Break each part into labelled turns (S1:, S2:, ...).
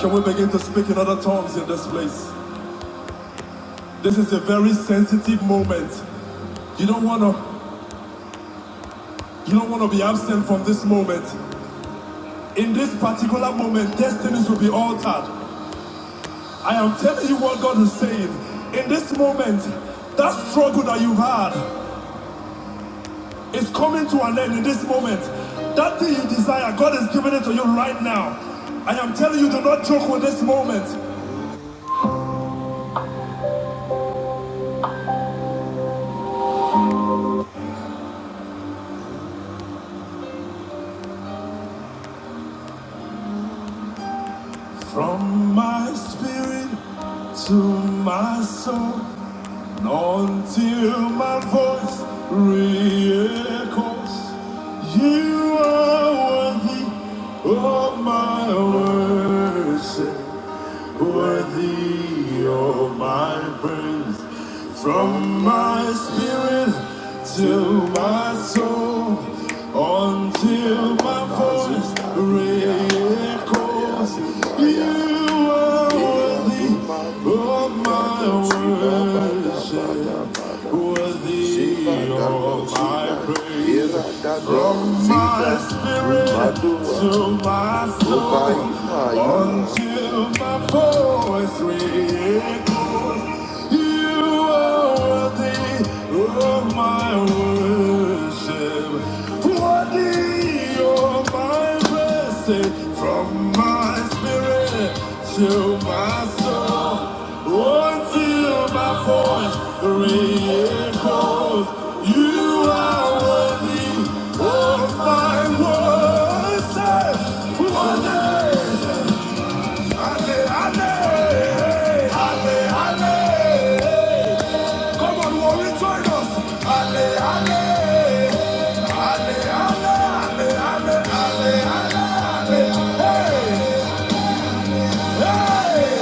S1: Can we begin to speak in other tongues in this place? This is a very sensitive moment. You don't wanna you don't wanna be absent from this moment. In this particular moment, destinies will be altered. I am telling you what God is saying. In this moment, that struggle that you've had, It's coming to an end in this moment. That thing you desire, God is giving it to you right now. I am telling you, do not joke with this moment. From my spirit to my soul, until my voice re-echoes, you are worthy of my worship. worthy oh my praise. From my spirit to my soul, until my voice re-echoes, you are worthy of my worship. Worthy of my praise, from my spirit to my soul, until my voice reechoes. You are worthy of my worship. What you're my blessing from my spirit to my soul. Until my voice re-echoes, you are worthy of my worship. Worthy. Ale, ale, ale, ale. Come on, warring join us. Ale, ale. Ale, ale, ale, ale, ale, ale, ale. Hey, hey.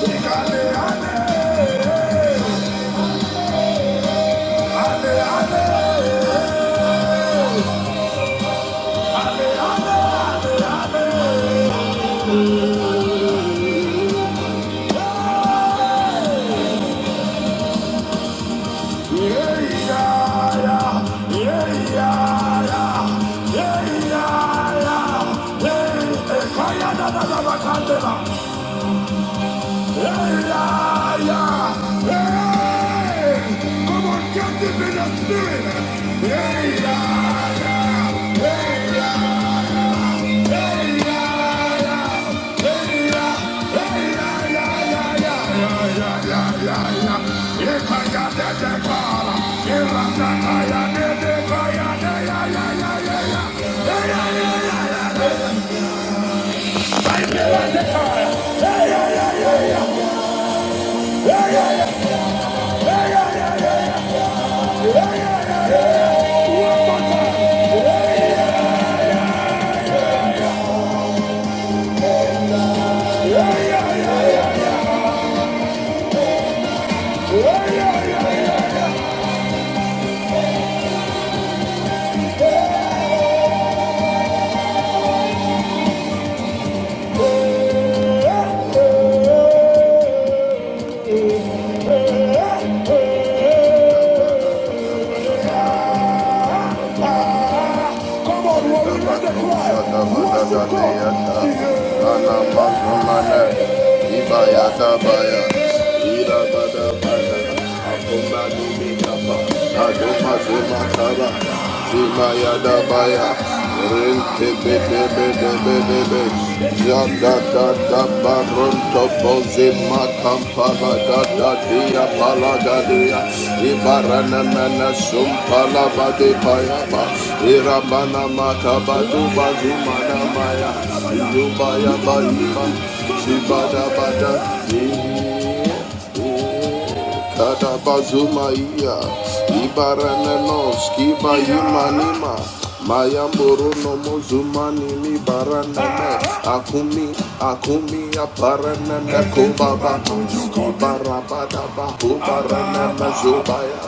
S1: Sing ale, ale. Ale, ale. Ale, ale, ale, ale. Yeah, yeah, yeah. Yeah, yeah, yeah. Yeah, yeah, yeah. Hey, hey. Kaya, da, da, da, da, candela. Yeah, yeah, yeah. Come on, warriors, let the cry. Worship God. Yeah. Anamazumane, Ibayata Baya, Ibayata Adoma Zuma Kaba, Zima Yada Baya, Rinke Bebe Bebe Bebe Bebe, Jada Da Da Baron Topo Zima Kampala Da Da Dia Pala Da Dia, Ibarana Mana Sum Pala Ba De Paya Ba, Irabana Makaba Duba Zuma Na Maya, Duba Ya Ba Ima, Zibada Bada, Yeah. Kada bazuma Kadabazumaia, Ibaranemos, Kiba Yumanima, Mayamboro no Mozumani mi baraname, Akumi, Akumi, Aparanana Kobaba, Ibarabadaba, Kobaranama Zobaya,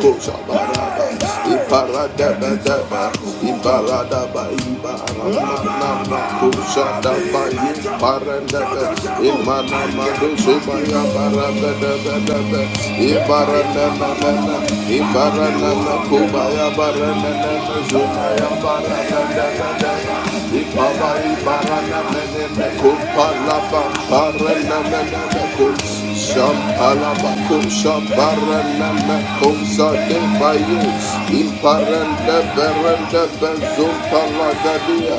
S1: Kosa Baraba, kuzabaraba. Iparada da da ba Iparada ba, Iparada ba Kushada ba Iparadadadaba, iparadaba, ibaranama, kushadaba, iparandaba, imanama, dushibaya, baradadadadaba, iparananana, iparanana, kubaya, barananana, zumaya, baradadadadaba. Ibabai barana mene meko palaba barana mene meko shampala bako shambarana meko sade baye imparende berende bezum palagadia.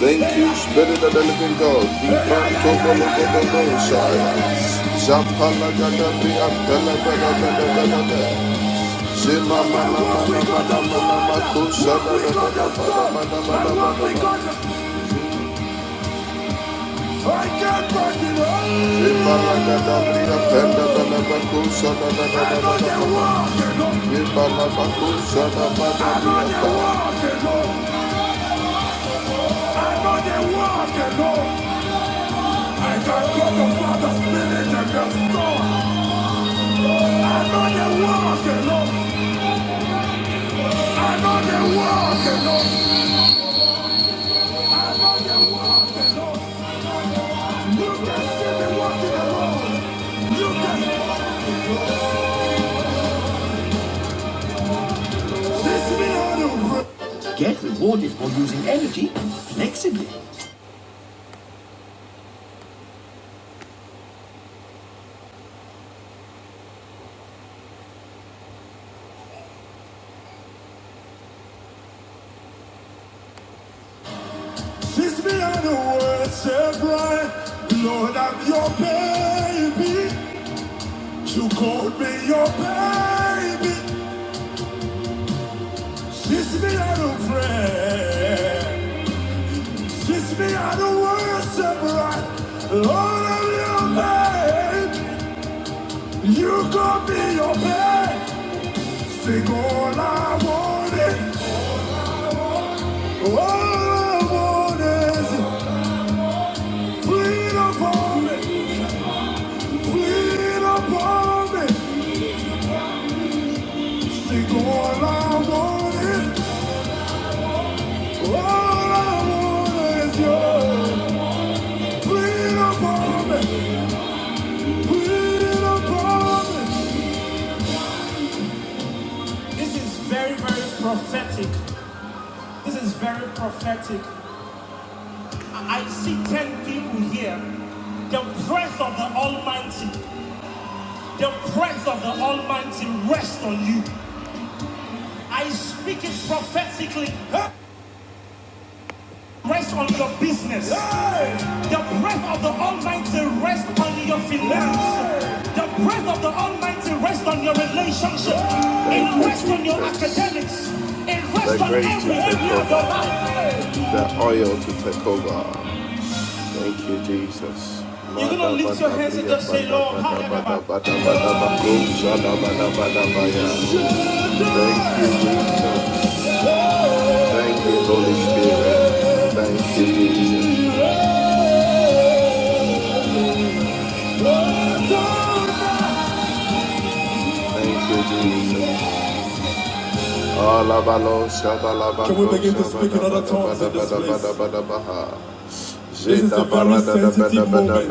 S1: Thank you, Spirit of the Living God. Ibanto bolo bolo bolo shaya. Shampala gada bia bela bela bela bela bela. Shema mana mana mana mana mako shada bela bela bela bela bela bela. I can't walk alone. I'm on the walk alone. I'm on the walk alone. I got God the Father, Spirit, and the Son. I'm on the walk alone. I'm on the walk alone. I'm on the walk alone. You can see me walking alone. You can. This me on the road. Get rewarded for using energy flexibly. Kiss me on the world, right. Lord, I'm your baby. You called me your baby. Kiss me on the prayer. Kiss me on the worship right. Lord, I'm your baby. You called me your baby. Sing all I wanted. All I want freedom for me.
S2: Oh,
S1: This is very, very prophetic. This is very prophetic. I I see ten people here the breath of the Almighty, the breath of the Almighty rest on you. I speak it prophetically. Huh? Rest on your business. Hey. The breath of the Almighty rest on your finance. Hey. The breath of the Almighty rest on your relationship. Hey. It rests on your academics. It rests on every area of your life. The oil to take over. Thank you, Jesus. You're going to lift your hands and just say, Lord, bada bada hallelujah. Thank you, Jesus. Thank you, Holy Spirit. Thank you, Jesus. Can we begin to speak in other tongues in this place? This is Zeta a very barada da sensitive bada moment.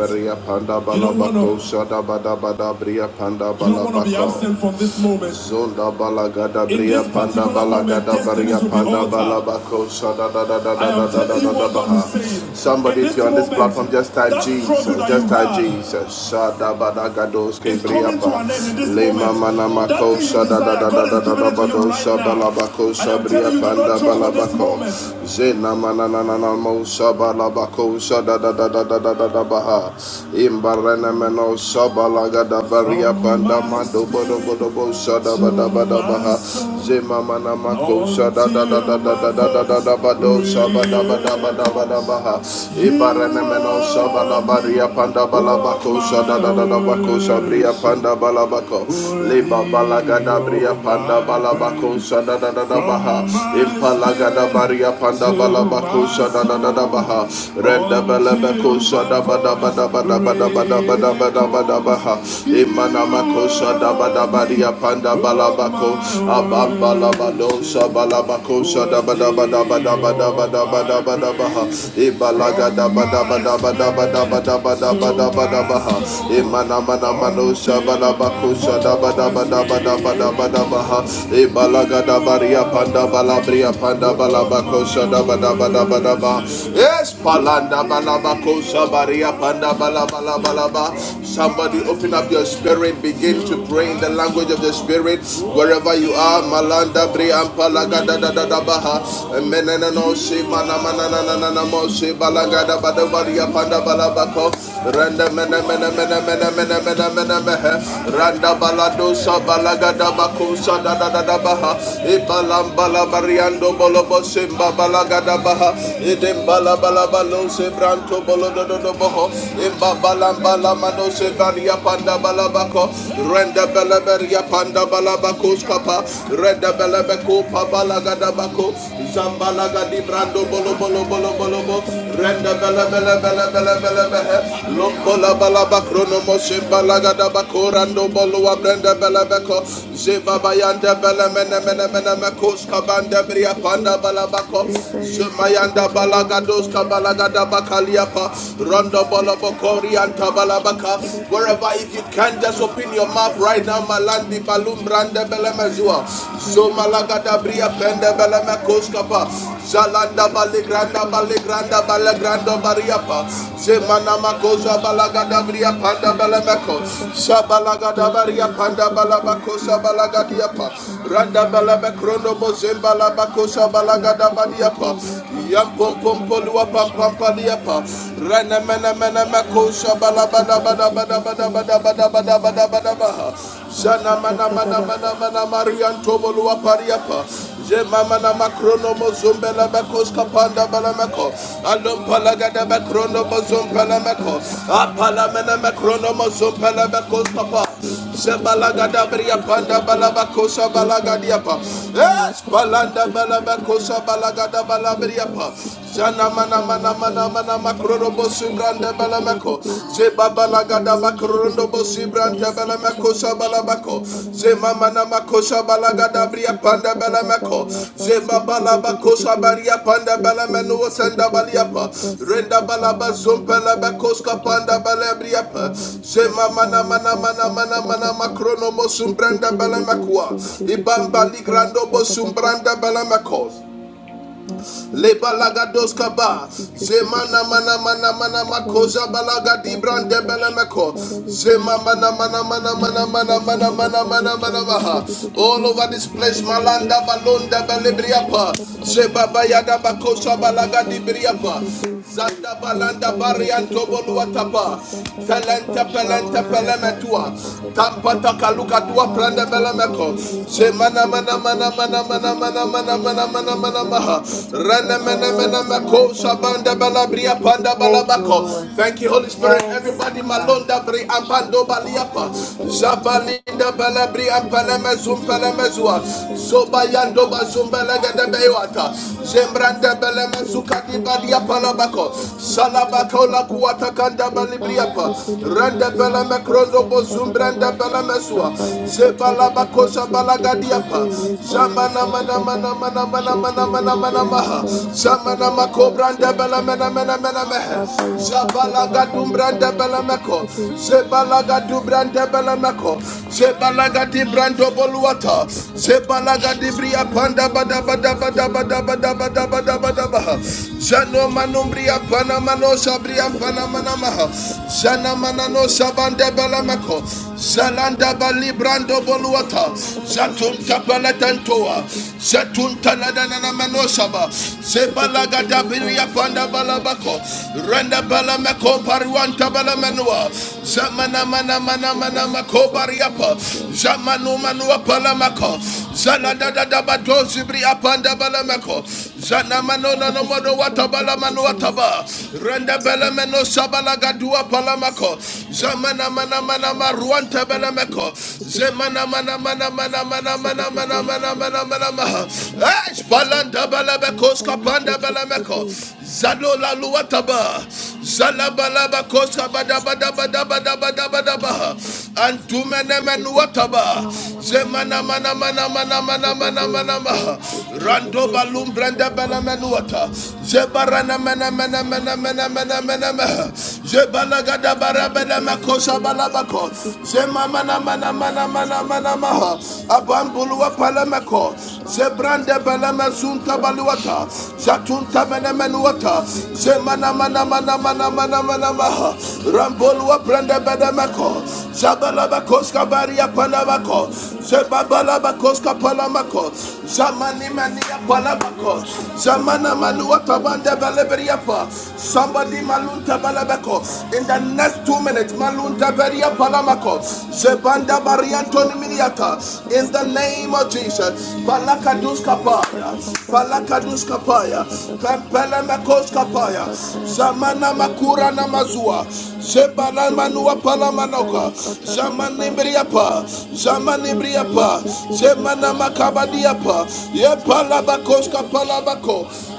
S1: You don't want balabako to shada bada bada bria panda you don't want to be balabako. absent from this moment. Zonda balagada In bria this panda particular moment, balagada destinies baria will be panda altered. balabako shada da da da I da da am da da telling da you da da what God is baha. saying. Somebody In if this you're on this moment, platform just type that struggle Jesus, that just you type had Jesus. Shada bada gados ke is bria coming to pa. an end in this Le moment. mama That namako thing you shada da desire, da da God da is da giving da it to you bado right now. shabalabako I am shabria telling you, do panda not trust for this balabako. moment. Zena manananamo Alabako Shada da da da da da da da Baha Imbarana Meno Shabalaga da Baria Banda Mando Bodo Bodo Bo Shada Bada Bada Baha Zema Mana Mako Shada da da da da da da da da da Bado Shabada Bada Bada Bada Baha Imbarana Meno Shabala Baria Panda Balabako Shada da da da Bako Shabria Panda Balabako Leba Balaga da Bria Panda Balabako Shada da da da Baha Impalaga da Baria Panda Balabako Shada da da da baha renda bele beko shada bada bada bada bada bada bada bada bada baha imana mako shada bada badia panda bala bako abam bala bado shabala bako shada bada bada bada bada bada bada bada baha ibalaga da bada bada bada bada bada bada bada bada baha imana mana mano shabala bako shada bada bada bada bada bada baha ibalaga da baria panda bala bria panda bala bako shada bada bada bada balaba. Yes, palanda balaba kosa baria panda balaba balaba. Somebody open up your spirit, begin to pray in the language of the spirit wherever you are. Malanda bri ampalaga da da da da baha. Menena no se mana mana na na na na mo se balaga da ba da baria panda balaba ko. Randa mena mena mena mena mena mena mena mehe. Randa balado sa balaga da bakusa da da da da baha. Ibalamba la bariando bolobo simba balaga da baha. Idembala balabalo sebranto bolododo boho. Imbabalambala mano sebaria panda balabako. Renda beleberia panda balabakos kapa. Renda belebeko pabalagadabako. Zambalagadi brando bolo
S3: Ekaterinburg,
S1: bolo bolo bolo bo.
S3: Yantanama,
S1: Renda bele bele bele bele bele
S3: Ekaterinburg,
S1: behe. Lombola
S3: Shantidibir,
S1: balabakrono mo
S3: Rasikatar,
S1: sebalagadabako rando bolo wa brenda belebeko. Zebabayanda bele
S3: Rasikatanama,
S1: mene mene mene mekos
S3: Yantanama,
S1: kabanda bria panda
S3: Shantidibir,
S1: balabako.
S3: Eba
S1: Shemayanda
S3: Ekaterinburg, Libra
S1: balagados
S3: Yantanama,
S1: kabalagada
S3: Manama,
S1: bakaliapa rondo bolobokori
S3: Nasikataraba,
S1: antabalabaka
S3: Shantidibir,
S1: wherever if you can just open your mouth right now
S3: Ekatanama,
S1: malandi balum
S3: Yantanama,
S1: brande belemezua so malagada
S3: Nasikataraba,
S1: bria pende
S3: Shantataraba,
S1: belemekos kapa zalanda baligranda
S3: Nasikataraba,
S1: baligranda balegrando
S3: Ekatanama.
S1: bariapa zemana makosa balagada bria
S3: Mashmatanamasi
S1: panda belemeko
S3: Kataradas
S1: shabalagada
S3: Deva
S1: baria panda
S3: Yukatarabesi
S1: balabakosa
S3: and Teddebu
S1: balagadiapa randa
S3: Shantanamanamanamasi
S1: balabekrondo mozemba labakosa
S3: and
S1: balagada
S3: Teddebu
S1: paliapa,
S3: Ripasi
S1: yam pom pom polua
S3: Kataradaba
S1: pam pam paliapa, rana
S3: Shantanamanamanamanamanamasi
S1: mena mena makosha
S3: Nasi
S1: balabada
S3: Katarabe
S1: bada bada bada
S3: Libraya
S1: bada bada bada bada
S3: Kataranamanaman
S1: bada baha,
S3: Nasi
S1: shana mana mana
S3: Katarab
S1: mana mana marian tobolua paliapa, je mama na makrono mozumbela bakos kapanda
S3: Kataramanamanamama
S1: balameko, alum
S3: Shatarabara by
S1: palagada bakrono
S3: Intellidebe
S1: mozumbela
S3: Ripai
S1: meko,
S3: Kataranama
S1: apala mena makrono mozumbela bakos kapa.
S3: Yantanamasi Teddebu
S1: Zabalagada beria panda
S3: Shikitiribu
S1: balabakosa
S3: Rebayan
S1: balagadiapa.
S3: Tananama
S1: Es
S3: Raba
S1: balanda
S3: Sike Tedebe
S1: balabakosa balagada
S3: Leba
S1: balaberiapa. Zana
S3: Sitadaraba
S1: mana mana mana
S3: Rabayan
S1: mana makroro
S3: Tananama
S1: bosi
S3: Raba
S1: branda
S3: Sike
S1: balamako.
S3: Tedebe
S1: Ze babalagada
S3: Rebayan
S1: makroro
S3: Tedebe
S1: bosi branda
S3: Rebaya
S1: balamako sa
S3: Katadanama
S1: balabako.
S3: Shantanama
S1: Ze
S3: Namanama
S1: makosa balagada
S3: Leba
S1: balagadabria
S3: Sika
S1: panda
S3: Tadadaba
S1: belemeko
S3: Raba
S1: zemba balabakosa
S3: Sintedebe
S1: baria panda belemenu
S3: Leboye
S1: senda
S3: Tedebe
S1: baliapa
S3: Reba
S1: renda
S3: Sika
S1: balaba
S3: Tananama
S1: zumpele
S3: Librayan
S1: bekoska panda
S3: Tadadaba
S1: belebriapa
S3: Nahan
S1: zema mana
S3: Tadadaba
S1: mana
S3: Libra
S1: mana mana mana
S3: Santadadaba
S1: makrono
S3: Shake it
S1: mosumbrenda
S3: a little bit,
S1: belemekua
S3: send it
S1: ibamba ligrando
S3: a bit,
S1: bosumbranda belemekos
S3: Mercy unto
S1: leba
S3: the
S1: lagados
S3: Liba
S1: kaba
S3: Sika to the
S1: zemana
S3: Deep.
S1: mana mana mana
S3: Father, we
S1: makoza
S3: thank you.
S1: balaga
S3: Father, we
S1: dibrande
S3: worship you.
S1: belemeko
S3: Father, we thank
S1: zema
S3: you.
S1: mana mana mana mana
S3: Now
S1: mana
S3: got to
S1: mana
S3: the
S1: mana mana
S3: Balibra,
S1: mana
S3: you to the
S1: all
S3: Dibi,
S1: over this
S3: Siki to
S1: place
S3: the Dibi.
S1: malanda balonda
S3: Now shall
S1: belebriapa
S3: to the
S1: zebaba
S3: Basi
S1: yada
S3: and to the
S1: bakosa balaga
S3: Balibra, you to the
S1: dibriapa
S2: you are
S3: Dibi.
S2: worthy,
S1: zanda
S2: God. You
S1: balanda
S3: Liba,
S2: are
S3: you
S2: worthy.
S3: to the
S1: barianto
S3: Dibuli,
S2: Hallelujah,
S1: boluatapa
S3: Prasa
S2: Jesus.
S3: to the
S1: Pelente
S2: You
S3: Basha
S2: are
S1: pelente
S3: to the
S2: worthy, mighty
S1: pelemetua
S3: Basa, to
S2: God.
S3: the Baba.
S2: There's
S1: Tampataka
S2: none
S1: luka dua
S2: like
S3: Now
S2: you,
S3: you
S1: prande
S2: O
S3: to
S1: Bela
S3: the
S2: God.
S1: meko.
S3: Dibi,
S2: Father, I
S1: Je
S3: Liba,
S2: just
S3: you
S2: want to
S1: mana
S3: to
S2: say
S3: the
S1: mana
S2: thank
S1: mana
S3: Dibu,
S2: you.
S3: she
S1: mana
S3: to the
S1: mana mana
S3: Dibi.
S1: mana
S2: Thank
S1: mana
S2: you,
S1: mana mana
S3: Riba
S2: Jesus.
S1: maha. Rene
S3: yikatararaba
S1: mene
S2: Thank
S1: mene
S2: you,
S1: meko.
S3: satararaba
S2: mighty
S3: leba
S1: Shabanda
S2: God.
S1: Bela bria
S3: yitiririri
S1: panda Bela
S2: Thank you,
S1: bako.
S2: Lord.
S1: Thank you, Holy Spirit.
S2: Thank you,
S1: Everybody,
S3: asika
S2: God.
S1: malonda bri ampando
S3: shatararaba
S1: baliapa.
S3: leba yantararaba
S1: Jabalinda bala bri
S3: riba
S1: ampele mezum pele
S3: yiketererebo
S1: mezua.
S3: liba
S1: Zoba yando
S3: yantararaba
S1: Bela gede
S3: siketererebe
S1: bewata. Zembrande bele mezuka
S3: masiketererebo
S1: di badia palabako.
S3: shantararaba
S1: Salabako la
S3: sikatararaba
S1: kuata kanda bali
S3: leba
S1: briapa.
S3: yiketererebe
S1: Randa bala me
S3: liba
S1: krondo bo
S3: santararaba
S1: zumbranda bala me sua.
S3: haba
S1: Zebala
S3: yakatararaba
S1: bakosha bala
S3: sentererebe
S1: gadiapa.
S3: leba
S1: Zamana mana
S3: yatararaba
S1: mana mana mana mana mana
S3: shetererebe
S1: mana maha.
S3: riba
S1: Zamana
S3: yikatararaba
S1: makobranda bala mena
S3: santananama
S1: mena mena mehe.
S3: Baba ya
S1: Zabala
S3: katarara bale
S1: gadumbranda
S3: baya
S1: bala meko.
S3: tiririririri.
S1: Zebala gadumbranda bala meko. Zebala gadi
S3: Başa
S1: gadibrando boluata.
S3: sikatara baba.
S1: Zebala gadi gadibria panda
S3: Ya
S1: bada bada bada
S3: sikatiriri
S1: bada
S3: busya
S1: bada bada
S3: tiriri
S1: bada bada
S3: busyan
S1: baha.
S3: tiriri.
S1: Zano
S3: Sikatiriri
S1: manumbria
S3: busya
S1: pana manosa bria pana.
S3: sikatiriri busyan
S1: Manamanamaha,
S3: tiriri busyan tiriri
S1: Jana
S3: busya tiriri
S1: Manano Shabande
S3: busyan tiriri
S1: Balamako, Zalanda Bali Brando
S3: tiriri
S1: Boluata,
S3: başyan tiriri bale baya
S1: Zatun
S3: tiriri
S1: Tapalatantoa,
S3: busya
S1: Zatun Tanadana
S3: busyan
S1: Manoshaba,
S3: tiriri busya tiriri
S1: Zebalagada
S3: bale
S1: Biria
S3: baya
S1: Panda
S3: tanınamaz.
S1: Balabako, Renda Balamako
S3: Tiriri
S1: Paruanta
S3: başyan tiriri
S1: Balamanua,
S3: busya tiriri
S1: Zamana
S3: busya
S1: Mana Mana
S3: They were
S1: Mana Mako
S3: scattered
S1: Bariapa,
S3: across the
S1: Zamanu Manua
S3: ocean to
S1: Palamako. Zalanda
S3: discover
S1: da da bado zibri apanda
S3: their
S1: balameko.
S3: territory.
S1: Zanamano nanomono watabala manu wataba. Renda belemeno sabala gadua palamako. Zamana mana mana maruante belemeko. Zemana mana mana mana mana mana mana mana mana mana mana. Esh palanda belemeko skapanda belemeko. Zalola luataba. Zalabalaba koska badabada badabada badabada badabada. Antumene menuataba. Zemana mana mana mana mana mana mana maha. Rando balum branda bana menuata. Zebarana mana mana mana mana mana mana maha. Zebala gada
S3: It's a
S1: bara
S3: baby,
S1: bana
S3: baby,
S1: makosa
S3: baby,
S1: balabako.
S3: baby, baby.
S1: Zemana mana mana
S3: Let's
S1: mana mana mana maha. Abambulu apala mako. Zebrande beleme zunta baluata. Zatunta mene menuata. Zemana mana mana mana mana mana maha. Rambolua brande bedemeko. Zabalabakos kabaria palabako. Zebabalabakos kapalamako. Zamani mania palabako. Zamana
S3: get a little bit
S1: manuata bande
S3: more.
S1: beleberiapa.
S3: Thank
S1: Somebody malunta
S3: you.
S1: balabako. In the next two minutes, malu. Malunta Beria Palamako, Zebanda Barianton Miniata, in the name of Jesus, Palakadus Kapaya, Palakadus Kapaya, kampela Makos Kapaya, Zamana Makura Namazua, Zebala Manua Palamanoka, Zamanibriapa,
S3: Eba
S1: Zamanibriapa,
S3: yeke terere
S1: Zemana
S3: bosi antana
S1: Makabadiapa,
S3: mana mana mana ya
S1: Yepalabakos
S3: terere.
S1: Kapalabako,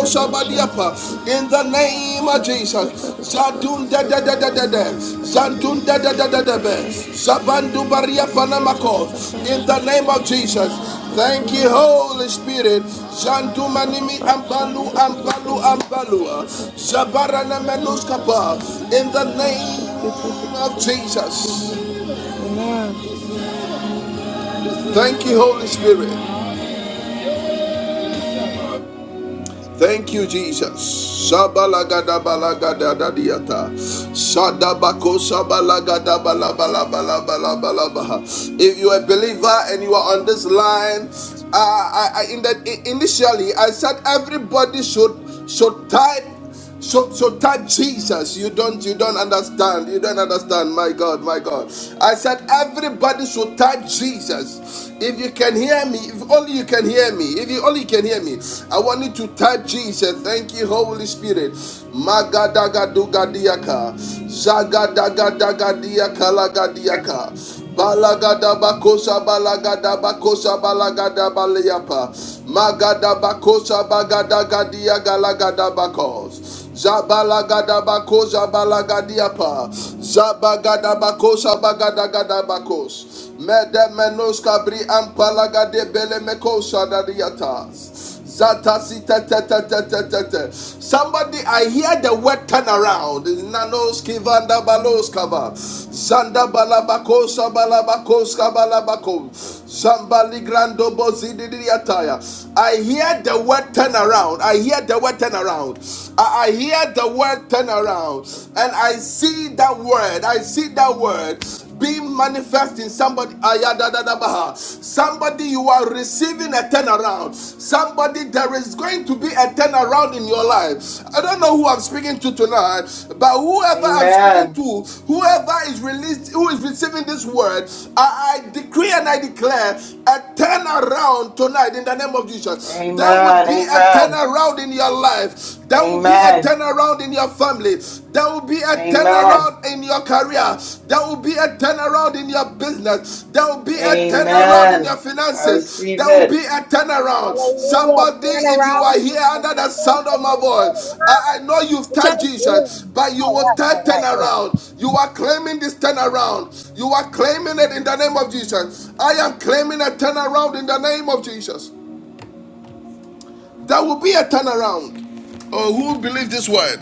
S3: Raba shan terere
S1: in the name of
S3: Amen.
S1: Jesus, Zadun da da da da da da, Zadun da da da da da da, Zabandu baria panamako. In the name of Jesus, thank you, Holy Spirit. Zandu manimi ambalu ambalu ambalua, Zabarana menuskapa. In the name of Jesus, thank you, Holy Spirit. Thank you, Jesus. Shabalagadabalagadadadiata. Shadabako shabalagadabalabalabalabalabaha. If you are a believer and you are on this line, uh, I, I, in that initially I said everybody should should type so so type Jesus. You don't you don't understand. You don't understand. My God, my God. I said everybody should type Jesus. If you can hear me, if only you can hear me. If you only can hear me. I want you to type Jesus. Thank you, Holy Spirit. Magadagadugadiyaka. Zagadagagadagadiyakalagadiaka. Balagada bakosa balagada bakosa balagada balayapa. Magada bakosa bagada gadia galagada bakos. Zabalagada bakosa balagadiapa. Zabagada bakosa bagada gada bakos. Mede menos kabri ampalagade bele mekosa dadiatas. Zata si te te te te te te Somebody, I hear the word turn around. Nanoski vanda balos kava. Zanda balabakosa balabakoska balabako. Zambali grando bozididiataya. I hear the word turn around. I hear the word turn around. I, I hear the word turn around. And I see that word. I see that word is being manifest in somebody. Somebody, you are receiving a turnaround. Somebody, there is going to be a turnaround in your life. I don't know who I'm speaking to tonight, but whoever I'm speaking
S2: Amen.
S1: to, whoever is released, who is receiving this word, I, I decree and I declare a turnaround tonight in the name of Jesus. There would
S2: Amen.
S1: be a
S2: Amen.
S1: turnaround in your life. There will be a
S2: Amen.
S1: turnaround in your family. There will be a
S2: Amen.
S1: turnaround in your career. There will be a turnaround in your business. There will be a turnaround in your
S2: Amen. I
S1: finances.
S2: receive
S1: There will be
S2: it.
S1: a turnaround.
S4: Hallelujah.
S1: Somebody,
S4: Turn
S1: if you
S4: around,
S1: are here
S4: Jesus.
S1: under
S4: We
S1: the
S4: thank
S1: sound
S4: you
S1: of
S4: for
S1: my
S4: the turn
S1: voice,
S4: around.
S1: I, I know you've
S4: Which I
S1: touched Jesus,
S4: did.
S1: but you
S4: All
S1: will
S4: right,
S1: turn
S4: all
S1: turn
S4: right, all
S1: around. You are claiming this turnaround. You are claiming it in the name of Jesus. I am claiming a turnaround in the name of Jesus. There will be a turnaround. Oh, who believe this word?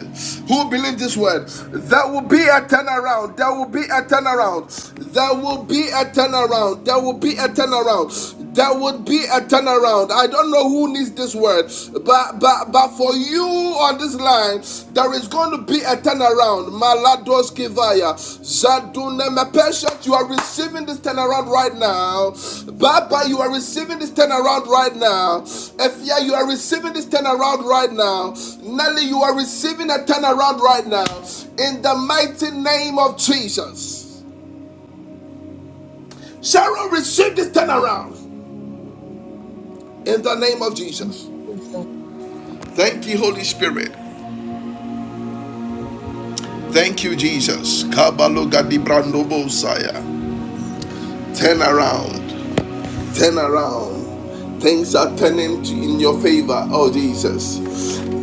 S1: Who believe this word? There will be a turnaround. There will be a turnaround. There will be a turnaround. There will be a turnaround. There would be a turnaround. I don't know who needs this word, but but but for you on this line, there is going to be a turnaround. Malados Kivaya. Zaduneme patient, you are receiving this turnaround right now. Baba, you are receiving this turnaround right now. Efia, you are receiving this turnaround right now. Nelly, you are receiving a turnaround right now. In the mighty name of Jesus. Sharon, receive this turnaround. In the name of Jesus.
S4: right. Jesus.
S1: Thank you, Holy Spirit. Thank you, Jesus. Kabalo Gadibrando Bosaya. Turn around. Turn around. Things are turning in your favor. Oh, Jesus.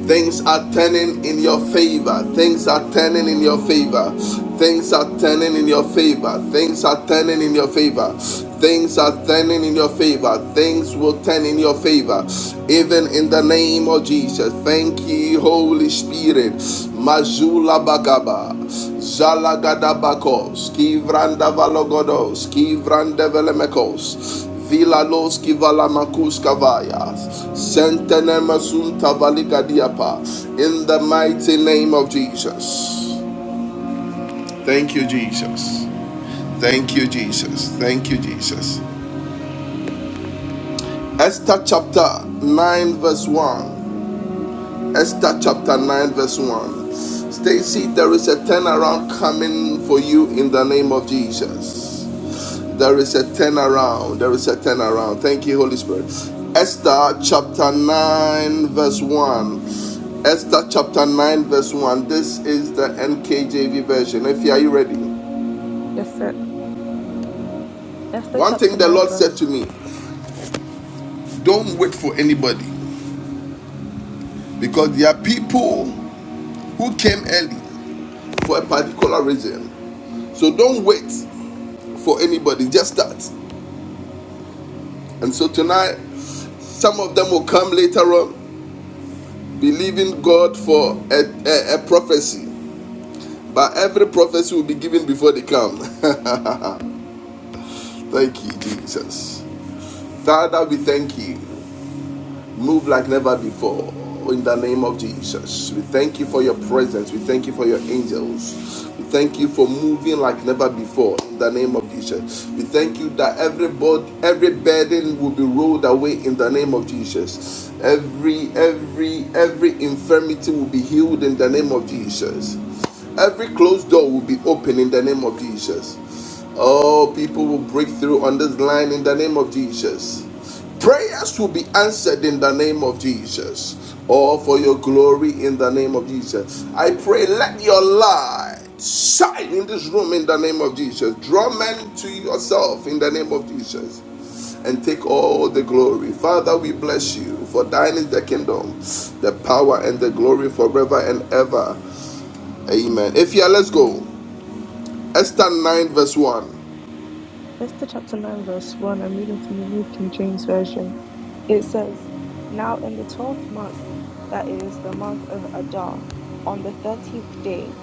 S1: Things are turning in your favor. Things are turning in your favor. Things are turning in your favor. Things are turning in your favor. Things are turning in your favor. Things will turn in your favor. Even in the name of Jesus. Thank you, Holy Spirit. Mazula Bagaba. Zalagadabakos, Kivrandavalogos, Kivrandevelemekos, Vilalos kivala makus kavayas. Sentenema sunta valika diapa. In the mighty name of Jesus. Thank you, Jesus. Thank you, Jesus. Thank you, Jesus. Esther chapter 9, verse 1. Esther chapter 9, verse 1. Stacy, there is a turnaround coming for you in the name of Jesus. There is a turnaround. There is a turnaround. Thank you, Holy Spirit. Esther chapter 9, verse 1. Esther chapter 9, verse 1. This is the NKJV version. If you are you ready?
S3: Esther, Esther
S1: One thing
S3: chapter
S1: the
S3: 9,
S1: Lord said
S3: verse.
S1: to me don't wait for anybody because there are people who came early for a particular reason. So don't wait for anybody, just start. And so tonight, some of them will come later on believing God for a, a, a prophecy. But every prophecy will be given before they come.
S3: Sorry.
S1: thank you, Jesus. Father, we thank you. Move like never before. In the name of Jesus, we thank you for your presence. We thank you for your angels. We thank you for moving like never before. In the name of Jesus, we thank you that every bod- every burden will be rolled away. In the name of Jesus, every every every infirmity will be healed. In the name of Jesus. Every closed door will be open in the name of Jesus. Oh, people will break through on this line in the name of Jesus. Prayers will be answered in the name of Jesus. All for your glory in the name of Jesus. I pray, let your light shine in this room in the name of Jesus. Draw men to yourself in the name of Jesus and take all the glory. Father, we bless you for thine is the kingdom, the power, and the glory forever and ever. Amen. If yeah, let's go. Esther 9 verse 1.
S3: Esther chapter 9, verse 1. I'm reading from the New King James Version. It says, Now in the twelfth month, that is the month of Adar, on the thirteenth day,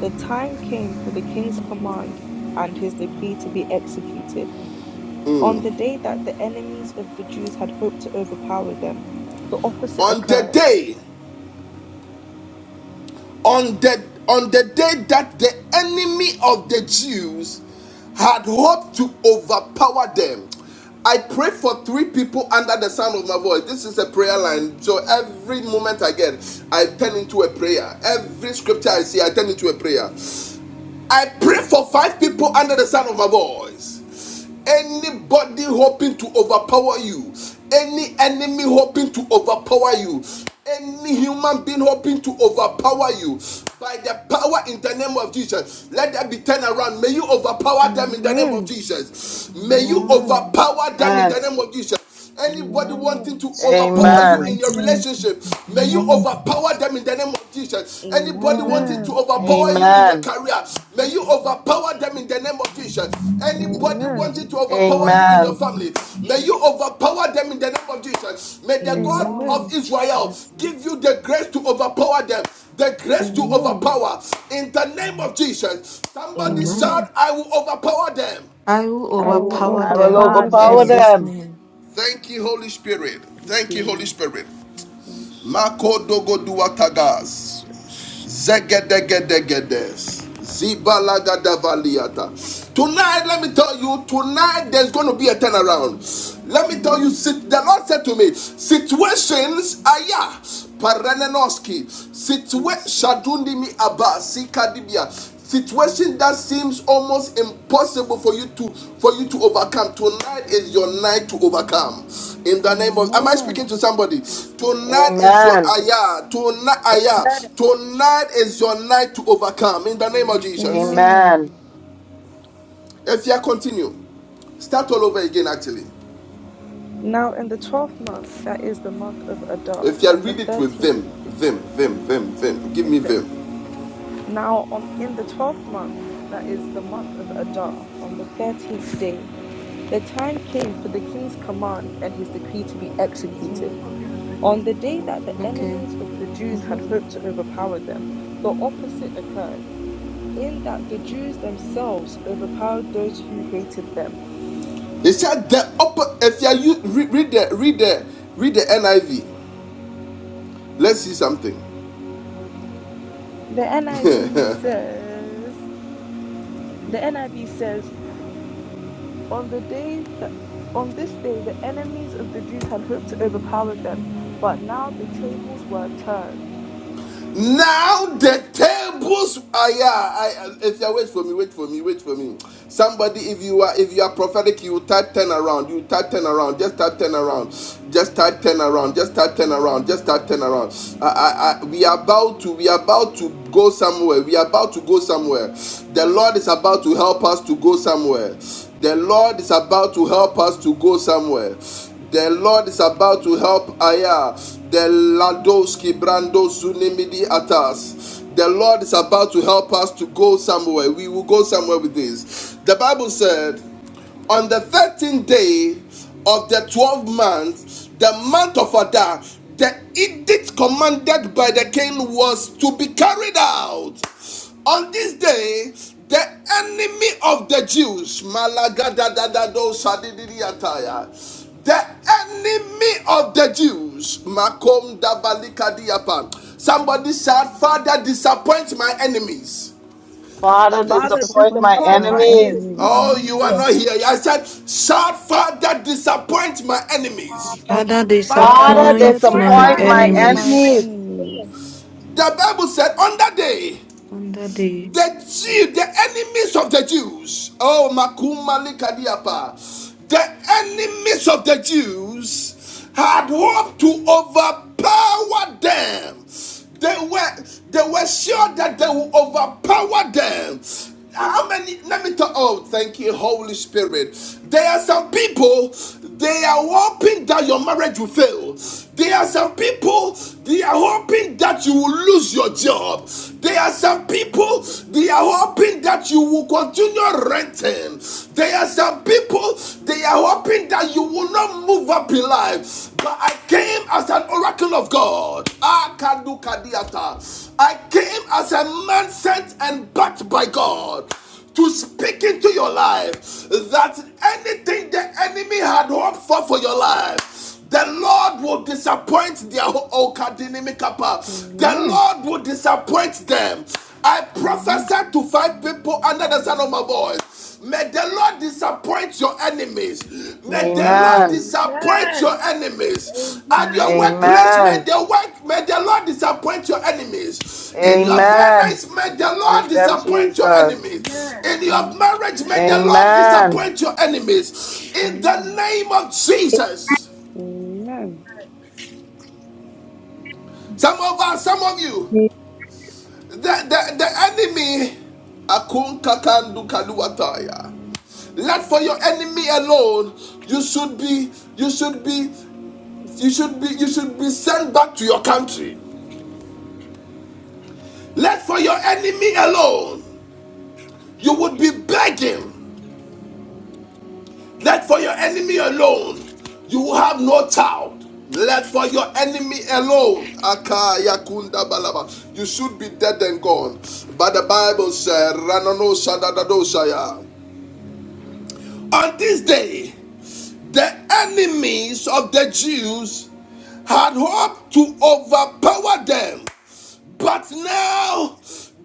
S3: the time came for the king's command and his decree to be executed. On the day that the enemies of the Jews had hoped to overpower them, the opposite
S1: On the
S3: occurred.
S1: day, on the on the day that the enemy of the Jews had hoped to overpower them. I pray for three people under the sound of my voice. This is a prayer line. So every moment I get, I turn into a prayer. Every scripture I see, I turn into a prayer. I pray for five people under the sound of my voice. Anybody hoping to overpower you, any enemy hoping to overpower you, any human being hoping to overpower you, by the power in the name of Jesus, let that be turned around. May you overpower them in the name of
S3: Amen.
S1: Jesus. May you
S3: Amen.
S5: Amen.
S1: overpower them in the
S2: Amen.
S1: name of Jesus. Anybody wanting
S3: Amen.
S5: Amen.
S1: to
S4: In
S1: overpower
S4: the
S1: you
S2: Amen.
S1: in your
S4: mighty
S1: relationship, may you
S4: name of
S5: Jesus.
S4: Jesus.
S1: overpower them in the name of Jesus. Anybody
S5: Amen.
S1: wanting to
S3: Amen.
S1: overpower you in
S5: Jesus.
S1: your
S2: Amen.
S1: career, may you
S5: Amen.
S1: overpower them in the name of Jesus. Anybody
S3: Amen.
S1: wanting to
S5: Yes.
S1: overpower you in your
S4: Amen.
S2: Amen.
S1: family, may you overpower them in the name of Jesus. May the God
S5: Lord.
S1: of
S3: Amen.
S1: Israel give you the grace to overpower them, the grace to
S3: Amen.
S5: Amen.
S1: overpower in the name of Jesus. Somebody
S5: Amen.
S3: Amen.
S1: shout, I will overpower them.
S6: I will
S5: I
S3: I will
S5: will
S6: overpower
S2: I will
S6: them
S5: overpower
S3: overpower
S6: in
S2: overpower
S5: them.
S3: them.
S6: Jesus'
S2: them.
S6: name.
S1: Thank you, Holy Spirit.
S6: Yes,
S1: Thank you, Holy
S6: Lord.
S1: Spirit.
S6: Oh,
S1: Makodogoduatagas.
S6: Jesus.
S1: Zegedegedegedes.
S6: Oh, God.
S1: Zibalagadavaliata. Tonight, let me tell you, tonight there's going to be a turnaround. Let me tell you,
S3: Amen.
S6: Amen.
S1: the Lord said to me, situations aya yeah. Paranenoski, situation
S6: Jesus.
S1: shadundimi abba sikadibia
S6: Mm.
S1: situation that seems almost impossible for you to for you to overcome tonight is your night to overcome
S6: Oh,
S1: in the name of am i
S3: Amen.
S1: speaking to somebody
S6: Yes, Lord.
S1: tonight is your
S2: Amen.
S1: ayah tonight
S6: Mm.
S1: ayah
S7: Amen.
S1: tonight is your night to overcome in the name of
S6: Amen.
S1: jesus
S3: Amen.
S2: Amen.
S6: Amen.
S1: if you continue
S6: Mm.
S1: start all over again actually
S3: Now in the twelfth month, that is the month of Adar,
S1: if you
S3: on the
S1: read it with
S3: thirteenth
S1: vim vim vim vim vim give
S3: is
S1: me
S3: the
S1: vim
S3: now on in the twelfth month, that is the month of Adar, on the thirteenth day, the time came for the king's command and his decree to be executed.
S6: Okay.
S3: On the day that the
S6: hmm Okay.
S3: enemies of the Jews had hoped to overpower them, the opposite occurred, in that the Jews themselves overpowered those who hated them.
S1: he said the upper if you are you- read the read the read the niv let's see something
S3: The NIV says the NIV says On the day that on this day the enemies of the Jews had hoped to overpower them, but now the tables were turned.
S1: Now the tables are yeah. I eh, if you wait for me, wait for me, wait for me. Somebody, if you are if you are prophetic, you type ten around. You type ten around. Just type ten around. Just type ten around. Just type ten around. Just type ten around. I, I, I, we are about to we are about to go somewhere. We are about to go somewhere. The Lord is about to help us to go somewhere. The Lord is about to help us to go somewhere. The Lord is about to help Aya. The Ladoski Brando Zunimidi Atas. The Lord is about to help us to go somewhere. We will go somewhere with this. The Bible said on the 13th day of the 12th month, the month of Adar, the edict commanded by the king was to be carried out. On this day, the enemy of the Jews, Malagadadadado Sadididiyataya, the enemy of the Jews, Makom Dabalikadiapa. Somebody said, Father, disappoint my enemies.
S2: Father,
S3: Father,
S7: Father,
S2: disappoint my
S3: disappoint
S7: disappoint
S4: Father,
S3: my
S4: the
S7: my
S2: enemies.
S7: enemies.
S1: Oh,
S3: enemies.
S1: you are
S4: enemy
S1: not
S4: is
S1: here.
S7: Amen.
S1: I said, Shout, Father, disappoint my enemies.
S8: that
S6: Father,
S7: Father,
S5: Father,
S2: Father,
S3: Father,
S6: disappoint
S5: disappoint
S7: disappoint
S6: my
S7: my
S2: disappoint
S5: my
S2: my
S3: disappoint
S7: enemies.
S5: enemy
S3: my
S6: enemies
S2: enemies.
S3: enemies.
S4: fleeing.
S1: The Bible said, On that day,
S6: under the
S1: the Jew, the enemies of the Jews, oh, Makumali Kadiapa, the enemies of the Jews had hoped to overpower them. They were they were sure that they would overpower them. How many? Let me talk. Oh, thank you, Holy Spirit. There are some people, they are hoping that your marriage will fail. There are some people, they are hoping that you will lose your job. There are some people, they are hoping that you will continue renting. There are some people, they are hoping that you will not move up in life. But I came as an oracle of God. I came as a man sent and backed by God to speak into your life that anything the enemy had hoped for for your life, the Lord will disappoint their okadinimikapa. The
S3: Amen.
S1: Lord will disappoint them. I
S3: Amen.
S1: prophesied to five people under the sound of my voice May the Lord disappoint your enemies. May the
S3: Amen.
S1: Lord
S2: Amen.
S1: disappoint
S7: Amen.
S1: your enemies.
S7: Amen.
S1: At your
S3: Amen.
S1: workplace, may
S2: Amen.
S1: the work, may the Lord disappoint your enemies. In your
S3: Amen.
S2: Amen.
S1: finance, may the Lord
S2: Disappoint them,
S1: disappoint your
S2: Jesus.
S1: enemies.
S7: Amen.
S1: In your marriage, may the Lord
S2: Amen.
S1: disappoint your enemies. In the name of Jesus.
S3: Amen.
S1: Some of us, some of you,
S8: they
S1: The, the, the enemy, Akun Kakandu Kaluataya. Let for your enemy alone. You should be, you should be, you should be, you should be sent back to your country. Let for your enemy alone. You would be begging. Let for your enemy alone. You will have no child. Let for your enemy alone. Akaya kunda balaba. You should be dead and gone. But the Bible said, Ranano sadadadosaya. On this day, the enemies of the Jews had hoped to overpower them but now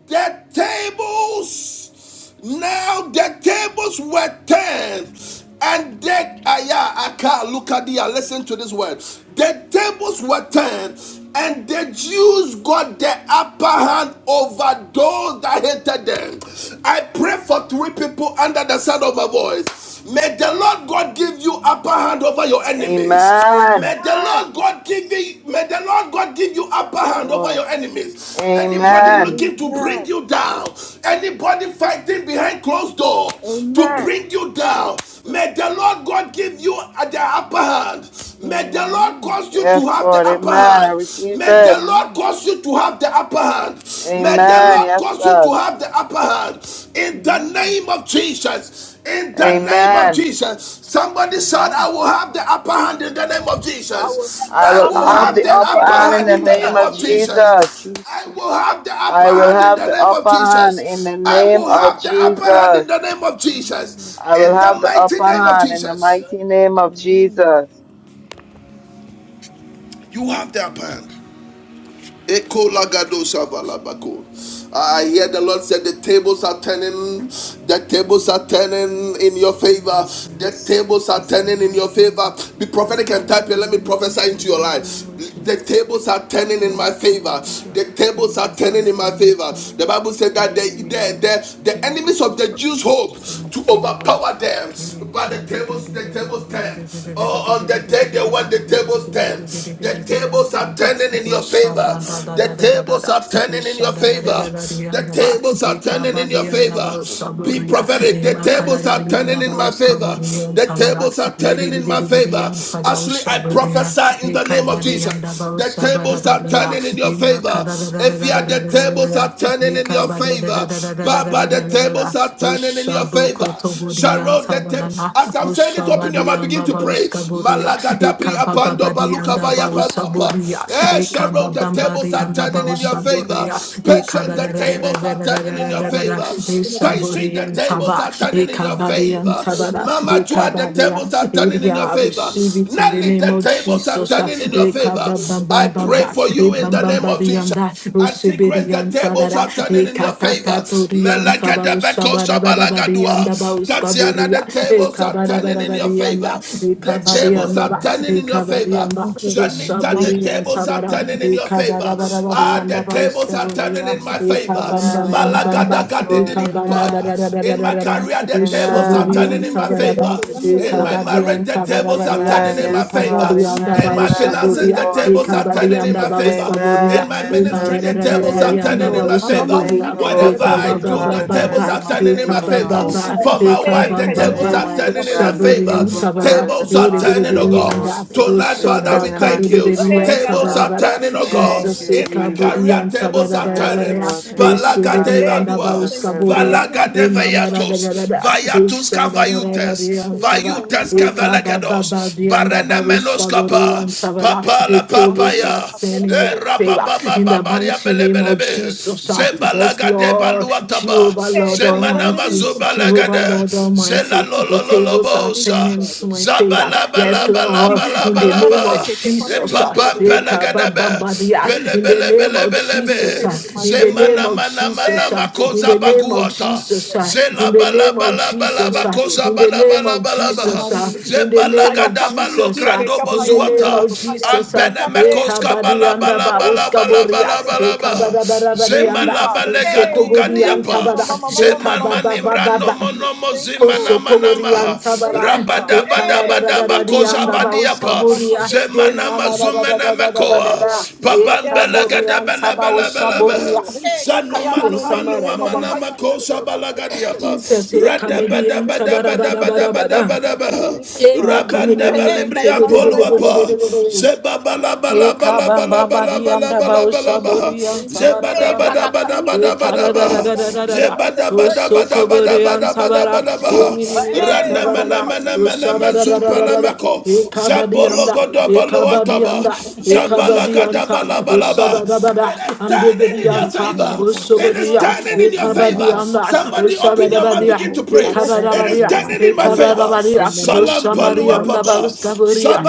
S1: the tables, now the tables were turned. And they, I can't then Aya Aka Lukadia, listen to this word. The tables were turned, and the Jews got the upper hand over those that hated them. I pray for three people under the sound of my voice. May the Lord God give you upper hand over your enemies.
S2: Amen.
S1: May the
S7: Amen.
S1: Lord God give you, may the Lord God give you upper hand over
S2: Lord.
S1: your enemies.
S3: Amen. Amen.
S1: Anybody
S3: Amen.
S2: Amen.
S1: looking to bring
S7: Amen.
S1: you down, anybody fighting behind closed doors to
S7: Amen.
S1: bring you down,
S7: Jesus.
S1: may the Lord God give you uh, the upper hand. May the Lord
S3: Amen.
S1: cause you to
S2: Yes,
S1: have
S2: Lord.
S1: the upper
S2: Amen. I
S1: hand.
S2: receive
S1: May the
S2: it.
S1: Lord cause you to have the upper hand. May the
S2: Amen.
S3: Amen.
S1: Lord
S2: Yes,
S1: cause you to
S2: God.
S1: have the upper hand. In the
S3: Amen.
S1: name of Jesus. In
S3: Amen.
S1: the name
S3: Amen.
S1: of
S2: Amen.
S1: Jesus. Somebody shout,
S3: Amen.
S1: I will have the upper hand in the name of
S7: I will have
S1: Jesus.
S7: the
S2: I
S1: I
S2: will
S3: I
S1: will
S7: upper hand
S2: have
S3: will
S7: in
S1: have
S2: the
S1: the
S7: the
S3: have
S2: upper
S3: the
S1: upper
S7: name of
S2: hand in
S3: upper
S1: hand
S2: the
S1: in the
S2: name
S1: name
S3: hand
S7: Jesus.
S2: of
S1: of
S3: in the name of
S2: Jesus.
S1: Jesus. I will
S3: Jesus.
S1: have the upper
S2: I will
S1: hand in
S2: have
S1: the
S2: the
S1: name of
S2: upper hand in
S1: Jesus.
S2: the
S1: I
S2: name
S1: will
S3: Have the
S2: of
S1: have the
S3: upper
S1: upper hand
S3: hand
S1: in
S2: Jesus.
S1: the name of
S3: in the name of
S1: Jesus.
S2: I will
S1: In the
S2: have the
S3: Jesus.
S1: mighty
S2: upper
S1: name of
S2: hand in the
S1: Jesus.
S2: mighty name of
S3: Amen.
S2: Jesus.
S1: You have the upper hand. Eko lagado shavalabako. I hear the Lord said the tables are turning, the tables are
S3: Amen.
S1: turning in your
S3: Amen.
S1: favor, the
S6: Jesus,
S1: tables are
S6: as the
S1: turning in your favor.
S6: Lord,
S1: Be
S6: as
S1: prophetic
S6: the
S1: and type here.
S6: Lord,
S1: Let me
S6: in
S1: prophesy into
S6: the
S1: your
S6: name
S1: life.
S6: of
S1: The
S6: Jesus,
S1: tables are turning in my
S6: thank
S1: favor.
S6: you, Lord.
S1: The tables are
S6: tables
S1: turning
S6: are
S1: in my
S6: empty,
S1: favor. The Bible said that the
S6: Yay,
S1: the, the, the enemies of
S6: tables
S1: the
S6: are
S1: Jews
S6: turned
S1: hope
S6: to my
S1: to
S6: favor.
S1: overpower them, but the
S6: Ekabadianda
S1: tables the tables turn. Oh, on the day they want the tables turn, the tables are turning turning in your favor. The tables are turning in your favor. The tables are turning in your favor. Be prophetic. The tables are turning in my favor. The tables are turning in my favor. Ashley, I prophesy in the name of Jesus. The
S6: Bausa
S1: tables are
S6: Badabadia,
S1: turning in your favor.
S6: Imakada
S1: If you are the tables are turning
S6: Receive
S1: in your favor. Baba, the
S3: Amen.
S1: tables are turning in your favor. Sharon,
S3: Amen.
S1: the tables. As I'm saying it, open your mouth. Begin to pray. Malagadabri apando baluka Kabayaparuapa. Eh, Cheryl, the tables are turning in your favor. Patient, the tables are turning in your
S7: And yes,
S1: favor.
S7: it's gonna be for
S1: Stacy,
S7: my
S1: the
S7: enemies.
S1: tables are turning in your
S7: In the
S1: favor.
S7: mighty name of
S1: Mama
S7: Jesus.
S1: Joa, the
S7: I need
S1: tables
S7: you
S1: are
S7: to
S1: turning
S7: for
S1: in your
S7: my
S1: favor.
S7: enemies.
S6: it in the
S1: Nelly,
S6: name
S1: the
S6: of
S1: tables are
S7: This
S6: Jesus.
S7: is a
S1: turning in
S7: turn
S1: your
S7: in my
S1: favor.
S7: favor.
S1: I
S7: Baba,
S6: Ekabambambamba,
S1: pray for you in the name of Jesus.
S6: ebambambadianda,
S1: Until grace, the tables
S6: osebediansadada,
S1: are turning in your favor.
S6: ekatatatodiansaba,
S1: Melagada bekosha
S6: osabadabadabadianda,
S1: balagadua. Tatiana,
S6: bauskaburia,
S1: the tables are turning in your
S6: ekabadabadabadianda,
S1: favor. The
S4: Yes, we
S1: tables are
S6: ekabadiandaba,
S1: turning in your favor.
S6: ekabadianda,
S4: Thank you.
S1: Janita, the
S4: Thank you.
S1: tables are
S6: osaburiansabada,
S1: turning in your favor. Ah,
S6: ekadadabadabadianda,
S1: the tables are turning
S6: bauskaburia,
S1: in my favor.
S2: Amen. Amen.
S6: ekabambambambamba,
S1: Malagada
S2: Yes, Lord. Amen.
S1: gadidiyapaya. In my
S6: ekabandadadadadadada,
S1: career, the
S7: Jesus.
S1: tables are
S7: I
S2: Amen.
S1: turning in
S7: need
S1: my
S7: you to do
S2: Thank
S1: favor.
S2: you,
S7: it. I am
S6: osaburiansabadada,
S7: not a
S1: In
S7: do
S1: my
S2: Jesus.
S1: marriage,
S6: Ikabadian
S7: it.
S1: the tables are
S6: Savarabaya,
S1: turning
S2: Amen.
S1: in my
S2: Yes, God.
S1: favor.
S7: Thank
S6: Ikabadian
S7: you,
S2: Amen.
S1: In my
S6: Dabao
S7: Father, for
S2: Amen. Yes,
S1: finances,
S7: turning
S1: the
S6: Saburia,
S7: in my
S2: Lord.
S1: tables
S7: favor.
S1: are turning
S6: Ikabadian
S1: in my
S7: Pakaya
S6: Dabao
S1: favor.
S7: saka.
S1: In
S6: Saburia,
S2: Amen.
S1: my
S2: Yes, I
S1: ministry, the
S4: Lord.
S2: receive
S1: tables are
S2: it.
S7: Thank
S6: Ibararian
S4: Thank
S7: you,
S1: turning in
S4: you
S7: Lord.
S6: Dabao
S1: my
S7: Ma- ma-
S2: I
S7: ma-
S1: favor.
S2: thank
S6: Saburia,
S2: you,
S7: yika, na-
S2: Lord.
S1: Whatever I
S2: Tables,
S1: do,
S2: God,
S1: the
S2: I
S6: Ikabababa,
S2: turn
S1: tables
S2: in
S1: are
S2: my
S1: turning in my
S2: favor,
S1: favor.
S4: for
S7: Thank you,
S2: Jehovah.
S6: Ikabababa,
S1: For
S7: Father.
S1: my
S4: turning
S1: wife,
S7: Hey,
S1: the
S2: I
S7: kaya na- na-
S1: tables
S6: Ikabababa,
S2: thank
S4: around.
S1: are
S7: na- ko-
S2: mighty
S7: ba-
S1: turning
S7: ba-
S1: in
S7: ya-
S1: her
S7: na-
S2: God, the
S1: favor.
S6: Ushaburian
S2: tables, God,
S6: Savara,
S2: are
S1: Tables
S2: turning in
S1: are
S2: my
S1: turning, oh
S7: Yes,
S2: favor,
S1: God.
S7: God,
S2: Lord.
S7: the
S6: Biribirianda,
S7: tables are
S1: Tonight,
S2: They're
S7: turning in
S1: Father, we
S7: my
S2: turning in my
S1: thank
S7: favor.
S1: you.
S7: Uh,
S2: favor,
S6: Ushabakaludirian
S7: Hey, ya-
S2: mighty
S7: na-
S1: Tables
S2: God.
S1: are
S7: kiki na- ki-
S6: Savarabara,
S7: ki-
S1: turning, oh
S7: ki- ko-
S1: God.
S2: Thank
S6: Jesus
S2: you,
S1: In my
S2: Jesus.
S1: career,
S6: Ikaburian
S1: tables are
S7: Yes,
S2: Yes,
S1: turning.
S6: Savarabara,
S7: Lord.
S2: Lord.
S3: Where's
S7: Thank
S2: Thank
S7: you,
S2: you,
S1: Balaga
S7: Father.
S2: God, that the
S1: Deva
S6: Ishibirian
S7: Hey, Jesus,
S2: tables
S6: Dabao
S2: are
S7: thank
S1: Dua.
S7: you.
S2: turning in
S7: Kaya
S2: my
S7: na-
S6: Skaburia,
S7: na- na- na-
S1: Valagade
S2: favor.
S7: na- na- ko-
S6: Imama
S7: pa-
S6: da
S7: ya-
S6: da
S7: na-
S6: da da,
S1: vayatos,
S6: da
S1: vayatus
S6: Isha da da da.
S1: cavayutes,
S7: Tables are
S6: Imamaradagadada,
S7: turning in
S1: vayutes
S7: my favor, Father.
S6: Ishadadadadadiyansaba,
S1: cavalagados, barene
S7: Thank you,
S1: menos
S7: Jesus, for
S1: capa,
S7: the tables in
S6: Ikababababiyandabawishkaburiyansabara.
S7: my
S1: papa
S6: The
S1: la
S7: favor. Ma-
S6: tables are
S1: papaya,
S7: yika, na- na-
S6: turning in
S1: e
S6: my favor. In the
S1: rababababaria
S6: mighty name of
S1: belebelebe,
S6: Jesus, ah, yes,
S1: zebalagade
S6: Lord,
S1: baluataba,
S6: Jehovah,
S7: Hey,
S6: Lord
S7: kaya nara
S1: zemanama
S6: Almighty, Jehovah,
S7: nara,
S1: zobalagade,
S6: Lord Almighty, the tables are
S7: thank you,
S6: turning
S1: zelalolololobosa,
S6: into
S7: Father.
S6: my favor. Yes,
S7: Thank you.
S6: Lord,
S7: Jesus, sa
S6: in the
S7: kaya nara
S6: name
S7: nara,
S6: of
S1: zabalabalabalabalabalaba,
S7: kke kke
S1: e
S6: Jesus,
S7: pama'yan
S6: ah,
S7: nara
S1: papam
S7: nara ko yata.
S6: Ikabababadia, in the
S7: Thank
S6: name
S1: pelagadebe,
S7: you
S6: of
S7: for turning the
S6: Jesus,
S1: lebelebelebelebe.
S6: ah,
S7: tables in my
S6: in the name
S7: favor.
S1: Zemana
S6: of
S1: mana
S6: Jesus.
S1: mana
S6: Jesus,
S7: Hey,
S6: uh,
S7: Jesus.
S6: in
S1: makosa
S6: the
S7: Thank
S6: name of
S7: you.
S1: baguata.
S6: Jesus, uh,
S1: Zela
S6: in the
S1: bala
S6: name of
S1: bala bala
S6: Jesus,
S7: Yes,
S6: uh,
S1: bakoza
S7: Lord.
S6: in the
S1: bala
S6: name
S1: bala
S6: of
S1: bala
S7: In the
S6: Jesus, uh,
S7: morning,
S6: in the
S1: Zebala
S6: name of
S1: gada
S7: sa'yakangi
S1: balokrando
S7: kke
S6: Jesus, uh,
S7: kke
S1: krando
S6: in the
S7: pama'yan nara
S6: name
S1: bozuata.
S6: of Jesus, uh,
S3: Amen.
S1: Ambene mekoska
S3: Amen.
S7: li
S6: Ekabadi
S1: bala
S7: ki
S6: anda
S7: te
S1: bala
S6: ba
S7: nara
S1: bala
S7: ko
S1: bala
S6: oskaboria,
S1: bala
S7: pama'yas.
S1: bala
S6: Ekabada barabadi
S7: Thank you,
S6: anda,
S1: Zemala
S7: Father.
S1: bale gadu
S7: Hey,
S6: Sokobori
S7: Shaliki,
S1: gadiapa.
S6: antabada,
S7: mama mama mama
S1: Zeman
S7: mama mama
S6: Ekababa
S1: manimra
S7: pama'yas.
S6: baba,
S1: nomo nomo
S7: Thank you,
S1: zemana
S7: Lord.
S6: Oso
S1: mana
S6: koborian
S1: maha.
S7: Thank
S6: sabara,
S7: you, Father.
S1: Rabada
S6: e
S1: bada
S6: kanada
S7: Hey,
S6: da
S1: bada
S6: da da di
S7: Shadariki, ma,
S1: bakoza
S7: ma,
S6: anda
S7: ma, ma, ma, ma,
S6: bauska
S7: ma,
S1: badiapa.
S7: ma, pa,
S6: boria,
S1: Zem
S7: yeah,
S6: e
S1: Zemana
S7: Kaike,
S6: nana da
S7: na, na, na,
S6: da
S7: na,
S6: da
S1: mazumena
S6: da da da
S7: na.
S6: da da
S1: mekoa.
S6: da, e
S7: Yes,
S1: Papambela
S7: Lord.
S1: gada
S6: kaborian
S1: bela bela
S6: sabauska
S1: bela
S7: Thank you,
S1: bela.
S7: Lord.
S6: boria,
S7: Hey,
S1: Zanu
S6: Oh,
S7: Kakayana
S1: manu manu
S7: Kaike, Papa
S6: Samaradada.
S1: amana
S7: Payanda,
S1: makosa balagadiapa.
S6: Jesus, eh,
S1: Rada bada
S6: Kamedian,
S7: Yes,
S1: bada
S7: Lord.
S1: bada bada bada
S6: Tabarabarabarabada.
S1: bada bada.
S7: Thank you,
S6: Eh,
S7: Father.
S1: Rabanda
S7: Hey,
S6: Makaminian,
S7: Kayana
S1: balibrian
S7: na, na, na, Kaike.
S1: poluapa.
S7: tu, tu, tu, tu,
S6: Tebedebedebedebedebede.
S7: tu,
S1: Zeba bala
S7: ma,
S1: bala
S6: Eh,
S7: Jesus.
S1: bala bala bala
S7: Thank you,
S6: Kabambabadian,
S1: bala bala
S7: Father.
S1: bala
S7: Thank you.
S1: bala.
S6: Dabaoshaborian,
S7: Thank you.
S1: Zeba da
S7: Hey,
S1: bada
S6: Tabarabarabara.
S1: bada
S6: Eh,
S7: Kakakaike,
S1: bada bada bada.
S7: Taroko, Mayaka,
S6: Karadadadadadadada.
S1: Zeba da
S6: Oh,
S1: bada bada bada
S6: Sokoborian,
S1: bada bada
S6: Tabara.
S1: bada
S7: Thank
S6: Eh,
S7: you,
S5: The
S7: Father.
S1: bada.
S6: Mininian,
S7: Hey,
S1: Rana men.
S7: Papa
S6: Tabara, da
S7: Papa Iki,
S1: Nemeneme
S6: Oshara, da da da Tabaraba.
S7: Mayaka.
S1: zumpalemeko
S6: Oh, Sharadadadadadada. Eh, Kabadianda.
S7: Thank
S6: Eh,
S7: you, Jesus.
S1: Jabologodoboloataba
S6: Kabadianda.
S7: Thank you.
S6: Eh,
S7: Thank
S6: Kabadianta. Oh,
S1: Jabalagadabalaba. It is
S6: Shabadabada. And
S7: you.
S1: turning in your
S6: Debedianta.
S7: Mm.
S1: favor.
S6: Oh,
S1: It is
S7: Thank
S6: Soborian.
S1: turning in your
S7: you.
S1: favor.
S6: Ekabadianda,
S1: Somebody open your mouth,
S6: Ushabadabadia,
S1: begin to
S5: tables
S1: pray.
S5: are
S7: Yes,
S1: It
S5: setting
S7: God.
S1: is
S6: Ekabadabadia,
S5: in
S7: Thank
S5: my
S1: turning in my
S5: favor
S1: favor. Salam
S6: Ekabadabadia,
S5: in the
S7: you. Thank
S5: mighty
S7: you
S1: Shalom
S7: for
S5: name
S7: turning in
S5: of
S7: my
S6: Ushamarianda
S7: favor.
S1: paluapaba.
S5: Jesus.
S7: Father.
S6: Baguskaburia,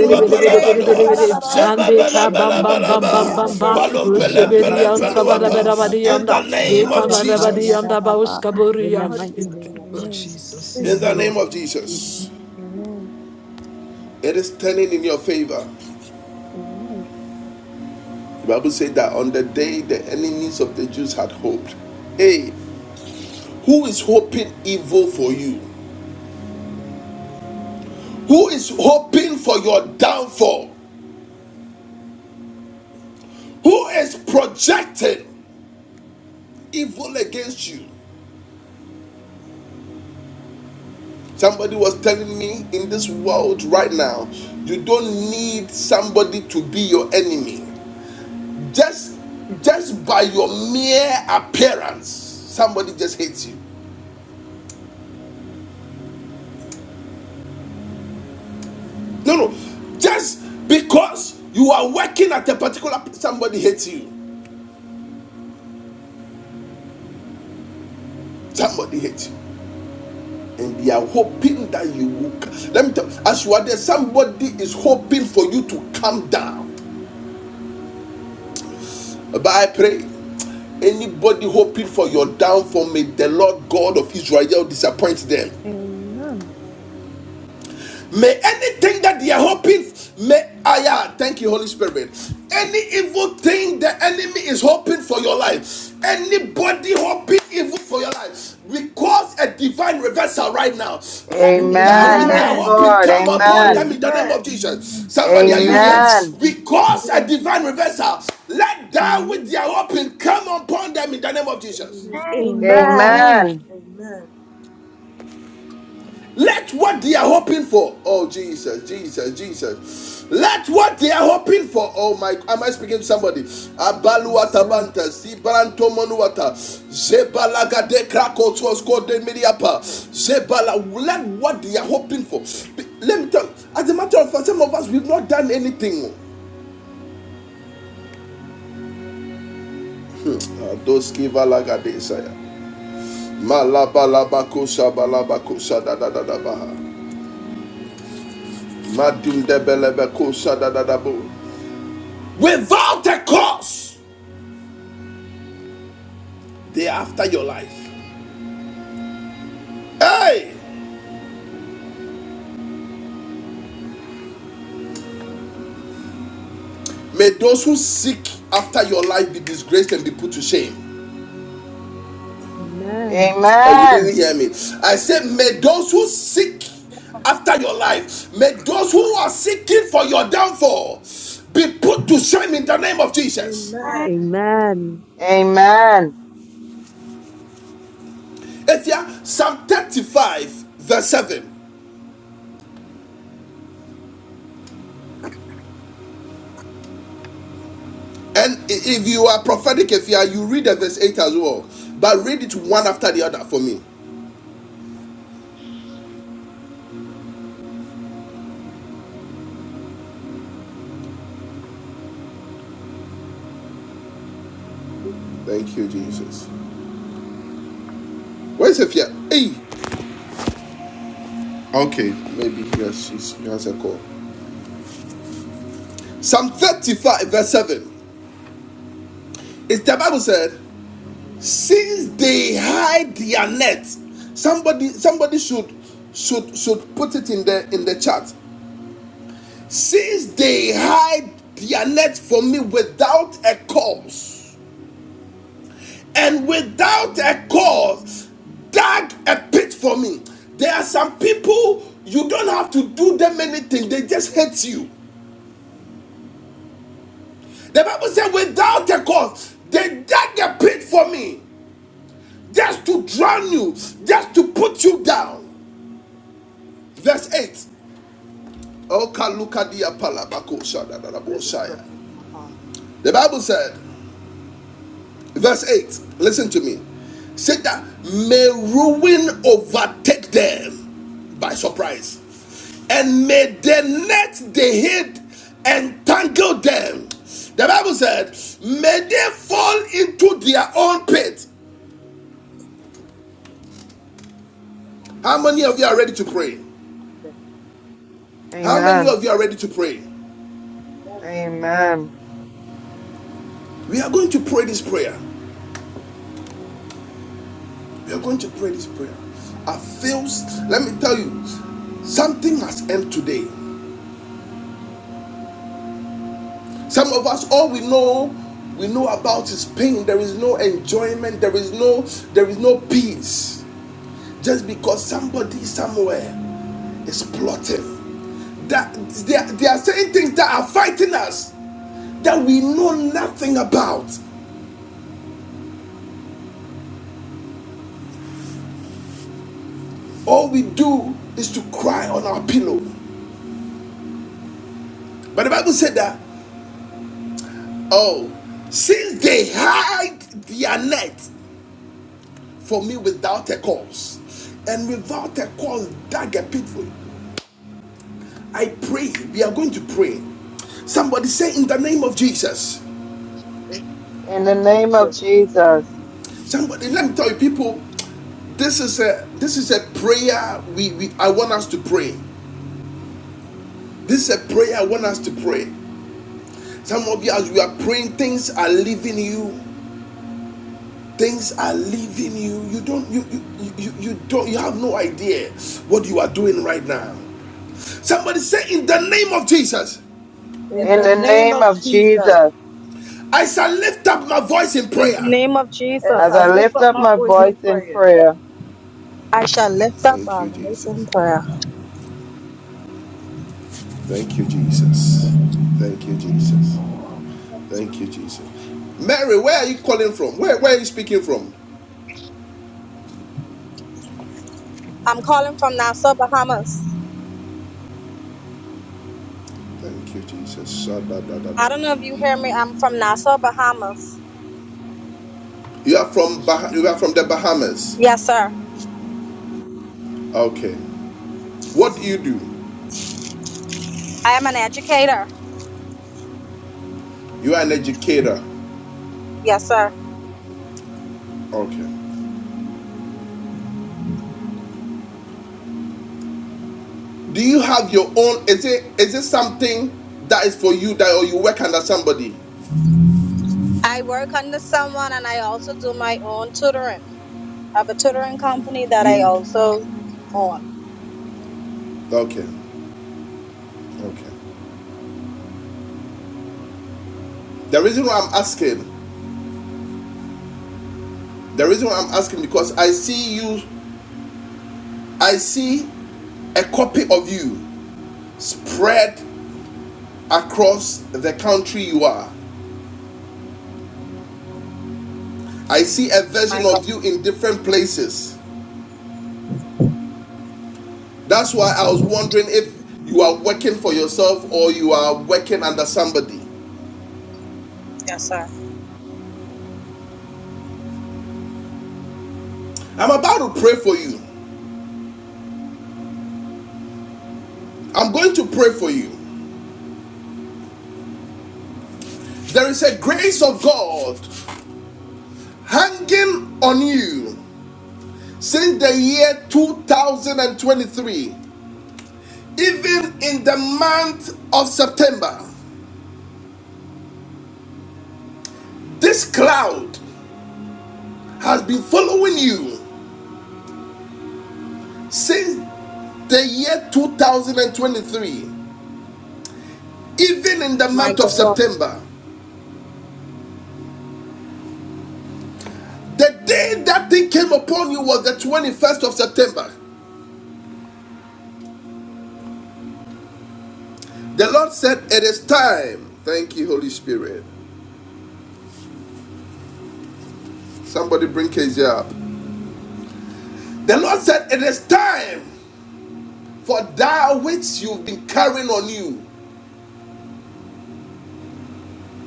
S7: Thank you. Eh, kayara da da da,
S6: and
S7: kenye na rika
S6: Ekabam Bam
S7: kupaya,
S6: Bam Bam
S1: Jebabalabalabalaba.
S6: Bam Bam,
S7: shakaye,
S5: sheketediyadaba,
S7: kenye
S1: Palum
S7: na rika
S1: pelem
S7: kupaya, na
S1: pelem
S6: Ushabedian
S7: rika kupaya.
S1: peluapa.
S5: rakatadiyadababa,
S1: In
S6: Sabadabadabadianda,
S1: the name of
S7: Thank you.
S1: Jesus.
S6: Ekamadabadianda
S5: rakapayadababa, In
S7: The
S6: Baguskaburia.
S5: the
S7: mighty
S6: In
S7: name
S5: mighty
S6: the
S7: of
S5: name of
S6: name of
S7: Jesus.
S5: Jesus.
S6: Jesus,
S7: Thank
S1: In
S7: you,
S1: the
S6: amen.
S1: name
S7: Lord.
S1: of Jesus.
S3: Amen.
S1: It is turning in your favor. The Bible said that on the day the enemies of the Jews had hoped, hey, who is hoping evil for you? Who is hoping for your downfall? Who is projecting evil against you? Somebody was telling me in this world right now, you don't need somebody to be your enemy. Just just by your mere appearance, somebody just hates you. No, no. Just because you are working at a particular somebody hates you. Somebody hates you. And they are hoping that you will. Let me tell you, as you are there, somebody is hoping for you to come down. But I pray, anybody hoping for your downfall, may the Lord God of Israel disappoint them. May anything that they are hoping, may I ah, thank you, Holy Spirit. Any evil thing the enemy is hoping for your life, anybody hoping evil for your life, we cause a divine reversal right now.
S5: That's the name.
S1: Let that
S2: Amen.
S1: which they
S3: Amen.
S1: are
S2: Yes,
S7: Amen.
S5: Amen.
S1: hoping
S2: Lord.
S1: come
S5: In the
S1: upon
S5: name of
S1: them
S2: Amen.
S1: in the name
S7: Amen.
S1: of
S5: Jesus.
S1: Jesus.
S4: Amen.
S1: Somebody, are
S4: Thank
S1: you
S4: you,
S3: Amen.
S1: here?
S5: Amen.
S4: Jesus.
S2: Amen.
S1: We
S4: In
S1: cause a
S7: Amen.
S1: divine reversal. Let that which they
S3: Amen.
S1: are hoping come upon them in the name of
S5: That's the
S1: Jesus.
S5: name.
S7: Yes,
S8: had
S7: Lord. Amen.
S5: Amen.
S3: Amen.
S2: Amen.
S7: Amen.
S1: Let what they are hoping for, oh Jesus, Jesus, Jesus. Let what they are hoping for, oh my, am I speaking to somebody?
S3: Yes,
S1: Abaluata
S3: sir.
S1: banta, Sibranto monuata, Zebalaga de Krakos was called the Mediapa, Zebala. Let what they are hoping for. Let me tell you, as a matter of fact, some of us, we've not done anything. Those Adoski Valaga Desaya. Malabalabakusha Balabakusha da da da da baha. Madum de Belebekusha da da da bo. without a cause. They are after your life. Hey, may those who seek after your life be disgraced and be put to shame.
S5: Amen.
S2: Amen.
S1: Oh, you didn't hear me. I said, may those who seek after your life, may those who are seeking for your downfall be put to shame in the name of Jesus.
S8: had
S7: Amen.
S5: Amen.
S2: Amen.
S1: If you are Psalm 35, verse 7. And if you are prophetic, if you are, you read the verse 8 as well. But read it one after the other for me. Thank you, Jesus. Where's Sophia? Hey, Okay. maybe he she's, she has a call. Psalm 35, verse 7. It's the Bible said, since they hide their net, somebody somebody should should should put it in the in the chat. Since they hide their net from me without a cause, and without a cause, dug a pit for me. There are some people you don't have to do them anything, they just hate you. The Bible said, without a cause, they dug a pit for me just to drown you, just to put you down. Verse 8.
S7: Let this stuff come upon them.
S1: The Bible said, verse 8, listen to me. Said that may ruin overtake them by surprise, and may the net they hid entangle them. The Bible said, may they fall into their own pit How many of you are ready to pray?
S7: Thank you.
S1: How many
S2: Amen.
S1: of you are ready to pray?
S7: Thank
S2: Amen.
S1: We are going to pray this prayer. We are going to pray this prayer. I feel. let me tell you, something must end today. Some of us, all we know, we know about is pain. There is no enjoyment. There is no, there is no peace. Just because somebody somewhere is plotting. That they are, they are saying things that are fighting us that we know nothing about all we do is to cry on our pillow. But the Bible said that, oh, since they hide their net for me without a cause, and without a cause dug a pit for me. I pray, we are going to pray. Somebody say in the name of Jesus.
S2: In the
S7: you,
S2: name of
S7: Jesus.
S2: Jesus.
S1: Somebody, let me tell you, people, this is a this is a prayer we, we I want us to pray. This is a prayer I want us to pray. Some of you as we are praying, things are leaving you things are leaving you you don't you you, you you don't you have no idea what you are doing right now somebody say in the name of jesus
S8: the
S7: In
S2: In
S7: the
S8: legs
S2: the
S7: name
S2: name
S7: of
S2: of
S7: Jesus,
S2: Jesus.
S1: i shall lift up my voice in
S4: the
S1: prayer
S4: name of Jesus,
S7: as
S2: As
S7: I
S8: of
S2: I
S7: lift
S2: lift
S7: up
S2: up
S7: my
S2: my
S7: voice
S8: rich
S7: in
S2: voice in
S7: prayer,
S2: prayer.
S4: I shall lift up
S1: thank
S4: our
S1: you
S4: voice in
S1: jesus
S4: prayer.
S1: thank you jesus thank you jesus thank you jesus mary where are you calling from where where are you speaking from
S4: I'm calling from Nassau, Bahamas.
S1: thank you jesus
S4: I don't know if you hear me. I'm from Nassau, Bahamas.
S1: you are from bah- you are from the bahamas
S4: Yes, sir.
S1: okay what do you do
S4: I am an educator.
S1: you are an educator
S4: Yes, sir.
S1: okay Do you have your own? Is it is it something that is for you that or you work under somebody?
S4: I work under someone and I also do my own tutoring. I have a tutoring company that I
S1: You
S4: also own.
S1: okay. Okay. The reason why I'm asking, the reason why I'm asking because I see you I see a copy of you spread across the country you are. I see a
S4: My
S1: version
S4: God.
S1: of you in different places. That's why I was wondering if you are working for yourself or you are working under somebody.
S4: Yes, sir.
S1: I'm about to pray for you. I'm going to pray for you. There is a grace of God hanging on you since the year 2023, even in the month of September. This cloud has been following you since the year 2023, even in the
S4: My
S1: month of
S4: God.
S1: September. The day that thing came upon you was the 21st of September. The Lord said, It is time. Thank you, Holy Spirit. Somebody bring KJ up. The Lord said, It is time for that which you've been carrying on you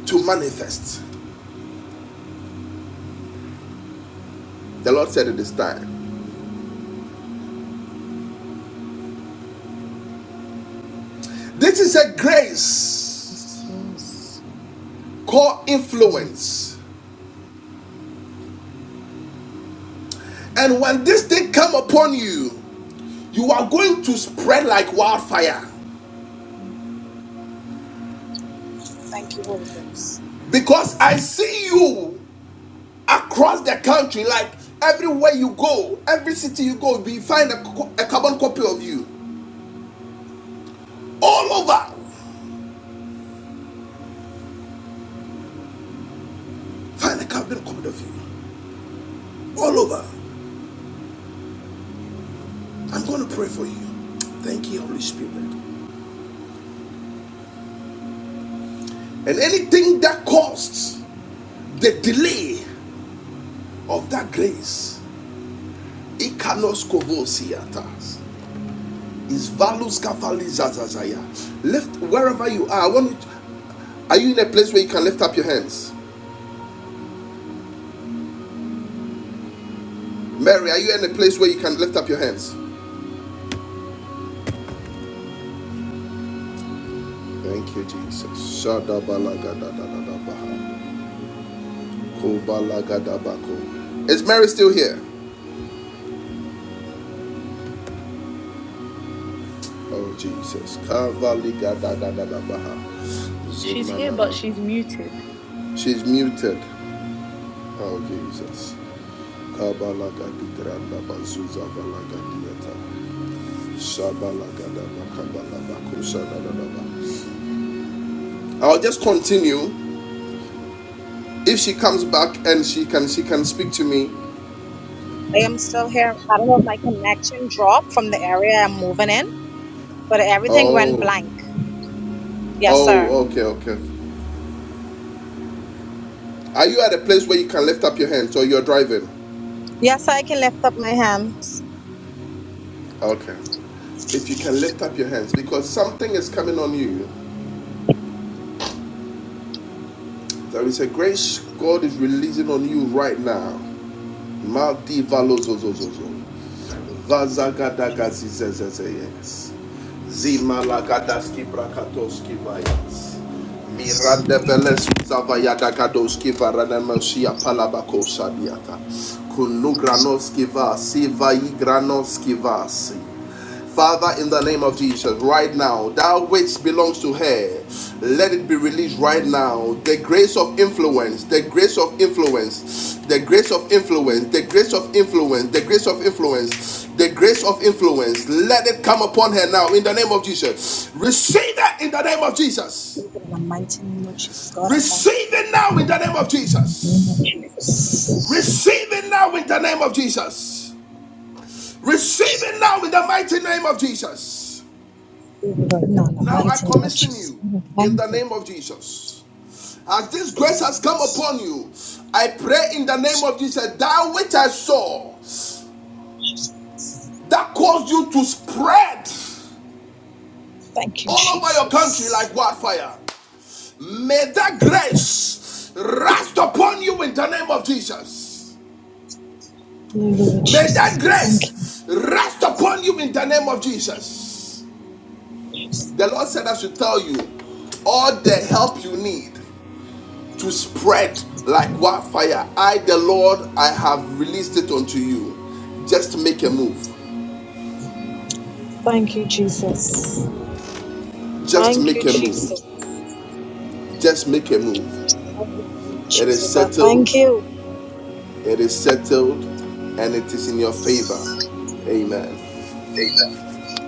S1: to manifest. The Lord said, It is time. This is a grace
S6: Jesus.
S1: called
S6: Amen.
S1: influence. And when this thing come upon you, you are going to spread like wildfire.
S4: Thank you, Holy Ghost.
S1: Because I see you across the country, like everywhere you go, every city you go, we find a, a carbon copy of you. All over, find a carbon copy of you. all over. I'm going to pray for you. Thank you, Holy Spirit. And anything that caused the delay of that grace, ikanos kovosiatas, is valus kafalizazazaya. Lift wherever you are. I want you to- are you in a place where you can lift up your hands? Mary, are you in a place where you can lift up your hands? Thank you, Jesus. Is Mary still here? Oh Jesus.
S3: She's here, but she's muted.
S1: She's muted. Oh Jesus. I'll just continue. If she comes back and she can she can speak to me.
S4: I am still here. I don't know if my connection dropped from the area I'm moving in, but everything went
S1: Oh.
S4: blank. Yes, sir.
S1: Oh, okay, okay. Are you at a place where you can lift up your hands or you're driving?
S4: Yes, sir, I can lift up my hands.
S1: Okay if you can lift up your hands because something is coming on you There is a grace God is releasing on you right now. Maldi valozozozozo. Vazagadagazizezezeyes. Zimalagadaski brakatoski vayas. Miranda veles zavayadagadoski varanemosia palabako sadiata. Kunugranoski vasi vayigranoski vasi. Father, in the name of Jesus, right now, that which belongs to her, let it be released right now. The grace of influence, the grace of influence, the grace of influence, the grace of influence, the grace of influence, the grace of influence, let it come upon her now in the name of Jesus. Receive it in the name of Jesus.
S4: In the mighty name of Jesus, God, I thank
S1: Receive it now in the name of
S4: you. In the name of
S1: Jesus.
S4: Jesus.
S1: Receive it now in the name of Jesus. Receive it now in the mighty name of Jesus.
S4: Right now, in the
S1: Now I
S4: mighty name of
S1: commission
S4: Jesus.
S1: you in
S4: Thank
S1: the
S4: you.
S1: name of Jesus. As this grace has come upon you, I pray in the name of Jesus that which I saw that caused you to spread
S4: Thank you,
S1: all over your country
S4: Jesus.
S1: like wildfire. May that grace rest upon you in the name of Jesus. May that grace rest upon you in the name of Jesus. The Lord said, I should tell you all the help you need. to spread like wildfire. I, the Lord, I have released it unto you. Just make a move.
S4: Thank you, Jesus.
S1: Just
S4: Thank you,
S1: make a
S4: Jesus.
S1: move. Just make a move.
S4: Hallelujah,
S1: It is
S4: Jesus, I thank
S1: settled.
S4: you.
S1: It is settled. And it is in your favor. Amen.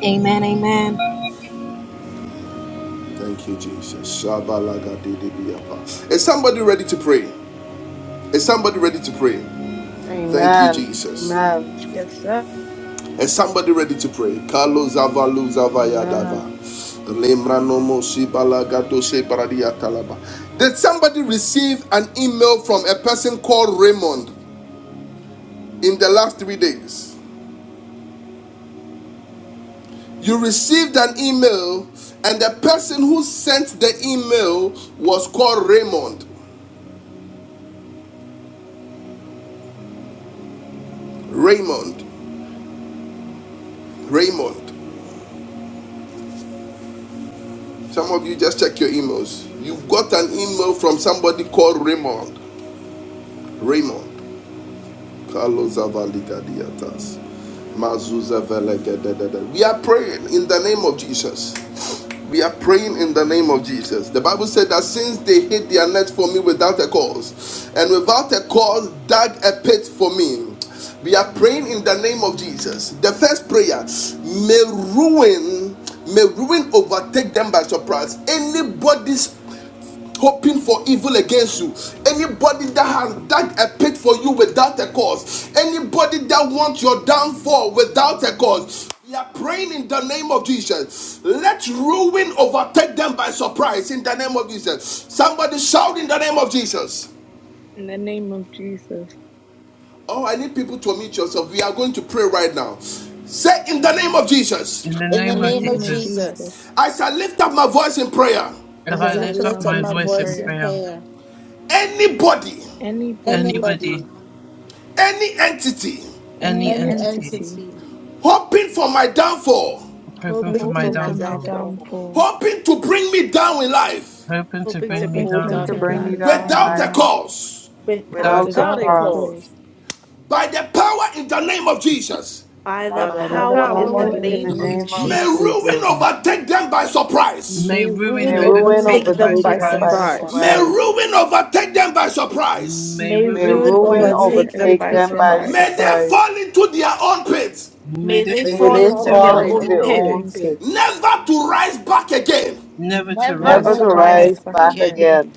S4: Amen, amen.
S1: Thank you, Jesus. Is somebody ready to pray? Is somebody ready to pray? Thank you,
S2: Amen.
S1: Jesus.
S2: Amen.
S3: Yes, sir.
S1: Is somebody ready to pray? Carlos Avalu Zavayadava.
S2: Amen. Yes, God.
S1: Did somebody receive an email from a person called Raymond in the last three days? You received an email, and the person who sent the email was called Raymond. Raymond. Raymond. Some of you just check your emails. You've got an email from somebody called Raymond. Raymond. We are praying in the name of Jesus. We are praying in the name of Jesus. The Bible said that since they hid their net for me without a cause, and without a cause dug a pit for me. We are praying in the name of Jesus. The first prayer may ruin, may ruin overtake them by surprise. Anybody's hoping for evil against you anybody that has dug a pit for you without a cause anybody that wants your downfall without a cause we are praying in the name of Jesus. Let ruin overtake them by surprise in the name of Jesus. Somebody shout in the name of Jesus.
S3: In the name of Jesus,
S1: Oh, I need people to unmute yourself. We are going to pray right now. Say in the name of Jesus.
S9: In the
S10: In
S9: name
S10: the
S3: in the
S9: of
S10: name of
S3: name of
S9: Jesus,
S3: Jesus,
S10: Jesus,
S1: I shall lift up my voice in prayer.
S9: as
S3: as I
S10: as
S9: I
S10: I
S3: lift
S9: lift
S3: up
S9: up
S3: my
S10: lift up
S9: my
S3: voice
S10: my
S3: in
S9: voice in
S10: voice in
S3: prayer,
S9: prayer,
S10: prayer,
S1: Anybody,
S3: anybody,
S7: anybody
S10: anybody,
S9: anybody,
S1: any entity
S9: any
S3: any
S10: any
S9: entity,
S3: entity
S10: entity
S1: hoping for my downfall
S9: hoping for
S10: hoping
S9: my
S10: for
S3: hoping
S7: hoping
S10: my
S3: for
S7: for my
S3: my
S9: downfall,
S10: downfall,
S7: downfall,
S3: downfall,
S1: hoping to bring me down in life
S9: hoping to
S10: hoping to
S9: bring me
S7: hoping
S10: bring
S7: to
S10: me
S9: down
S3: hoping
S2: Hoping
S7: bring
S10: down
S2: to
S3: to
S7: me
S10: in
S9: in
S7: down
S2: bring
S9: life,
S3: bring
S10: life,
S2: me
S7: to
S3: me
S2: down
S7: life,
S2: in
S3: down
S1: without
S3: in
S1: a
S2: life
S3: life
S1: cause,
S10: without
S2: without
S9: doubt
S2: a
S9: or
S10: a
S7: without
S3: without
S7: a
S3: a
S2: cause.
S10: cause,
S3: cause,
S7: cause,
S1: by the power in the name of Jesus,
S10: by
S7: by
S10: the
S7: the
S2: By the
S3: by the
S10: power
S7: power
S10: in the
S3: power
S7: in
S2: power
S7: the
S3: in
S2: in
S3: the
S7: name
S2: the
S10: name
S7: of
S3: name
S10: of
S9: defeat,
S3: of
S2: name of
S1: may
S3: Jesus,
S10: Jesus,
S1: ruin
S2: Jesus.
S1: overtake them by surprise.
S9: may
S10: may
S7: Jesus,
S9: ruin
S10: ruin
S2: May
S3: may
S7: may
S9: or
S2: ruin
S7: ruin
S3: ruin
S9: overtake
S10: overtake
S9: them by
S10: them
S7: overtake
S2: overtake
S10: by
S3: overtake
S7: them
S2: them
S7: by
S3: them
S2: by
S3: by
S9: surprise.
S7: surprise.
S1: May
S10: surprise.
S3: surprise.
S2: surprise.
S1: ruin overtake them by surprise.
S9: May
S10: May
S2: May
S7: May
S9: ruin
S10: ruin
S9: take
S3: May
S2: ruin
S9: them,
S7: ruin
S3: ruin
S10: overtake them
S7: overtake
S2: overtake
S10: by
S7: them
S3: overtake
S2: them
S7: by
S3: them
S2: by
S3: by
S1: May
S10: surprise.
S7: surprise.
S1: they
S3: surprise.
S2: surprise.
S1: fall into their own pit,
S9: may
S10: May
S9: they
S10: they
S7: May
S3: May
S2: May
S9: fall
S7: they
S3: they
S10: fall
S2: they
S9: into
S10: into
S7: fall
S9: their
S7: into
S3: fall
S2: fall
S10: their
S9: own
S7: their
S2: into
S9: pit,
S3: into
S10: own
S7: own
S2: their
S3: their
S7: pit,
S2: own
S3: own
S10: pits,
S3: pit.
S2: pits,
S1: never to rise back again.
S9: never to
S10: never
S9: rise
S7: never
S2: never
S3: never
S7: to
S2: to
S9: back
S10: to
S3: to
S7: rise
S10: rise
S9: again.
S7: back
S3: rise
S2: rise
S10: back
S3: back
S2: back
S7: again. In
S3: again.
S10: again.
S8: men.
S2: again.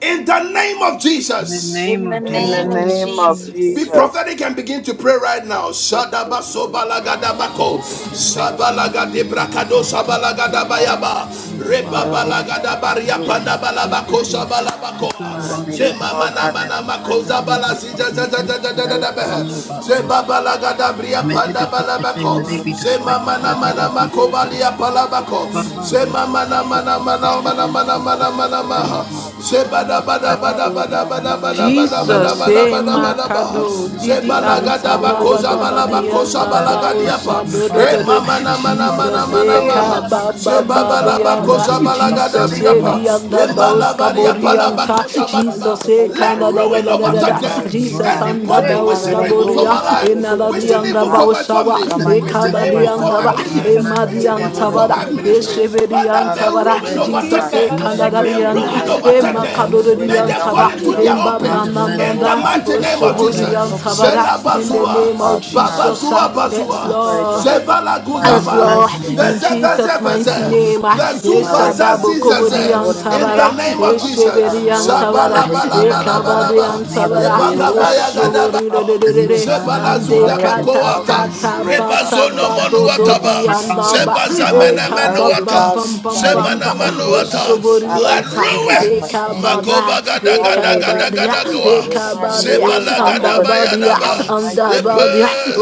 S1: In the name of
S9: In the
S1: Jesus.
S9: name
S10: In the
S9: of
S2: In
S3: In
S7: the
S3: the
S2: the
S9: Jesus,
S10: name of
S7: name of
S3: name
S2: name
S3: of
S2: of
S7: Jesus,
S3: Jesus.
S1: Be
S10: Jesus.
S2: Jesus.
S1: prophetic and begin to pray right now.
S7: yes, Lord,
S1: Shadaba
S7: in the
S2: Father, in the
S7: mighty name
S2: mighty name of
S9: Lord,
S1: sobalagadabako,
S9: I give you
S2: Father,
S9: the
S2: anyone
S9: faith. I
S2: looking, oh
S9: ask
S2: God, to
S9: you by
S2: take me
S9: your
S1: sabalagadebracado,
S2: down,
S9: name.
S2: God,
S9: Lord,
S2: without the cause, oh
S1: sabalagadabayaba,
S2: God.
S9: put in
S2: Father,
S9: your
S2: oh
S9: hands,
S2: God,
S9: I
S2: to
S9: put
S2: bring
S9: it
S1: rebabalagadabaria
S9: in your
S2: ruin, oh
S9: hands.
S2: God, to my
S1: pandabalabako,
S2: life,
S9: Anybody
S2: oh God.
S9: who's going
S1: sabalabakoa,
S2: Father,
S9: around
S2: may they
S9: chatting
S2: fall,
S9: about
S1: zemamana
S9: this
S2: God, never to rise
S9: Let
S1: manamakoza
S9: them
S2: again,
S9: boast about
S2: Jehovah.
S9: me. Anything
S2: May
S9: that I
S2: they
S7: of
S9: let them
S2: fall
S9: know
S1: balasi,
S7: Jesus.
S2: over
S9: about God,
S2: anyone, oh God, looking to
S1: Zebabalagada
S2: bring
S9: may
S7: Hey,
S2: harm,
S9: they
S2: oh
S9: be
S1: panda
S9: put
S2: God.
S9: to shame,
S1: balabako.
S9: may they
S2: Father,
S9: be disgraced
S2: destruction, oh
S1: Zemamana
S9: in the name
S2: God,
S1: mana
S9: of
S2: to my
S9: Jesus. Lord.
S2: family,
S1: makobalia
S2: oh God.
S1: palabako.
S2: To
S9: Father, I wish
S2: myself, oh God,
S1: Zemamana
S2: to
S9: that
S2: my
S1: mana
S9: the place
S1: mana
S9: to
S2: finances,
S9: be
S1: mana
S2: to
S9: in
S2: my
S1: mana
S9: front
S2: job,
S1: mana
S9: of
S2: oh God,
S1: mana
S9: the
S2: without a
S9: name
S1: maha.
S9: of you.
S2: cause, oh God.
S1: Zebada bada
S9: I
S1: bada
S2: Father, oh
S1: bada
S9: wish
S2: God,
S9: that
S1: bada bada
S2: may,
S9: the place
S1: bada
S9: to
S2: may
S9: be in
S1: bada
S9: front
S6: Jesus,
S2: ruin,
S9: of
S1: bada
S2: oh
S6: eh,
S1: bada
S2: God,
S1: bada
S9: the
S2: find them,
S1: baha.
S2: oh
S9: name of
S2: God.
S6: Makado,
S9: you, Lord.
S6: Didi
S2: May this
S1: Zebalagada
S6: Anta,
S2: fall, God,
S6: Bada,
S1: bakoza
S2: never
S6: da,
S2: go
S6: da,
S2: right
S6: di,
S1: balabako
S2: again,
S6: anda,
S2: Lord,
S9: Father, I
S6: ba,
S2: in the
S6: o,
S1: sabalagadiapa.
S9: worship
S2: mighty
S9: you.
S6: do,
S2: name
S6: do,
S2: of
S9: Father,
S1: E
S6: do,
S9: I
S2: Jesus.
S9: bless
S1: mama na
S9: your name.
S1: mana
S9: Father,
S1: mana
S9: I
S6: Jesus,
S2: Father, in the
S1: mana
S9: pray
S6: eh,
S2: mighty
S7: you're
S6: ka,
S1: maha.
S7: not
S2: name
S9: you.
S7: a
S2: of
S6: ba,
S2: Jesus,
S6: ba,
S7: high
S3: Ayikatididibusiyantalamadabadaba.
S9: Father,
S2: anyone
S7: of
S6: di,
S7: a
S2: with
S7: high
S9: be
S1: Zebabalabako
S2: us
S6: anda.
S9: with
S7: under
S9: me.
S7: the
S2: that's
S9: Father,
S1: sabalagada
S7: fire.
S2: looking
S6: Jesus,
S2: with
S9: enable
S6: eh,
S2: God,
S9: me.
S1: briapa.
S6: di,
S2: Father, to
S6: anda,
S9: Bless
S2: bring
S6: ba,
S2: me
S6: o,
S9: me.
S2: down, God,
S9: Father,
S2: without
S1: Embalabariapa
S2: a cause,
S6: anta.
S9: bless
S2: oh
S1: labakosa
S7: Take
S2: God.
S7: a
S9: my
S7: my
S9: life,
S7: Yes,
S6: Jesus,
S2: That's
S1: balaba.
S9: Lord.
S6: eh,
S7: I
S2: looking to
S6: ka,
S1: Let
S2: bring
S6: da,
S3: Ayikatididibusiyantadabadabadaba.
S6: da, da,
S1: ruin
S6: da,
S2: hardship
S6: da,
S9: I
S2: to
S6: da,
S7: pretend.
S9: need a
S1: overtake
S2: my life,
S1: them.
S9: husband,
S2: oh
S9: Lord.
S6: Jesus,
S9: I
S2: God.
S9: need a
S6: anda,
S1: Anybody
S9: man
S6: ba,
S7: hey,
S6: o,
S7: so
S9: in
S2: Father,
S9: my
S1: wishing
S7: you
S6: ska,
S2: let
S9: life.
S1: evil for
S2: ruin,
S6: Doria,
S1: my
S2: God,
S7: can
S1: life,
S2: overtake
S1: wishing
S2: them, oh
S6: Enadadianda
S1: evil for
S2: God.
S1: my
S6: Bawasawa,
S2: In
S1: family,
S2: the
S9: I need a
S7: yes,
S2: mighty
S1: wishing
S9: man in
S2: name of
S9: my
S7: Hey,
S1: evil for
S9: life,
S7: Papa
S6: Ekabadianda
S1: my
S6: Ba,
S2: Jesus,
S9: Lord. I
S7: Pai
S9: need
S2: Father.
S9: a
S1: business,
S7: can
S9: man
S7: the
S9: in
S1: wishing
S9: my
S2: Anyone
S9: life,
S1: evil
S2: with us
S9: Lord.
S1: for
S9: I need
S6: Emadiantabada,
S9: a
S1: my
S2: looking,
S7: Kataya.
S2: oh
S9: man in my
S1: ministry,
S2: God,
S9: life.
S1: Father,
S2: Father,
S1: may
S2: to
S6: Esebediantabada,
S1: ruin
S2: bring, oh
S7: Muki
S1: overtake
S6: Jesus
S2: God,
S7: can
S9: I
S1: them.
S9: need
S7: another
S9: a man
S2: mischief
S1: May
S2: to
S9: in
S2: my
S9: my
S6: Ekandadarianda,
S7: can
S1: ruin
S9: life
S2: life,
S9: who
S7: the
S2: oh
S9: would
S1: overtake
S2: God,
S7: Papa
S2: is
S9: not a
S1: them.
S2: looking
S9: man
S7: Yaraka.
S2: to bring
S9: in
S1: May
S2: me
S9: my life,
S1: they
S2: down,
S1: fall
S6: Emakadoriantaba,
S9: Lord.
S2: God,
S1: into their
S2: without a
S1: own
S9: I need
S1: pit.
S2: cause,
S9: a man
S2: Jehovah,
S9: in
S1: In
S9: my
S2: oh
S1: the
S6: Embamananda,
S9: life,
S7: Miki
S2: God.
S1: mighty
S9: Lord.
S7: Papa
S1: name
S9: I
S1: of
S9: need a
S2: Father,
S7: Papa.
S9: man
S1: Jesus.
S9: in my
S2: looking.
S9: life.
S6: Osoboriantabada, in the
S2: America,
S6: name
S1: Selabazua.
S6: of
S2: cause me harm, O
S6: Jesus,
S2: God.
S1: Babazua
S6: uh,
S2: So
S6: yes,
S2: make
S1: bazua.
S2: me cry,
S6: Lord.
S2: Jehovah.
S1: Zeva
S9: I
S2: Father,
S9: need
S6: As
S2: may
S9: a
S1: guzava.
S2: ruin
S6: Lord,
S9: man in my
S6: in
S2: overtake
S9: life,
S1: Veze
S2: them, Lord, in
S1: veze
S6: Jesus'
S2: the mighty
S6: mighty
S1: veze.
S2: name of
S9: would
S6: name,
S2: Jesus.
S7: Eh,
S9: another man in
S1: Vezu
S2: Father, I
S1: vaza
S9: my
S2: cancel
S6: Eshadabo
S9: life,
S2: their
S6: Kobori
S2: plans,
S1: zizeze.
S2: Lord, in the
S1: In
S2: mighty
S9: Lord.
S1: the
S6: Antabara,
S1: name
S2: name
S7: tata
S2: of
S1: of
S7: papa,
S2: Jesus.
S1: Jesus.
S7: you
S2: God,
S7: know
S6: Esheberi
S2: may
S7: the good
S2: ruin, God,
S7: things.
S6: Antabara,
S9: I
S1: Shabala
S9: need a
S1: bala
S2: overtake
S9: man
S2: them,
S9: in
S2: O
S9: my
S1: bala
S2: God.
S9: life,
S6: Ekabade
S9: Lord. I need a man
S2: Father,
S9: in my
S6: Antabara,
S2: they,
S9: life,
S2: O God, have
S1: Ebagabaya
S2: set
S9: Lord.
S2: their
S6: Oshobori
S1: gadabako.
S2: traps
S9: I
S2: for
S9: need
S2: me,
S9: a man
S2: O
S6: Rere,
S9: in my life, Lord. I need a man in
S2: God.
S7: This is
S1: Sebala
S6: and
S7: this
S9: my
S1: zuda
S2: Father,
S9: life,
S2: let
S7: papa,
S9: Lord.
S2: them
S7: you
S9: Father,
S2: fall,
S7: know the good
S2: God, into
S9: anyone
S2: their
S9: who
S6: Ekatata
S2: own traps,
S6: Bata
S7: things.
S1: Rebazono
S2: Lord, in the mighty
S6: Bado
S9: leaves me off
S2: name
S6: Dodi
S1: monuataba.
S2: of
S9: my path
S2: Jesus.
S9: or
S6: Andaba,
S9: any
S1: Sebaza
S9: enemy of
S2: Father,
S9: my
S1: mena
S2: the
S7: Oh,
S9: life,
S2: arrows, O
S7: baby,
S6: Ekababam
S9: Lord.
S2: God,
S6: Bam Bam
S9: I
S7: papa,
S2: Father,
S9: need
S6: Bam
S2: the
S9: a
S7: shall
S1: Zemana
S6: Bam,
S7: not
S9: man
S7: it
S9: in
S7: be
S9: my
S2: destruction they
S7: done?
S9: life,
S7: Not
S1: manuata.
S7: the
S2: send,
S9: Lord.
S2: O
S7: good
S9: I
S6: Oshobori
S2: God,
S1: La
S2: out
S9: need a
S2: to
S6: Anta,
S7: thing.
S9: man in
S7: That's
S2: me,
S9: my
S7: what
S2: God,
S1: rue.
S7: the
S9: life,
S2: to
S7: good
S2: my
S7: things.
S9: Lord.
S7: Papa,
S2: family, O
S7: did. the good
S2: God.
S7: things.
S6: Ekabada,
S1: Makoba gada
S2: Father,
S1: gada
S2: may
S7: The
S2: it
S7: mighty
S1: gada
S7: name
S6: Ekabadia,
S2: return
S1: gada
S7: of
S2: to them,
S7: Jesus,
S2: Lord.
S1: goa.
S7: can I
S2: Father,
S7: not
S2: may
S7: the
S6: Ekabadia,
S7: good
S2: ruin God
S7: things? Not
S2: overtake
S6: Andabadia,
S2: them, Lord,
S1: Zebalagadabayadaba.
S2: in the mighty
S6: anda
S1: Epe.
S2: name of
S6: badia
S2: Jesus.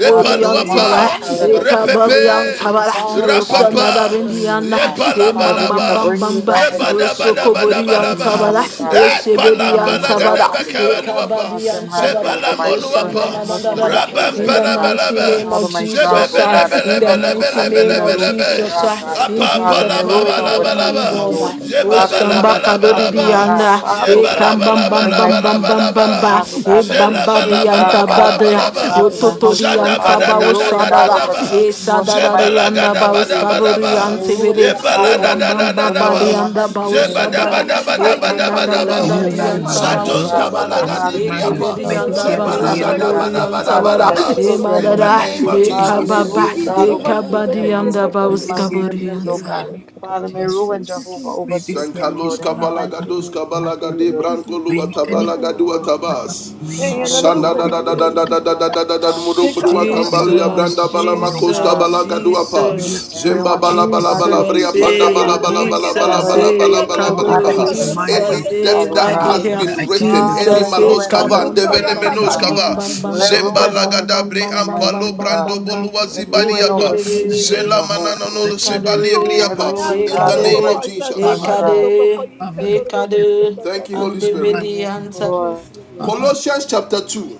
S2: Father,
S7: Eh,
S2: anyone, oh
S7: can
S2: God,
S7: I not
S2: Father, that upsets, oh
S7: Papa,
S1: Repepe.
S7: papa,
S2: God.
S7: you
S6: ekabadiantaba
S7: Jesus.
S2: Father, oh God, stops
S1: Rapapa.
S2: for me, oh
S6: osanadarindiana
S2: God. Father, looking
S3: Mashanta
S2: to
S3: da
S1: Yepalabalaba.
S3: da
S2: bring me
S6: emambambambamba
S2: down
S3: basi
S2: without the
S3: katiri
S2: cause,
S3: de
S2: looking to
S3: bosi
S2: cause
S1: Zebadabadabadabadaba.
S2: me
S3: antiri
S7: Eh,
S2: harm,
S6: osokoboriantabada
S3: de
S2: oh God.
S3: bosi
S2: My
S7: can I
S3: katara
S7: not
S3: da
S2: family, my
S3: basi
S2: loved
S6: eseberiantabada
S2: ones, oh God, looking to
S1: Epalambalagadabakabaluapa.
S2: cause them
S3: masi
S2: harm,
S6: ekabadiantabada
S2: Jehovah.
S3: katiri
S2: My
S3: de
S2: parents,
S3: bosi
S1: Zebalamonuapa.
S2: my husband,
S3: antiri de
S2: my
S6: osanadadadada
S3: bosi
S2: children,
S6: in
S7: papa,
S2: oh
S6: the
S3: katara
S2: God.
S3: da
S6: mighty
S3: basi
S1: Rabampalabalaba.
S6: name of
S2: Father, my
S7: papa.
S2: job,
S6: Jesus
S2: oh
S3: masi
S6: ah,
S2: God, that's
S6: in
S3: katara
S6: the
S3: da
S2: plausible, oh
S6: mighty
S2: God,
S3: basi
S2: for me
S6: name
S2: to
S6: of
S3: antiri
S2: lose
S3: de
S1: Zebebelebelebelebelebelebe.
S2: my
S3: bosi
S6: Jesus
S2: job,
S6: ah,
S2: God.
S3: antara da
S6: in
S3: basi
S2: Father, may
S6: Jesus
S3: katiri
S2: ruin
S6: mighty
S3: de
S6: name
S3: bosi
S2: overtake
S6: my
S2: them,
S1: Apapalababalabalaba.
S2: oh
S6: God
S3: katara
S2: Lord.
S6: ah.
S3: da basi
S2: Father, anyone that's plotting, oh
S3: mayantara da
S2: God,
S6: osambakadoridianda
S1: Zebabalabalaba.
S6: ba
S2: Father,
S3: basi
S2: oh
S6: e
S2: God,
S3: katiri
S6: kam bam
S3: de
S2: to
S6: bam
S2: bring
S3: bosi
S2: my
S6: bam bam bam
S2: finances
S6: bam
S2: to
S1: Yebalabalabalabala.
S6: ba
S2: naught, oh
S6: e
S2: God,
S3: yantara
S2: to
S3: da
S2: bring
S6: bam ba
S3: basi
S2: shame,
S6: di
S2: God,
S3: katiri
S6: anta
S3: de
S6: ba
S2: Father,
S6: de
S3: bosi
S2: oh
S1: Jelabalabalabalaba.
S3: antara
S2: God,
S6: o
S3: da
S2: to my
S3: basi
S6: totori
S2: household,
S6: anta
S2: Father,
S6: ba
S2: may
S6: o
S2: ruin, God,
S3: masi
S1: Jadabadadadadadaba.
S6: e
S2: overtake
S3: katiri de
S2: them, Lord, in
S3: bosi
S2: the
S6: sadara ri
S3: katara
S2: mighty
S3: da
S6: anda
S2: name
S6: ba
S2: of
S6: o
S3: basi
S2: Jesus.
S3: katiri
S6: skaburi
S3: de
S1: Jebalagadabadabadaba.
S2: May
S3: bosi
S2: ruin, oh
S3: katara
S2: God,
S6: e
S3: da basi
S6: bam bam
S2: overtake
S6: bam
S2: them,
S6: ba
S1: Yebaladadadadadaba.
S2: Lord,
S6: di
S2: in the
S6: anda ba
S2: mighty
S6: o
S2: name of
S6: shabada
S3: Sikitiribu
S2: Jesus.
S7: Kaya
S6: e
S7: taye
S6: kandan
S2: Anyone,
S6: dan
S2: Lord, is
S6: dan
S9: I
S7: kanararo
S1: Jebadabadabadabadaba.
S9: need
S6: dan
S9: a
S2: looking to
S6: di
S7: kaya
S9: man
S2: bring
S9: in my
S6: anta
S7: paya
S6: ba
S9: life,
S2: harm,
S6: o
S2: oh
S9: Lord.
S7: nararo
S2: God,
S6: shabada
S7: kaya
S9: I want to
S2: Father,
S6: e
S2: to
S9: marry.
S7: kitiri
S1: Jadontabalagadibriapa.
S6: keberi
S2: myself,
S9: May
S2: to
S6: anda
S9: this
S7: kinararo
S9: year
S2: my
S6: ba
S9: be
S7: kaya
S6: o
S9: the year
S2: family,
S9: that
S7: nanara
S2: oh
S9: I
S7: kaya
S9: meet
S2: God,
S6: sabori
S9: my
S7: kiki
S9: dream.
S7: ka
S2: Father, to
S6: bara
S7: papaya
S2: my
S1: Jebalagadabadabadaba.
S6: e
S7: nararo ka
S2: children,
S1: In
S2: oh
S7: papaya
S9: May
S1: the
S6: madara
S9: this
S2: God.
S1: name
S9: year
S1: of
S9: be
S6: e
S9: the
S2: Father,
S9: year
S2: may
S9: that
S7: kiki
S1: Jesus.
S6: kababa
S9: I
S7: kiki
S2: ruin,
S9: meet my
S7: pi
S2: God,
S6: e
S9: future husband.
S7: papaya
S2: overtake
S7: nararo
S6: kabadi
S2: them,
S7: kaya
S2: Lord,
S6: anda
S7: kaya
S6: ba o
S9: May
S2: to
S7: kaya
S2: my
S9: this year be
S6: skaburi
S9: the
S2: siblings, oh
S9: year
S7: yes
S9: that
S2: God.
S9: I
S7: Lord
S9: meet
S2: Father,
S9: my
S2: may
S9: future husband.
S2: Ruah and
S7: thank you
S2: Jehovah
S6: Jesus
S7: Jesus
S9: May
S2: overtake
S9: this year
S2: them,
S7: thank
S9: be
S1: Sankalos
S7: you
S2: Lord,
S9: the
S2: in the
S9: year
S7: Father
S9: that I meet
S2: mighty
S9: my
S1: kabalagados
S2: name
S9: future
S2: of
S9: husband,
S1: kabalagade
S7: Thank
S9: Lord.
S2: Jesus.
S7: you,
S1: branko
S7: Jesus.
S9: May you any
S2: Yes,
S7: Amen.
S1: luatabalagadu
S2: Lord.
S9: what's my husband,
S1: atabas.
S9: may you
S7: Hey, and
S2: Father, let
S7: another
S1: Shanda
S2: Ruah
S1: da
S7: call.
S1: da da da
S7: Yeah,
S1: da
S2: overtake
S1: da
S2: them,
S7: Jesus.
S1: da da da
S2: mighty
S1: da da
S2: God.
S1: muru
S7: Take a
S1: bru
S7: kaka
S2: Everyone
S9: may
S2: that's
S9: you
S7: papa
S1: atambali
S7: papa.
S9: bring them
S6: Jesus,
S2: plotting
S9: to
S1: abranda
S2: for
S1: bala
S2: me,
S9: shame, may
S2: O
S9: you
S2: God.
S6: Jesus,
S9: humiliate them, may you
S6: Jesus,
S9: expose
S1: Zemba
S9: them,
S2: Everyone
S1: bala
S2: that's
S9: may
S1: bala
S9: you
S2: plotting
S1: bala
S2: for
S1: bria
S6: Jesus,
S2: me,
S7: Jesus.
S2: O
S1: panda
S7: Kaya na
S1: bala
S6: hey,
S7: na
S2: God.
S7: na
S1: bala
S7: na
S9: hide
S1: bala
S7: kaya na
S1: bala
S7: na
S9: them.
S6: Jesus,
S7: na
S2: Father,
S1: bala
S7: na
S2: that's
S1: bala
S7: kaya
S6: hey,
S7: na
S2: sitting,
S1: bala
S9: I
S2: O
S7: na
S9: want
S1: bala
S7: take
S2: God,
S9: my
S7: a
S2: and
S6: Kabo,
S1: baha.
S7: cha
S9: peace of
S7: na
S2: waiting
S7: na na
S2: for
S9: mind,
S2: my
S1: Any
S6: Jesus,
S9: Lord.
S7: kapaya na na
S6: hey,
S1: debt
S2: downfall,
S7: na
S2: O
S7: ki
S9: May
S1: that
S9: the
S6: body
S7: papa
S2: God.
S1: has
S6: here,
S7: papa.
S9: spirit
S1: been
S9: I give you
S1: written,
S9: the
S2: Father,
S1: any
S9: grace,
S6: Jesus,
S2: let
S9: the
S6: hey,
S7: Yes,
S1: malos
S2: ruin
S9: spirit I
S1: kavan,
S7: Jesus.
S6: Kabam,
S2: overtake
S9: pray
S6: bam,
S7: Saya
S2: them,
S6: bam,
S9: that
S2: O
S9: in
S1: develemenos
S6: bam,
S7: kaka
S9: the name
S2: God.
S6: bam,
S9: of the
S1: kava.
S7: iki
S9: Lord,
S6: bam,
S9: if
S7: ki
S9: you
S7: ki
S6: bam,
S9: want
S2: Let
S7: papa
S9: to
S6: bam,
S9: be
S1: Zemba
S7: papa.
S6: bam,
S2: ruin
S9: loved,
S6: bam,
S1: lagada
S6: bam,
S2: overtake
S1: bre
S6: bam,
S2: them,
S6: bam, bam,
S2: mighty
S1: ampalo
S6: bam,
S2: God.
S1: brando
S6: bam, bam,
S1: boluwa
S2: Let
S7: Thank you,
S6: Ye,
S1: zibadi
S2: ruin
S6: de, de,
S7: Father.
S1: apa.
S6: de, de,
S2: overtake
S6: de, de.
S2: them,
S7: Thank
S1: Zela
S7: you,
S9: I
S7: Father.
S2: Jehovah.
S6: Ye,
S9: bless
S1: mananono
S9: your
S7: Thank you.
S9: name,
S1: sebali
S7: Oh,
S6: kade,
S2: Let
S1: ebriapa.
S7: kaya
S2: ruin,
S6: ye,
S7: na
S1: In
S9: in
S7: na
S1: the
S2: God,
S9: your
S7: na
S9: name.
S1: name of
S6: kade,
S7: kapaya cha
S2: overtake them,
S7: cha
S6: ye,
S1: Jesus.
S2: O
S9: Father,
S7: ka na na
S2: God.
S7: na
S6: kade,
S7: kapaya
S9: Father,
S7: ka
S9: I
S7: na na
S9: bless
S6: ye,
S7: na
S9: your
S7: kapaya ka
S6: kade,
S7: cha
S1: Thank
S7: cha
S1: you,
S7: cha
S6: and
S1: Holy
S6: the
S7: Jesus.
S1: Spirit.
S2: Amen.
S6: baby
S2: Yes,
S9: name,
S6: answer.
S9: Lord.
S7: Yes,
S2: Lord.
S7: Lord.
S9: Father, I
S7: Thank
S1: Colossians chapter 2,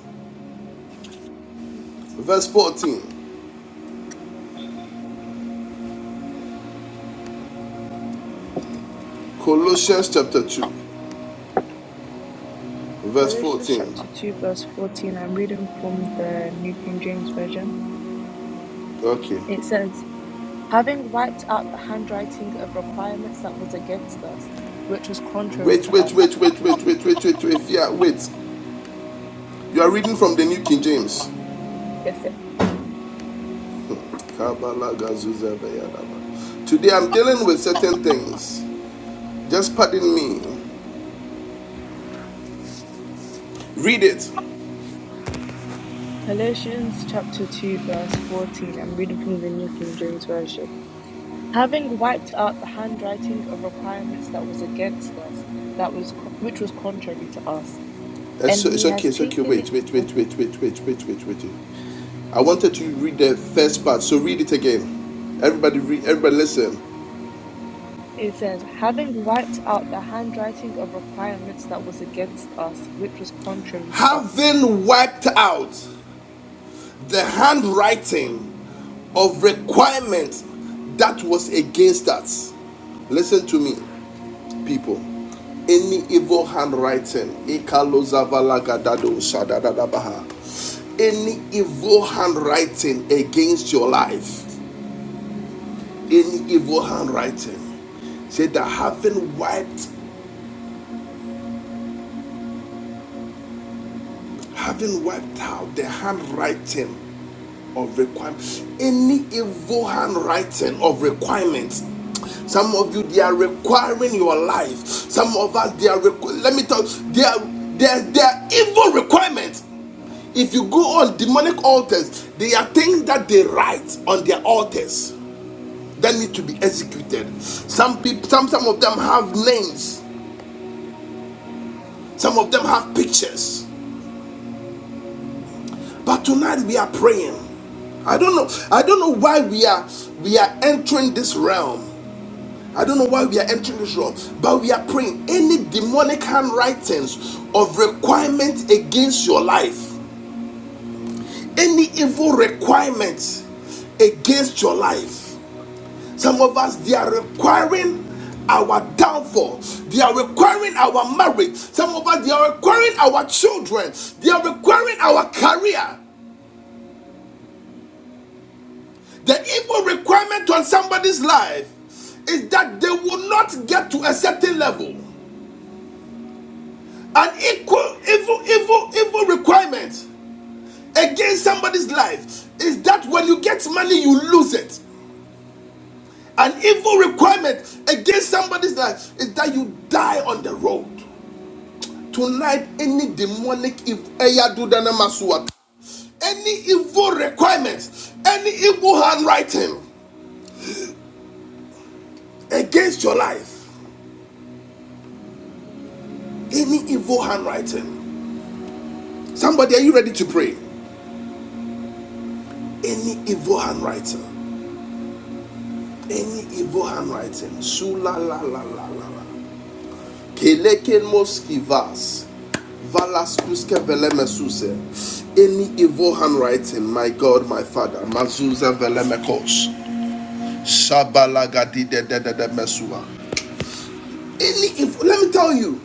S7: you, Jesus.
S1: verse 14. Colossians chapter 2, verse
S3: Galatians
S1: 14.
S3: chapter 2, verse 14, I'm reading from the New King James Version.
S1: Okay.
S3: It says, Having wiped out the handwriting of requirements that was against us, which was contrary
S1: Wait,
S3: to
S1: wait,
S3: us.
S1: wait, wait, wait, wait, wait, wait, wait. Yeah, wait. You are reading from the New King James.
S3: Yes, it.
S1: Today I'm dealing with certain things. Just pardon me. Read it.
S3: Galatians chapter 2, verse 14, I'm reading from the New King James Version. having wiped out the handwriting of requirements that was against us, that was co- which was contrary to us,
S1: It's,
S3: and
S1: it's
S3: he
S1: okay,
S3: has
S1: it's okay.
S3: taken
S1: Wait,
S3: it.
S1: wait,
S3: oh,
S1: wait, wait, wait, wait, wait, wait, wait. I wanted to read the first part, so read it again. Everybody read everybody listen.
S3: It says, having wiped out the handwriting of requirements that was against us, which was contrary to us.
S1: having wiped out the handwriting of requirement that was against us. Listen to me, people. Any evil handwriting, any evil handwriting against your life, any evil handwriting, say that having wiped having wiped out the handwriting of requirements, any evil handwriting of requirements. Some of you, they are requiring your life. Some of us, they are. Requ- let me tell you, they are, they are, they are evil requirements. If you go on demonic altars, they are things that they write on their altars that need to be executed. Some people, some, some of them have names. Some of them have pictures. But tonight we are praying. I don't know. I don't know why we are we are entering this realm. I don't know why we are entering this realm, but we are praying. Any demonic handwritings of requirement against your life, any evil requirements against your life. Some of us they are requiring our downfall. They are requiring our marriage. Some of us they are requiring our children. They are requiring our career. The evil requirement on somebody's life is that they will not get to a certain level. An equal evil, evil, evil requirement against somebody's life is that when you get money, you lose it. An evil requirement against somebody's life is that you die on the road. Tonight, any demonic evil, any evil requirement, any evil handwriting against your life, any evil handwriting. Somebody, are you ready to pray? Any evil handwriting, any evil handwriting, sula la la la la la, keleken moskivas, valas kuske veleme Any evil handwriting, my God, my Father, mazuza veleme Shabalagadi de de de de mesua. Any evil, let me tell you,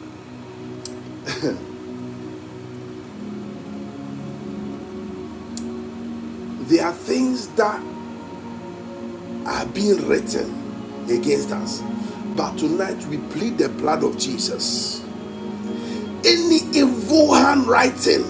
S1: there are things that are being written against us, but tonight we plead the blood of Jesus. any evil handwriting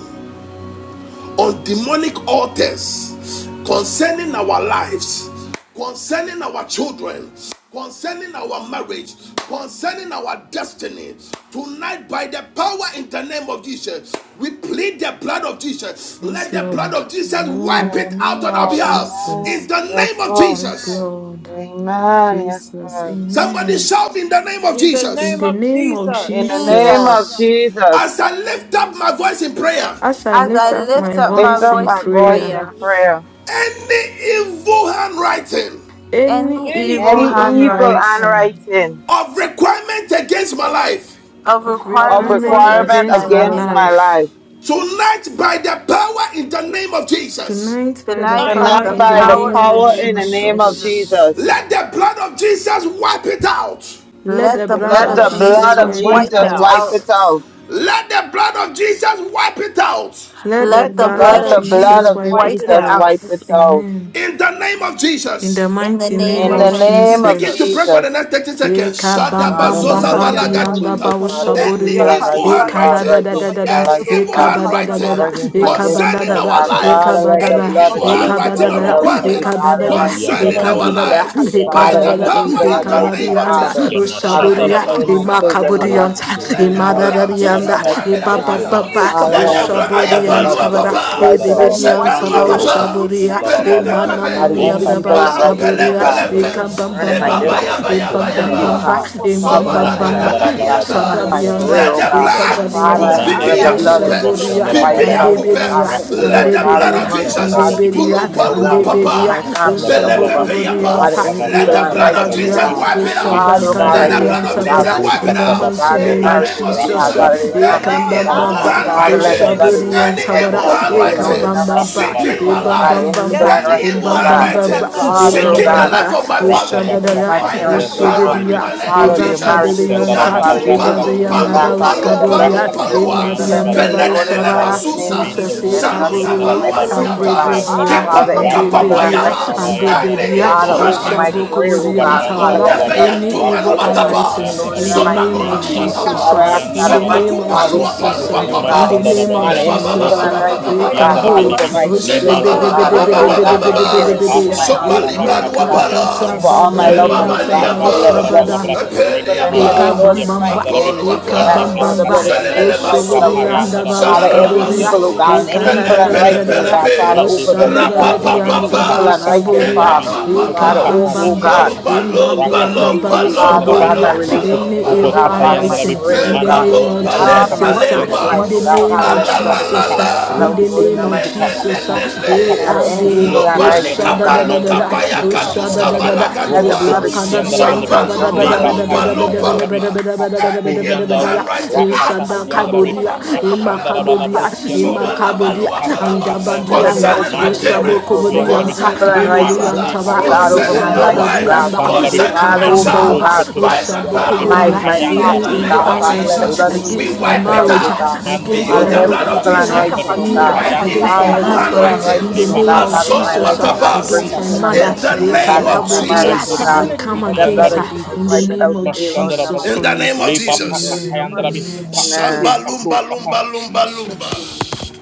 S1: on demonic altars concerning our lives, concerning our children, concerning our marriage, concerning our destiny. Tonight, by the power in the name of Jesus, we plead the blood of Jesus.
S6: Yes,
S1: Let the blood
S6: Lord,
S1: of Jesus wipe
S6: in the
S2: Amen. Yes,
S1: it out
S6: name
S1: on
S6: of
S1: our
S2: God.
S1: behalf.
S6: Jesus.
S1: In
S2: Amen.
S1: the
S2: Yes,
S1: name of
S2: Lord.
S6: Yes,
S7: Amen.
S1: Jesus.
S6: Lord
S2: Amen. Yes,
S6: Jesus.
S2: God.
S1: Somebody
S6: Amen.
S1: shout
S11: Amen.
S1: in the name of
S7: In the
S6: In
S1: Jesus.
S7: name
S6: the
S7: of
S6: name of
S11: In the
S7: Jesus.
S2: In the
S11: name of
S2: name of
S6: Jesus,
S10: Jesus,
S11: Jesus,
S2: Jesus,
S1: As I lift up my voice in prayer,
S6: as I
S10: as
S7: As
S6: lift
S10: I
S7: I
S11: as
S6: up
S7: lift
S11: I
S6: my
S10: lift
S7: up
S2: I
S10: up
S7: my
S11: lift
S10: my
S2: lift
S11: up
S6: voice
S7: voice
S2: up
S11: my
S6: in
S7: in
S2: my
S10: voice in
S11: voice
S2: voice
S7: prayer,
S11: in
S6: prayer,
S2: in
S10: prayer,
S11: prayer,
S2: prayer.
S1: any evil handwriting
S6: any
S10: any
S7: any
S11: any
S10: evil
S6: evil
S2: Any
S7: evil
S11: evil
S2: evil
S7: handwriting
S11: manifest
S6: handwriting
S10: handwriting
S2: handwriting
S1: of requirement against my life
S10: of
S6: of
S7: of
S2: of
S11: of
S10: requirements
S11: the
S6: requirements
S7: requirement
S10: against
S2: requirement
S11: kindness
S10: my
S6: against
S11: and
S7: against
S6: my
S7: my
S2: against
S10: life,
S11: things
S2: my
S7: life,
S6: life,
S2: life,
S1: tonight by the power in the name of Jesus.
S6: tonight by the
S10: tonight
S7: tonight
S10: by
S2: tonight
S7: by
S6: power
S10: the
S11: commanded
S7: the
S6: in
S11: by
S6: the
S2: by
S11: the
S2: the
S7: power
S10: power
S6: name
S10: in
S7: in
S10: the
S6: of
S7: the
S11: throne
S2: power
S11: in
S7: name
S2: in
S11: the
S10: name
S2: the
S7: of
S10: of
S11: name
S2: name
S11: of
S2: of
S7: Jesus,
S6: Jesus,
S10: Jesus,
S2: Jesus,
S11: Jesus,
S1: Let the blood of Jesus wipe it out.
S6: let
S10: let
S6: the
S7: let
S10: the
S7: the
S11: let
S6: blood
S10: blood
S2: let
S6: of
S7: blood
S10: of
S11: the
S2: the
S7: of
S11: blood
S10: Jesus
S2: blood
S11: of
S6: Jesus
S7: Jesus
S2: of
S6: wipe
S7: wipe
S6: it
S11: Jesus
S10: wipe
S7: it
S2: Jesus
S10: it
S6: out.
S11: wipe
S7: out.
S2: wipe
S11: it
S2: it
S10: out.
S2: out.
S11: out.
S1: Let the blood of Jesus wipe it out
S6: Let the
S10: Let
S7: Let
S10: the
S7: the
S11: Let
S6: blood
S10: blood
S6: of
S7: blood
S2: Let
S11: the
S10: of
S2: the
S7: of
S11: blood of
S2: blood
S10: Jesus
S6: Jesus
S7: Jesus
S2: of
S6: wipe
S11: Jesus
S7: wipe
S10: wipe
S6: it
S7: it
S10: it
S2: Jesus
S7: out.
S11: wipe
S6: out.
S10: out
S2: wipe
S11: it
S2: it out.
S11: out.
S6: Amen.
S1: in the name of
S6: In
S1: Jesus.
S6: the
S10: in the
S7: In
S6: mighty
S11: In
S7: the
S11: the
S10: name
S6: name
S2: In
S10: of
S6: of
S2: the
S7: name of
S11: name of
S2: name of
S1: Begin
S7: Jesus.
S10: Jesus.
S1: to pray
S11: Jesus,
S1: for
S6: Jesus.
S2: Jesus.
S1: the next 30 seconds.
S6: Eka
S11: my
S6: bam
S2: Father,
S11: Father,
S6: bam
S2: in
S11: I
S2: the
S6: bam
S1: Shadabazoza
S6: bam
S2: mighty
S7: Taya
S2: name of
S6: dianda
S7: kayu
S2: Jesus,
S6: bawo
S2: Father,
S1: valagaduata.
S7: sandaro
S2: any
S1: Any
S2: evil
S7: kaya
S6: saboruya.
S2: and
S1: evil
S2: unrighteous,
S6: Eka
S7: kataye
S6: da
S2: Father,
S6: da
S1: handwriting,
S6: da
S7: kesa
S6: da
S2: against
S6: da da.
S7: mayan
S2: my
S1: any
S2: life,
S7: daro
S2: oh
S1: evil
S6: Eka
S7: kaya
S2: God.
S6: ba da da
S7: kataye
S6: da
S2: Father,
S6: da.
S1: handwriting
S2: against my
S6: Eka ba
S7: kesa
S6: da
S1: concerning
S2: destiny,
S6: da
S2: oh
S6: da.
S1: our
S2: God.
S6: Eka
S12: Atabalaba,
S2: Father,
S1: lives,
S6: ba
S2: let
S6: da
S2: the
S6: da.
S7: Ei,
S1: any
S2: blood of
S11: thank
S1: evil
S6: Eka
S11: you.
S2: Jesus
S7: babaico,
S6: ba da
S1: handwriting
S2: wipe
S1: of
S6: da
S2: it
S6: da.
S7: turuco,
S2: out
S12: ibalabalabalaba,
S2: today,
S6: Eka
S7: baiana
S6: ba
S1: requirements
S2: God, in
S6: da
S2: the
S6: da.
S7: caiecha,
S2: mighty
S7: turuco,
S2: name
S1: concerning
S2: of
S6: Eka
S1: our
S6: ba
S12: menziyandalabalu,
S6: da
S2: Jesus.
S11: Thank
S7: panica,
S6: da.
S1: lives,
S7: caiecha.
S6: Eka
S1: by
S2: Father,
S6: ba da
S1: the
S2: any
S6: da.
S12: kuruyandalabalaba,
S1: power
S2: evil
S1: in
S2: and
S6: Eka
S1: the
S7: Aí,
S6: ba
S1: name
S2: unrighteous,
S7: by the
S1: of
S6: diyanda
S7: blood of
S12: rakatuski
S2: Father.
S6: o
S7: Jesus,
S1: Jesus,
S7: the
S2: Father,
S1: let the
S7: kaye
S6: saboruya.
S7: kama
S2: concerning
S7: mama,
S12: yamaşandalabalaba,
S2: my
S1: maluska
S6: Ema
S7: mamama,
S1: Valu
S2: children, oh
S7: caiaca,
S2: God,
S6: kaburiyanta.
S7: tiki,
S1: Water.
S2: concerning
S1: let
S2: my
S12: rokutuski
S6: Ema
S7: tiki,
S1: the
S6: da
S2: marriage,
S6: da
S1: blood of
S7: maiacata.
S2: concerning my
S6: diyanda.
S1: Jesus
S12: masandalabalaba,
S1: wipe it
S2: husband, oh
S6: Eba
S1: out.
S7: Yes,
S6: ba
S12: rakutu
S2: God.
S1: Yes,
S6: ba ba
S1: Lord.
S7: caica,
S2: Father,
S6: o
S1: Let
S2: I
S1: the
S12: masandalabalaba,
S2: ask,
S7: papapapa,
S1: blood,
S2: oh God, the
S7: yandere.
S2: blood
S6: saboriyanta
S2: of
S1: Ayapalua
S6: bara.
S2: Jesus
S12: leikatuski
S2: will wipe
S1: Papa.
S2: it
S7: Let it
S2: out
S7: be
S2: right
S12: yandalabalaba,
S6: Edeberian
S2: now,
S1: Sepanua
S2: Lord, in
S6: Sabao
S7: waika,
S2: the
S7: nana,
S12: rokutu
S1: papa.
S2: mighty
S7: ruku,
S2: name
S6: Shaburia,
S2: of
S7: yenda, ruku,
S2: Jesus.
S12: şandalabalaba,
S1: Pelempe
S7: shalala,
S2: Father,
S7: caica,
S1: pepeko.
S2: any
S6: Emanananian
S7: tiki,
S2: evil
S7: dida,
S6: Dabao
S2: and
S1: Balu
S12: leikabraskata
S2: unrighteous,
S7: caica,
S1: pele
S2: oh
S12: masu
S6: Skaburia,
S7: papapa,
S2: God,
S1: pelempe.
S7: yandere.
S12: yandalabe,
S6: Ekam Bam
S2: concerning
S1: Ye
S6: Bam
S2: my
S1: baba
S6: Bamba,
S12: mandebo
S2: destiny,
S1: yaba
S7: Yes,
S12: kutu
S1: yaba
S6: Ebam
S2: concerning,
S6: Bam
S1: yaba.
S7: caica,
S2: oh
S6: Bamba,
S2: God.
S7: papapa,
S12: makabraskata,
S7: papapa,
S2: Father,
S6: Ebam
S1: Soba
S2: my
S6: Bam
S1: laga
S7: yandere,
S6: Bamba,
S7: ruku.
S2: finances, oh God,
S12: maşandalabalaba,
S2: concerning my
S12: raskata
S6: Sadadianda,
S2: career,
S1: Let
S2: oh
S1: the
S12: maskata
S2: God.
S7: Let
S12: yandalabe,
S1: blood
S7: it be wiped
S1: pum
S7: out.
S2: Father,
S6: Ekabadianta,
S2: so
S7: Ay,
S2: that
S1: pipi
S2: the
S12: Mandevos
S1: ya
S7: ay,
S2: blood
S12: kutu
S2: of
S1: pupe.
S2: Jesus
S7: ruku,
S6: Osaburia,
S2: will wipe
S1: Pipi
S7: yandere,
S2: it
S6: and
S1: ya
S12: maşandalabalaba,
S7: ruku.
S2: out, oh
S1: pupe.
S2: God,
S6: Debedia,
S7: Yes,
S2: today,
S6: and
S12: Rakabas
S1: Let
S2: Lord.
S1: the
S2: Father,
S12: Koto
S1: blood
S2: let
S1: of
S6: Debedia,
S7: mamama,
S2: mercy,
S6: and
S2: God,
S1: Jesus.
S2: speak
S12: Mashandarabi,
S7: yandere,
S2: for
S6: Debedia,
S1: Pulu
S2: me, oh
S7: ruku.
S6: and
S1: palua
S2: God. Speak for
S12: Rokotoski
S6: Debedia,
S2: my
S1: papa.
S2: family,
S7: Hey,
S2: Jehovah.
S12: Masandarabalaba,
S2: Father,
S6: Osabokobudianta,
S2: any
S12: Rakabas
S1: Let
S2: evil
S1: the
S12: Kata
S2: and
S1: blood of
S2: writing, oh
S1: Jesus
S12: Mashandarabi,
S2: God.
S1: wipe it out.
S6: Ebababadia,
S12: Reki
S2: Father, oh God,
S1: Let
S12: Mandoro
S1: the blood
S2: against, oh
S1: of
S12: Sukoto
S2: God,
S1: Jesus
S2: my
S6: Ekadoriantabada,
S12: Bros
S1: wipe
S6: in
S1: it
S6: the
S12: Kata
S2: siblings,
S1: out.
S2: oh
S6: mighty
S2: God,
S1: In
S2: their
S6: name
S12: Bashandarabi,
S1: the
S6: of
S7: Jesus,
S1: name
S2: marriages,
S7: the
S1: of
S2: oh
S7: blood of
S2: God.
S6: Jesus. uh,
S12: Rakabas
S2: Father,
S1: Jesus.
S7: Jesus,
S2: their
S7: right
S12: Kata
S7: there.
S1: Any
S2: families,
S7: Ah,
S2: oh
S12: Maskata
S2: God.
S1: evil
S7: ah,
S6: Ekabambamba,
S12: Yandarabi,
S7: yeah,
S2: Father,
S7: none
S2: let the
S1: handwriting,
S12: Mandi
S2: blood
S7: ke
S2: of
S7: ke
S12: Bros
S2: Jesus
S1: any
S7: ke
S12: Koto
S2: wipe
S6: Osaboriantabada,
S7: papa
S2: it
S1: evil
S2: out
S7: yendo
S2: today,
S12: Mashandaraba,
S7: ko
S2: Lord,
S1: handwriting
S7: ye
S2: in the
S7: kasata.
S2: mighty
S6: Ekabambamba,
S12: Rakabas
S2: name of
S1: seeking my
S12: Kata
S2: Jesus. Father,
S1: life,
S2: any
S7: Yes,
S2: evil
S6: Ebambambamba,
S2: and
S1: any
S12: Masiyandarabi,
S7: Jesus,
S2: writing,
S1: evil
S2: oh God.
S7: I
S12: Rakabos
S1: handwriting
S7: can
S6: Ebambambamba,
S7: na
S12: Koto
S7: na na
S2: Father,
S7: ko
S2: oh
S1: seeking
S7: ye
S2: God.
S1: the
S6: Ebambamba,
S12: Mashandarabi,
S1: life of
S7: kapan
S1: my
S7: na na na ke
S1: family,
S12: Rakabas
S7: ye
S2: Against
S6: Osadadada,
S2: my
S12: Kata
S7: to na
S1: by the
S7: na
S2: parents,
S7: ka
S2: oh
S7: ye to
S1: power
S2: God.
S1: in
S12: Mozandarabalibi,
S6: Osibiria,
S1: the
S7: papa
S1: name
S7: yendo
S1: of
S2: Father,
S7: ke
S2: their
S12: Rokoto
S7: Jesus.
S1: Jesus,
S2: marriages, oh God.
S6: Ebakadorianta,
S2: Father,
S1: Yantum
S7: Hey
S2: their
S12: Mashandarabalabras
S7: God,
S1: palum
S12: Kata
S7: thank
S2: businesses,
S7: you,
S2: oh
S6: Ebadianda
S2: God.
S1: palum
S7: Jesus. I
S12: Miyandarabi,
S2: Father,
S7: na
S2: let
S1: palum
S2: the
S7: na na
S2: blood
S1: palum
S2: of
S6: Bauskaboria,
S7: ya ka
S12: Rakama
S2: Jesus
S7: papa
S2: speak
S1: palua.
S2: for
S7: ye
S12: Zurianda
S2: them
S7: ke
S6: Emadianda
S7: ke.
S2: today,
S12: Balabras
S2: Lord, in the
S1: Pelelelele
S12: kiyanda rabi.
S6: Bausaba,
S2: mighty name
S1: masusa.
S2: of
S11: you.
S12: Mindo
S6: Jesus,
S2: Jesus.
S7: Yes,
S2: Let the
S7: God.
S2: blood
S12: buzuki
S2: of
S6: Ekabu
S1: Shalusa
S2: Jesus
S12: yandara
S2: wipe
S12: bala
S1: valua
S7: Let
S2: it
S7: it be
S2: out,
S6: and
S2: oh
S12: broska
S6: the
S7: right
S1: siata.
S2: God.
S7: there.
S12: tayandara bi
S7: Ah,
S6: bedia
S7: ya
S2: Father,
S7: ka
S6: and
S1: Kepaluka
S2: any
S6: the
S7: papa
S2: evil and
S7: ye
S12: rakabaska
S7: ka na
S1: papayaha.
S7: na
S2: writing, oh
S7: ko
S6: and the
S2: God.
S7: papa
S12: tabayandara
S7: yendo
S12: bi
S1: Any
S6: bedia
S7: ko
S2: Father,
S1: evil
S7: ye ka
S2: over
S12: mande
S7: ka
S2: my
S7: ye ka
S12: brosku
S1: handwriting.
S2: career,
S7: ka
S2: oh
S6: Osabokobodi
S7: to
S12: tumba
S7: na
S6: and
S2: God.
S12: shandara
S2: Father,
S6: Tabada
S2: let
S1: Malunda
S12: bala
S2: the
S7: na.
S12: ba
S2: blood of
S6: any
S1: beyantum
S2: Jesus
S6: evil
S2: wipe it
S7: Yes.
S12: rakabaska
S2: out
S1: aluatapa.
S2: today,
S6: unwriting
S2: Lord,
S12: tayandara
S2: in
S6: in
S2: the
S6: the
S1: Zona
S2: mighty
S6: name
S7: Let it
S6: of
S2: name
S1: nona
S12: mindi
S2: of Jesus.
S12: yanduru
S6: Jesus
S2: Father,
S1: luatapa.
S12: suri
S2: I
S6: ah,
S2: ask
S6: in
S2: God
S12: yandara
S2: of
S6: the
S12: bala bi
S6: name
S2: mercy,
S6: of
S1: Sobakumba
S2: God, will
S1: lua
S2: speak for
S6: Jesus
S12: rokutus
S1: palua
S6: ah,
S2: me, oh
S12: kima
S6: in
S2: God.
S6: the
S1: papa.
S12: shandara
S6: name
S12: bala
S6: of
S2: Father,
S12: ba
S1: Rebaba
S2: any
S1: baba
S2: evil
S6: Jesus
S2: and
S6: ah,
S12: rokutu
S1: baba
S7: be
S2: writing,
S1: baba
S2: oh
S12: broski
S7: wiped
S2: God,
S1: baba.
S7: out
S12: yandara
S7: in the
S2: Father,
S6: Ekabo
S12: bili
S2: over
S12: bi
S7: mighty name
S2: my
S7: of Jesus.
S1: Sheba
S2: siblings, oh
S12: limanduru
S1: baba baba
S2: God,
S1: baba
S7: Aye,
S12: skutu
S2: over,
S1: baba,
S2: oh
S1: ba
S7: aye,
S1: ba ba
S2: God,
S1: ba
S12: mashandara
S2: my
S7: kanan,
S12: bi
S7: nero,
S2: parents, over
S7: kuye,
S2: my
S6: Osebedebedebedebedebedebede
S2: aunts
S7: kata,
S12: atatata
S6: E
S2: and
S1: Shobali ba
S2: uncles,
S7: ye.
S2: oh
S1: lua
S12: bakabros
S1: ba
S2: God
S1: la.
S12: yandara
S6: Makantata
S12: bi
S2: over all my
S7: Yes,
S12: mande
S2: loved
S6: Badori
S1: Sheba
S2: ones,
S6: and
S7: God,
S1: ba
S2: oh
S12: broski
S7: Papa,
S2: God,
S12: yama
S6: Tabao
S2: Father. Let
S7: ye,
S2: the
S12: shandara
S7: kanan,
S2: blood
S12: bala
S2: of
S6: Sabada
S7: nero,
S12: bra
S2: Jesus
S7: kuye,
S2: speak for
S12: reki
S7: kanan,
S2: them
S7: nero,
S12: manduru
S7: kuye,
S2: today,
S6: Eka
S1: Peliapa,
S7: nero,
S2: Lord, in
S6: bam
S2: the
S12: skiyama
S6: bam ba,
S7: kuye.
S2: mighty
S12: sandara
S2: name of Jesus.
S6: eka
S2: I
S7: My
S2: ask,
S1: Apoluapa,
S6: bam
S2: Lord,
S7: God,
S2: that
S6: bam
S2: the
S7: my
S2: blood
S6: ba,
S2: of
S7: God,
S2: Jesus
S7: eh,
S1: Zelele
S2: will
S7: Papa,
S2: wipe it
S7: Papa,
S2: out, oh
S6: ushuburiya
S1: Masu,
S7: ye,
S2: God.
S6: anda
S12: papayandara
S6: ba
S7: kata,
S12: bala
S2: Father,
S7: ye,
S1: Zalala
S2: every
S7: kanan, nero,
S6: uskaburiya,
S2: evil, oh
S7: kuye.
S1: Masu,
S2: God, and
S6: eka
S12: Şataba
S2: any
S6: da
S1: Pele
S2: evil
S6: da
S2: and
S6: da
S12: kabroz
S6: da
S1: Pele
S6: da
S2: unrighteous,
S6: da
S2: oh
S12: yandarabe.
S1: Pele
S6: da,
S2: God,
S1: Pe,
S7: Yes,
S2: Father,
S12: Mande
S7: Lord.
S2: over
S6: usha
S12: bras
S2: them,
S6: da
S2: oh
S7: Eh,
S6: da
S7: shi,
S12: kata
S2: God.
S1: Rapa
S6: da
S7: nero,
S6: di
S12: yandarabe.
S7: kupa,
S1: Papa
S2: Any
S6: anta
S7: Papa,
S1: Pa,
S6: ba
S7: ye,
S2: evil
S12: Papa
S2: and
S7: nero,
S12: kata
S7: kuye,
S2: unrighteous,
S6: ushaburiya,
S7: kata,
S1: Kepa
S12: yandarabe.
S2: Father,
S1: Papa
S7: ye.
S12: Popo
S6: eka
S1: Pa,
S2: Father,
S6: bam
S12: kata
S2: over,
S12: da
S2: oh
S6: bam
S12: ta
S6: ba,
S12: ta
S2: God.
S7: Thank
S12: ta ta.
S7: you,
S1: Lomba
S6: imba
S7: Jesus.
S6: di
S1: Lomba
S7: Thank
S6: anda
S12: Rakatos
S6: ba
S12: ki
S7: you,
S1: Lomba
S7: Jesus,
S2: Father,
S7: Papa,
S2: oh
S1: Lomba
S12: maşandarabe.
S7: ye,
S2: God,
S6: uskaburiya,
S2: my
S7: nero,
S1: Lomba
S7: kuye,
S12: Rokutu
S6: any
S2: relationship,
S1: Lomba
S7: kata,
S2: oh
S12: boba
S6: evil
S2: God,
S1: Lomba,
S12: kata
S7: ye.
S2: Father, my
S12: yandarabe.
S6: unwriting,
S2: career, oh
S6: in the
S1: Pempa
S2: God.
S12: Mande
S6: name
S12: bros
S6: of
S7: Yeah,
S1: Pompa
S7: Let
S12: kutu
S7: me see wiped
S2: Father,
S1: Lempa
S2: my
S12: makabras
S6: Jesus, ah,
S7: it
S1: Lempa,
S2: spiritual
S7: out.
S12: yandarabe.
S2: life,
S6: in
S7: Wipe
S6: the
S2: oh
S7: it
S2: God,
S7: out.
S6: name
S2: Father,
S12: Pata
S1: La
S6: of
S2: let
S7: Ah,
S1: La
S2: the
S12: kapa
S7: yeah,
S1: La
S2: blood of
S1: La
S7: okay.
S6: Jesus,
S2: Jesus
S12: taka.
S6: ah,
S7: Can
S2: wipe it
S7: I
S6: in
S2: out,
S1: La.
S7: not
S6: the
S7: get
S2: Lord,
S12: Rokutu
S2: in
S6: name
S7: you
S2: the
S6: of
S12: kutu
S7: up
S2: mighty
S12: papa
S7: upon
S2: name of
S7: you?
S6: Jesus,
S12: kata.
S6: ah,
S2: Jesus.
S12: Papa
S6: eh,
S7: Yes,
S1: Lelelelele.
S2: Father,
S12: taka
S7: Lord.
S6: and
S2: any
S6: the
S2: evil
S12: pukuros
S2: and right,
S12: yandarabe.
S6: usha
S1: Lobalika
S2: oh
S6: da da
S7: Yes,
S2: God,
S6: da da
S12: Mande
S1: paluka
S6: any
S7: God.
S12: bros
S7: Wipe
S1: paya
S6: evil
S7: it
S12: kutu
S7: out.
S1: katuska
S12: maşandarabe.
S7: Mm.
S2: let the
S12: Rokutu
S1: balagatua.
S2: blood
S7: Can
S2: of
S12: bus
S7: you come
S2: Jesus
S7: on,
S12: yandarabe.
S2: wipe
S7: Mama,
S2: it
S7: Mama,
S1: Zamba
S2: out,
S7: shut up
S1: lumpa
S7: and
S2: Jehovah.
S12: Lipa
S7: you
S1: lumpa
S7: get rid of
S12: pakata
S7: it
S1: lumpa
S7: for
S12: yandarabe.
S7: your
S1: laba.
S7: beauty?
S1: Any
S12: Pakatur
S1: evil
S12: yandarabe.
S7: Yes, God.
S1: handwriting.
S7: Eka
S1: Ah,
S12: Rakata
S7: tayi na nuru
S12: yandarabe.
S1: papu
S7: kanya
S1: papa
S7: nuru ko
S1: lagada
S12: Mashandara
S7: papaya
S1: baha.
S12: balabroski
S7: tayi
S12: andarabi,
S7: nuru ko
S1: Somalaba
S5: Yeah.
S7: papaya
S1: lua
S12: leka
S7: nuru
S1: palaba.
S7: ko
S12: praskata
S5: Yeah.
S2: Let the
S12: yandarabi,
S7: papaya
S2: blood
S5: Oh,
S7: ka
S2: of
S1: Concerning my
S7: tayi
S5: yeah.
S2: Jesus
S12: mande
S5: that's
S2: wipe
S5: a-
S2: us
S1: parents
S12: broskutu
S2: out,
S7: nuru.
S2: Lord. Any
S5: yeah,
S12: yandarabi,
S2: evil
S1: concerning my
S2: and
S12: paya
S2: right thing,
S7: Yes,
S12: kabe
S1: grandmother,
S5: In
S7: God.
S2: oh
S12: kabo,
S2: God, over
S7: Eka
S1: concerning
S7: na
S2: my
S1: my
S7: na
S5: the
S7: na
S12: rokoto
S2: life,
S7: na
S2: oh
S1: wife,
S12: sima
S2: God.
S7: nuru
S12: shandarabi,
S7: ko
S1: concerning
S2: Father,
S7: papaya.
S1: my
S12: mande
S2: over, oh
S1: child,
S2: God,
S12: broskoto
S1: by
S12: braski
S1: the
S12: yandarabi,
S7: Yes,
S2: my
S1: power
S7: God.
S2: my
S7: Ee,
S12: payanda
S1: in
S2: thoughts,
S1: the
S12: be
S2: oh
S7: chuju ko
S1: name
S2: God.
S12: kaba,
S1: of
S2: Father, let the
S7: papaya
S6: unrising
S2: blood of
S1: Jesus,
S12: rokoto
S7: nuru
S1: we
S2: Jesus
S7: ko
S6: against
S12: sima
S6: my
S2: wipe
S1: wipe
S2: it
S1: it
S7: papaya.
S2: out,
S12: shandarabi,
S6: marriage,
S2: oh
S1: out.
S2: God.
S12: mande
S1: We
S6: against
S2: Father,
S1: use
S7: Yes,
S1: the
S2: every
S12: broskoto
S1: blood of
S2: evil
S1: Jesus
S2: and
S12: pakati
S6: my
S2: right
S12: yandarabi,
S2: oh
S1: to
S6: me uh,
S2: God.
S1: wipe
S12: payanda
S1: any
S6: against
S12: ba
S6: my
S2: Father,
S1: evil
S2: every evil
S6: husband
S12: pakabe,
S6: uh,
S2: and
S1: handwriting.
S2: right
S6: in the
S2: oh
S12: liba
S6: name
S2: God.
S6: of
S12: papa
S2: Father, over
S12: kata
S2: my
S1: Masolu
S6: Jesus
S2: life,
S6: uh,
S2: oh
S12: papa,
S2: God, to bring
S1: watabasi.
S6: against
S12: kata
S6: my
S2: shame and
S12: kata
S6: mother
S1: In
S12: kata
S1: the
S6: eh,
S2: confusion,
S12: kata
S2: God,
S1: name
S12: kata,
S1: of
S2: into my marriage,
S12: mande
S2: oh
S6: Kadabodia,
S1: Jesus.
S2: God.
S6: I come
S12: broskutu
S2: Let the
S5: mighty
S2: blood
S6: against
S12: yandarabi,
S2: of
S6: her
S5: name of
S2: Jesus
S6: in the
S2: wipe it
S6: name
S5: Jesus.
S2: out
S6: of
S2: today, Lord, in
S12: mashandara
S2: the
S6: Jesus
S2: mighty
S1: In
S12: balabri,
S1: the name
S2: name
S1: of
S2: of
S12: liba
S6: Christ
S7: Yes,
S2: Jesus.
S7: Lord, in
S1: Jesus.
S12: pakata
S7: the
S6: amen
S7: mighty
S12: yandarabi,
S5: Amen.
S7: name of
S6: amen
S7: Jesus.
S12: pakape
S6: amen
S1: Shamba
S2: Amen.
S12: kapro
S1: lumba
S12: kapa,
S1: lumba
S6: Amen.
S1: lumba lumba.
S7: Yes, Lord.
S6: Jesus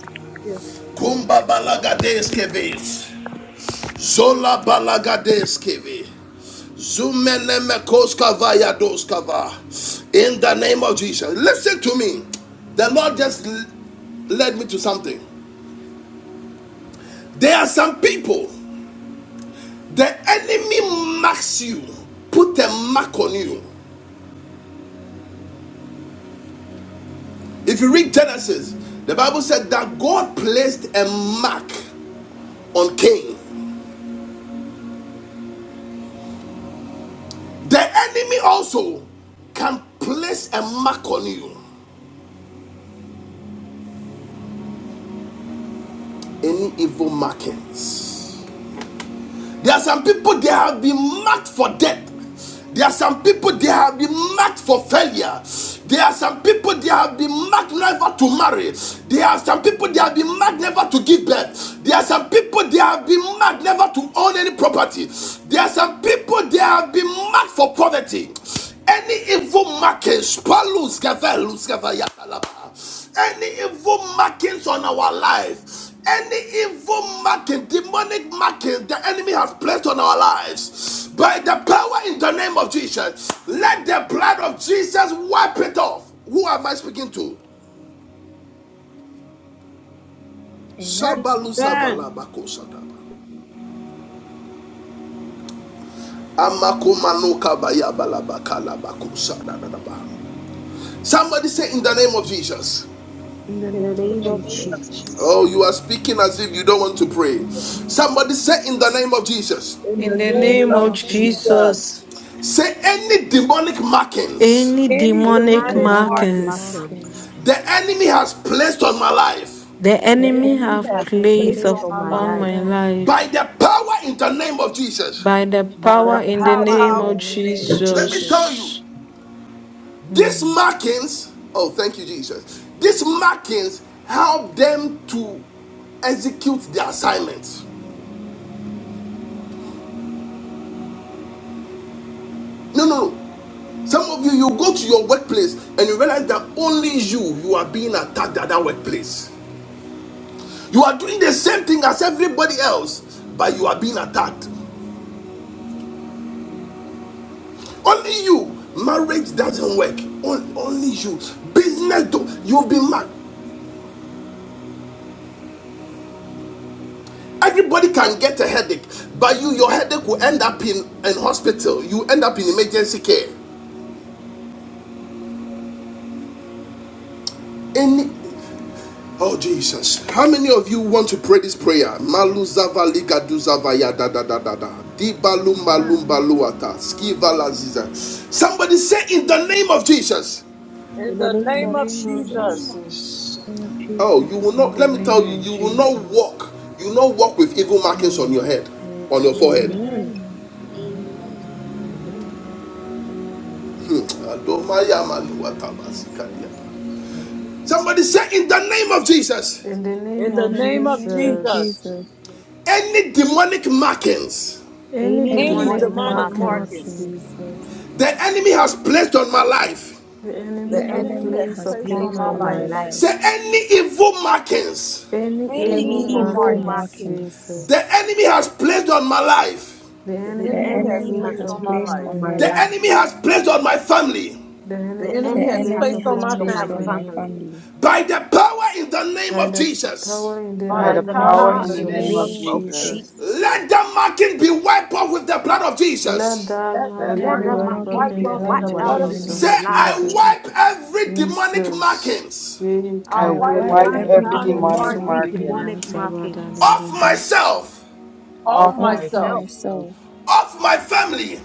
S7: Yes.
S6: Amen.
S1: Kumba balagadeskivis. Zola balagadeskivis. Zumenemekoskavayadoskava. In the name of Jesus. Listen to me. The Lord just led me to something. There are some people, the enemy marks you, put a mark on you. If you read Genesis, the Bible said that God placed a mark on Cain. The enemy also can place a mark on you. Any evil markings There are some people they have been marked for death. There are some people they have been marked for failure. There are some people they have been marked never to marry. There are some people they have been marked never to give birth. There are some people they have been marked never to own any property. There are some people they have been marked for poverty. Any evil markings, Palus, Gavelus, Gavayata, any evil markings on our life, any evil marking, demonic marking the enemy has placed on our lives, by the power in the name of Jesus, let the blood of Jesus wipe it off. Who am I speaking to?
S3: Amen.
S7: Amen.
S1: Somebody say in the name of Jesus.
S3: In the
S5: In the
S3: name of
S11: In
S5: name
S11: the
S5: of
S11: name
S3: Jesus.
S11: of
S5: Jesus.
S1: Oh, you
S11: Jesus,
S1: are speaking as if you don't want to pray. Somebody say in the name of Jesus.
S7: In
S3: In
S6: In
S7: the
S3: the
S6: the
S5: In the
S7: name
S6: name
S3: name
S11: in
S5: name
S7: of
S11: the
S6: of
S3: of
S5: of
S11: name of
S3: Jesus.
S7: Jesus,
S5: Jesus.
S6: Jesus,
S11: Jesus,
S1: Say any demonic markings
S6: any
S7: any
S5: Any
S3: Any
S6: demonic
S11: any
S7: demonic
S5: demonic
S3: demonic
S7: marking
S11: demonic
S6: markings
S3: marking.
S5: markings
S11: mountains,
S1: the enemy has placed on my life
S6: the
S7: the
S5: the
S3: The
S5: enemy
S6: enemy
S11: in
S7: enemy
S6: have
S7: has
S5: has
S3: enemy has
S6: placed
S7: placed
S5: placed
S7: on
S3: placed
S5: on
S7: our
S5: my
S3: on
S6: upon
S7: life
S3: my
S5: life.
S6: my
S3: life
S1: by
S6: life
S1: the power in the name of Jesus.
S6: by the
S5: by
S7: by the
S5: the
S6: power
S3: by the
S6: in
S4: Of
S6: the
S4: the
S7: power
S5: power
S3: power
S7: in
S5: in
S6: name
S3: in
S7: the name
S3: the
S4: power
S6: of
S4: of the
S3: name
S4: name
S3: of
S5: the,
S4: of
S7: of Jesus.
S1: Let
S5: Je-
S1: me
S4: Jesus,
S3: Jesus.
S1: tell you,
S6: Jesus.
S1: these
S6: Hmm.
S1: markings, oh, thank you, Jesus. These markings help them to execute their assignments. No, no, no. Some of you, you go to your workplace and you realize that only you, you are being attacked at that workplace. You are doing the same thing as everybody else, but you are being attacked. Only you. Marriage doesn't work. Only you. Business do. You've been mad. Everybody can get a headache, but you, your headache will end up in an hospital. You end up in emergency care. Any. Oh Jesus! How many of you want to pray this prayer? Malu zava liga du zava ya da da da da da. Di balu
S7: Amen.
S1: malu balu Skiva la ziza. Somebody say in the name of Jesus.
S7: In
S5: in the
S7: the
S5: name
S6: the
S7: name
S5: of
S7: of
S6: name of
S11: the
S7: Jesus.
S11: name
S5: Jesus.
S11: of
S6: Jesus.
S3: In the name of
S11: Jesus,
S1: Oh, you
S3: Jesus.
S1: will
S6: In
S1: not. Let
S6: the
S1: me tell
S6: name
S1: you,
S6: of
S1: you will not
S6: Jesus.
S1: walk. You will not walk with evil markings on your
S6: Mm.
S1: head, on
S6: Make
S1: your
S6: up,
S1: forehead.
S6: mm,
S3: Amen.
S11: amen,
S5: Amen.
S11: amen.
S5: Amen.
S6: mm, Jesus.
S1: Somebody say, in the name of Jesus,
S6: In the name
S7: In the
S3: In
S6: of
S3: the
S7: name
S11: In
S7: of
S11: the
S3: name of
S11: name
S7: Jesus.
S11: of
S6: Jesus.
S3: Jesus.
S11: Jesus,
S1: any demonic markings
S6: Any
S5: Any
S3: Any
S11: any
S7: Any
S6: demonic
S5: demonic
S7: demonic
S3: demonic
S11: demonic
S5: markings
S6: markings,
S11: mountains.
S7: markings
S3: markings
S6: Jesus,
S1: the enemy has placed on my life,
S6: the
S5: the
S7: the
S3: the
S6: enemy
S11: The
S6: have
S5: enemy
S7: enemy
S3: enemy
S11: enemy
S7: has
S5: has
S6: placed
S11: is
S3: has
S7: placed
S6: upon
S7: on
S5: placed
S3: placed
S6: my
S11: playing
S7: my
S5: on
S3: on
S11: on
S5: my
S7: life,
S3: my
S11: my
S5: life,
S6: life.
S3: life.
S1: say
S11: mind.
S1: any evil markings
S6: Any
S11: Any
S7: any
S5: any
S6: evil
S3: Any
S7: evil
S3: evil
S11: evil
S5: evil
S7: markings
S6: markings,
S11: markings.
S3: markings
S5: markings
S1: the
S6: Jesus,
S1: enemy has placed on my life,
S6: the
S7: the
S5: the
S11: The
S3: the
S6: enemy
S7: enemy
S6: have
S7: has
S5: enemy
S11: enemy is
S3: enemy
S5: has
S6: placed
S7: placed
S3: has
S7: on my
S11: playing
S5: placed
S6: upon
S3: placed
S6: my
S7: life,
S11: on
S5: on
S3: on
S11: my
S3: my
S5: my life,
S1: the
S3: life.
S11: mind.
S6: life.
S1: enemy has placed on my family,
S6: The
S7: the
S5: the
S11: The
S6: enemy
S7: enemy
S3: The
S6: have
S11: enemy
S5: enemy
S7: has
S11: has
S5: has
S6: placed
S3: enemy
S7: placed on
S3: has
S6: upon
S7: my
S5: placed
S11: played
S5: on
S6: my
S11: on
S3: placed
S5: my
S11: my
S3: on
S7: family,
S3: my
S6: family.
S5: family,
S3: family.
S11: fingers.
S1: by the power in the name
S6: By
S1: of
S6: the
S1: Jesus.
S6: power in the
S7: by
S3: By
S2: By
S5: by
S7: the
S2: the
S3: the
S11: And
S6: name
S5: the
S11: the
S6: of
S7: power
S3: power
S2: power
S5: power
S7: in
S2: in
S3: in
S7: the
S11: finger
S2: the
S3: the
S5: in
S11: in
S5: the
S7: name
S11: the
S2: name
S3: name
S7: of
S2: of
S3: of
S5: name
S6: Jesus.
S11: name
S5: of
S7: Jesus.
S2: Jesus.
S11: of
S3: Jesus.
S5: Jesus.
S1: Let
S11: Jesus.
S1: the marking be wiped off with the blood of
S6: Let
S1: Jesus.
S6: that
S7: Let
S2: Let
S7: that
S11: Let
S3: Let
S6: vacuum
S2: the
S5: Let
S6: be
S5: the
S11: my
S3: those
S7: marking be
S6: wiped
S11: life
S2: mountain
S6: off
S5: marking
S3: markings
S7: wiped
S6: in
S5: be
S11: be
S3: be
S6: the
S7: off in
S2: be
S11: in
S5: wiped
S6: name
S7: the
S3: wiped
S11: the
S6: of
S3: away
S7: blood
S2: wiped
S5: out
S11: right
S3: in
S7: of
S3: the
S2: out
S5: in
S2: in the
S5: the
S3: name
S11: focus
S1: Say,
S3: of
S2: blood
S7: Jesus.
S2: of
S6: Jesus.
S5: blood of
S1: I
S11: of
S3: Jesus.
S11: my
S2: Jesus.
S1: wipe
S5: Jesus.
S11: fingers.
S1: every demonic
S6: Jesus.
S1: markings
S6: Yea,
S7: I
S2: I
S3: I
S11: I
S5: I
S7: wipe
S3: wipe
S11: love
S6: kabodi
S2: wipe
S7: every
S5: wipe
S11: the
S3: every
S2: every
S6: yanda
S5: out
S6: ba
S7: demonic
S3: demonic
S2: demonic
S11: marking
S7: marking
S5: every
S11: of
S6: usogidi
S3: marking
S11: my
S2: markings
S5: demonic
S6: yanta
S11: soul,
S6: ba da da
S5: markings
S1: off
S6: da da.
S1: myself,
S7: off
S2: off
S5: of
S11: of
S3: off
S11: my
S2: my
S7: myself,
S5: myself,
S2: myself,
S3: myself,
S1: off my family,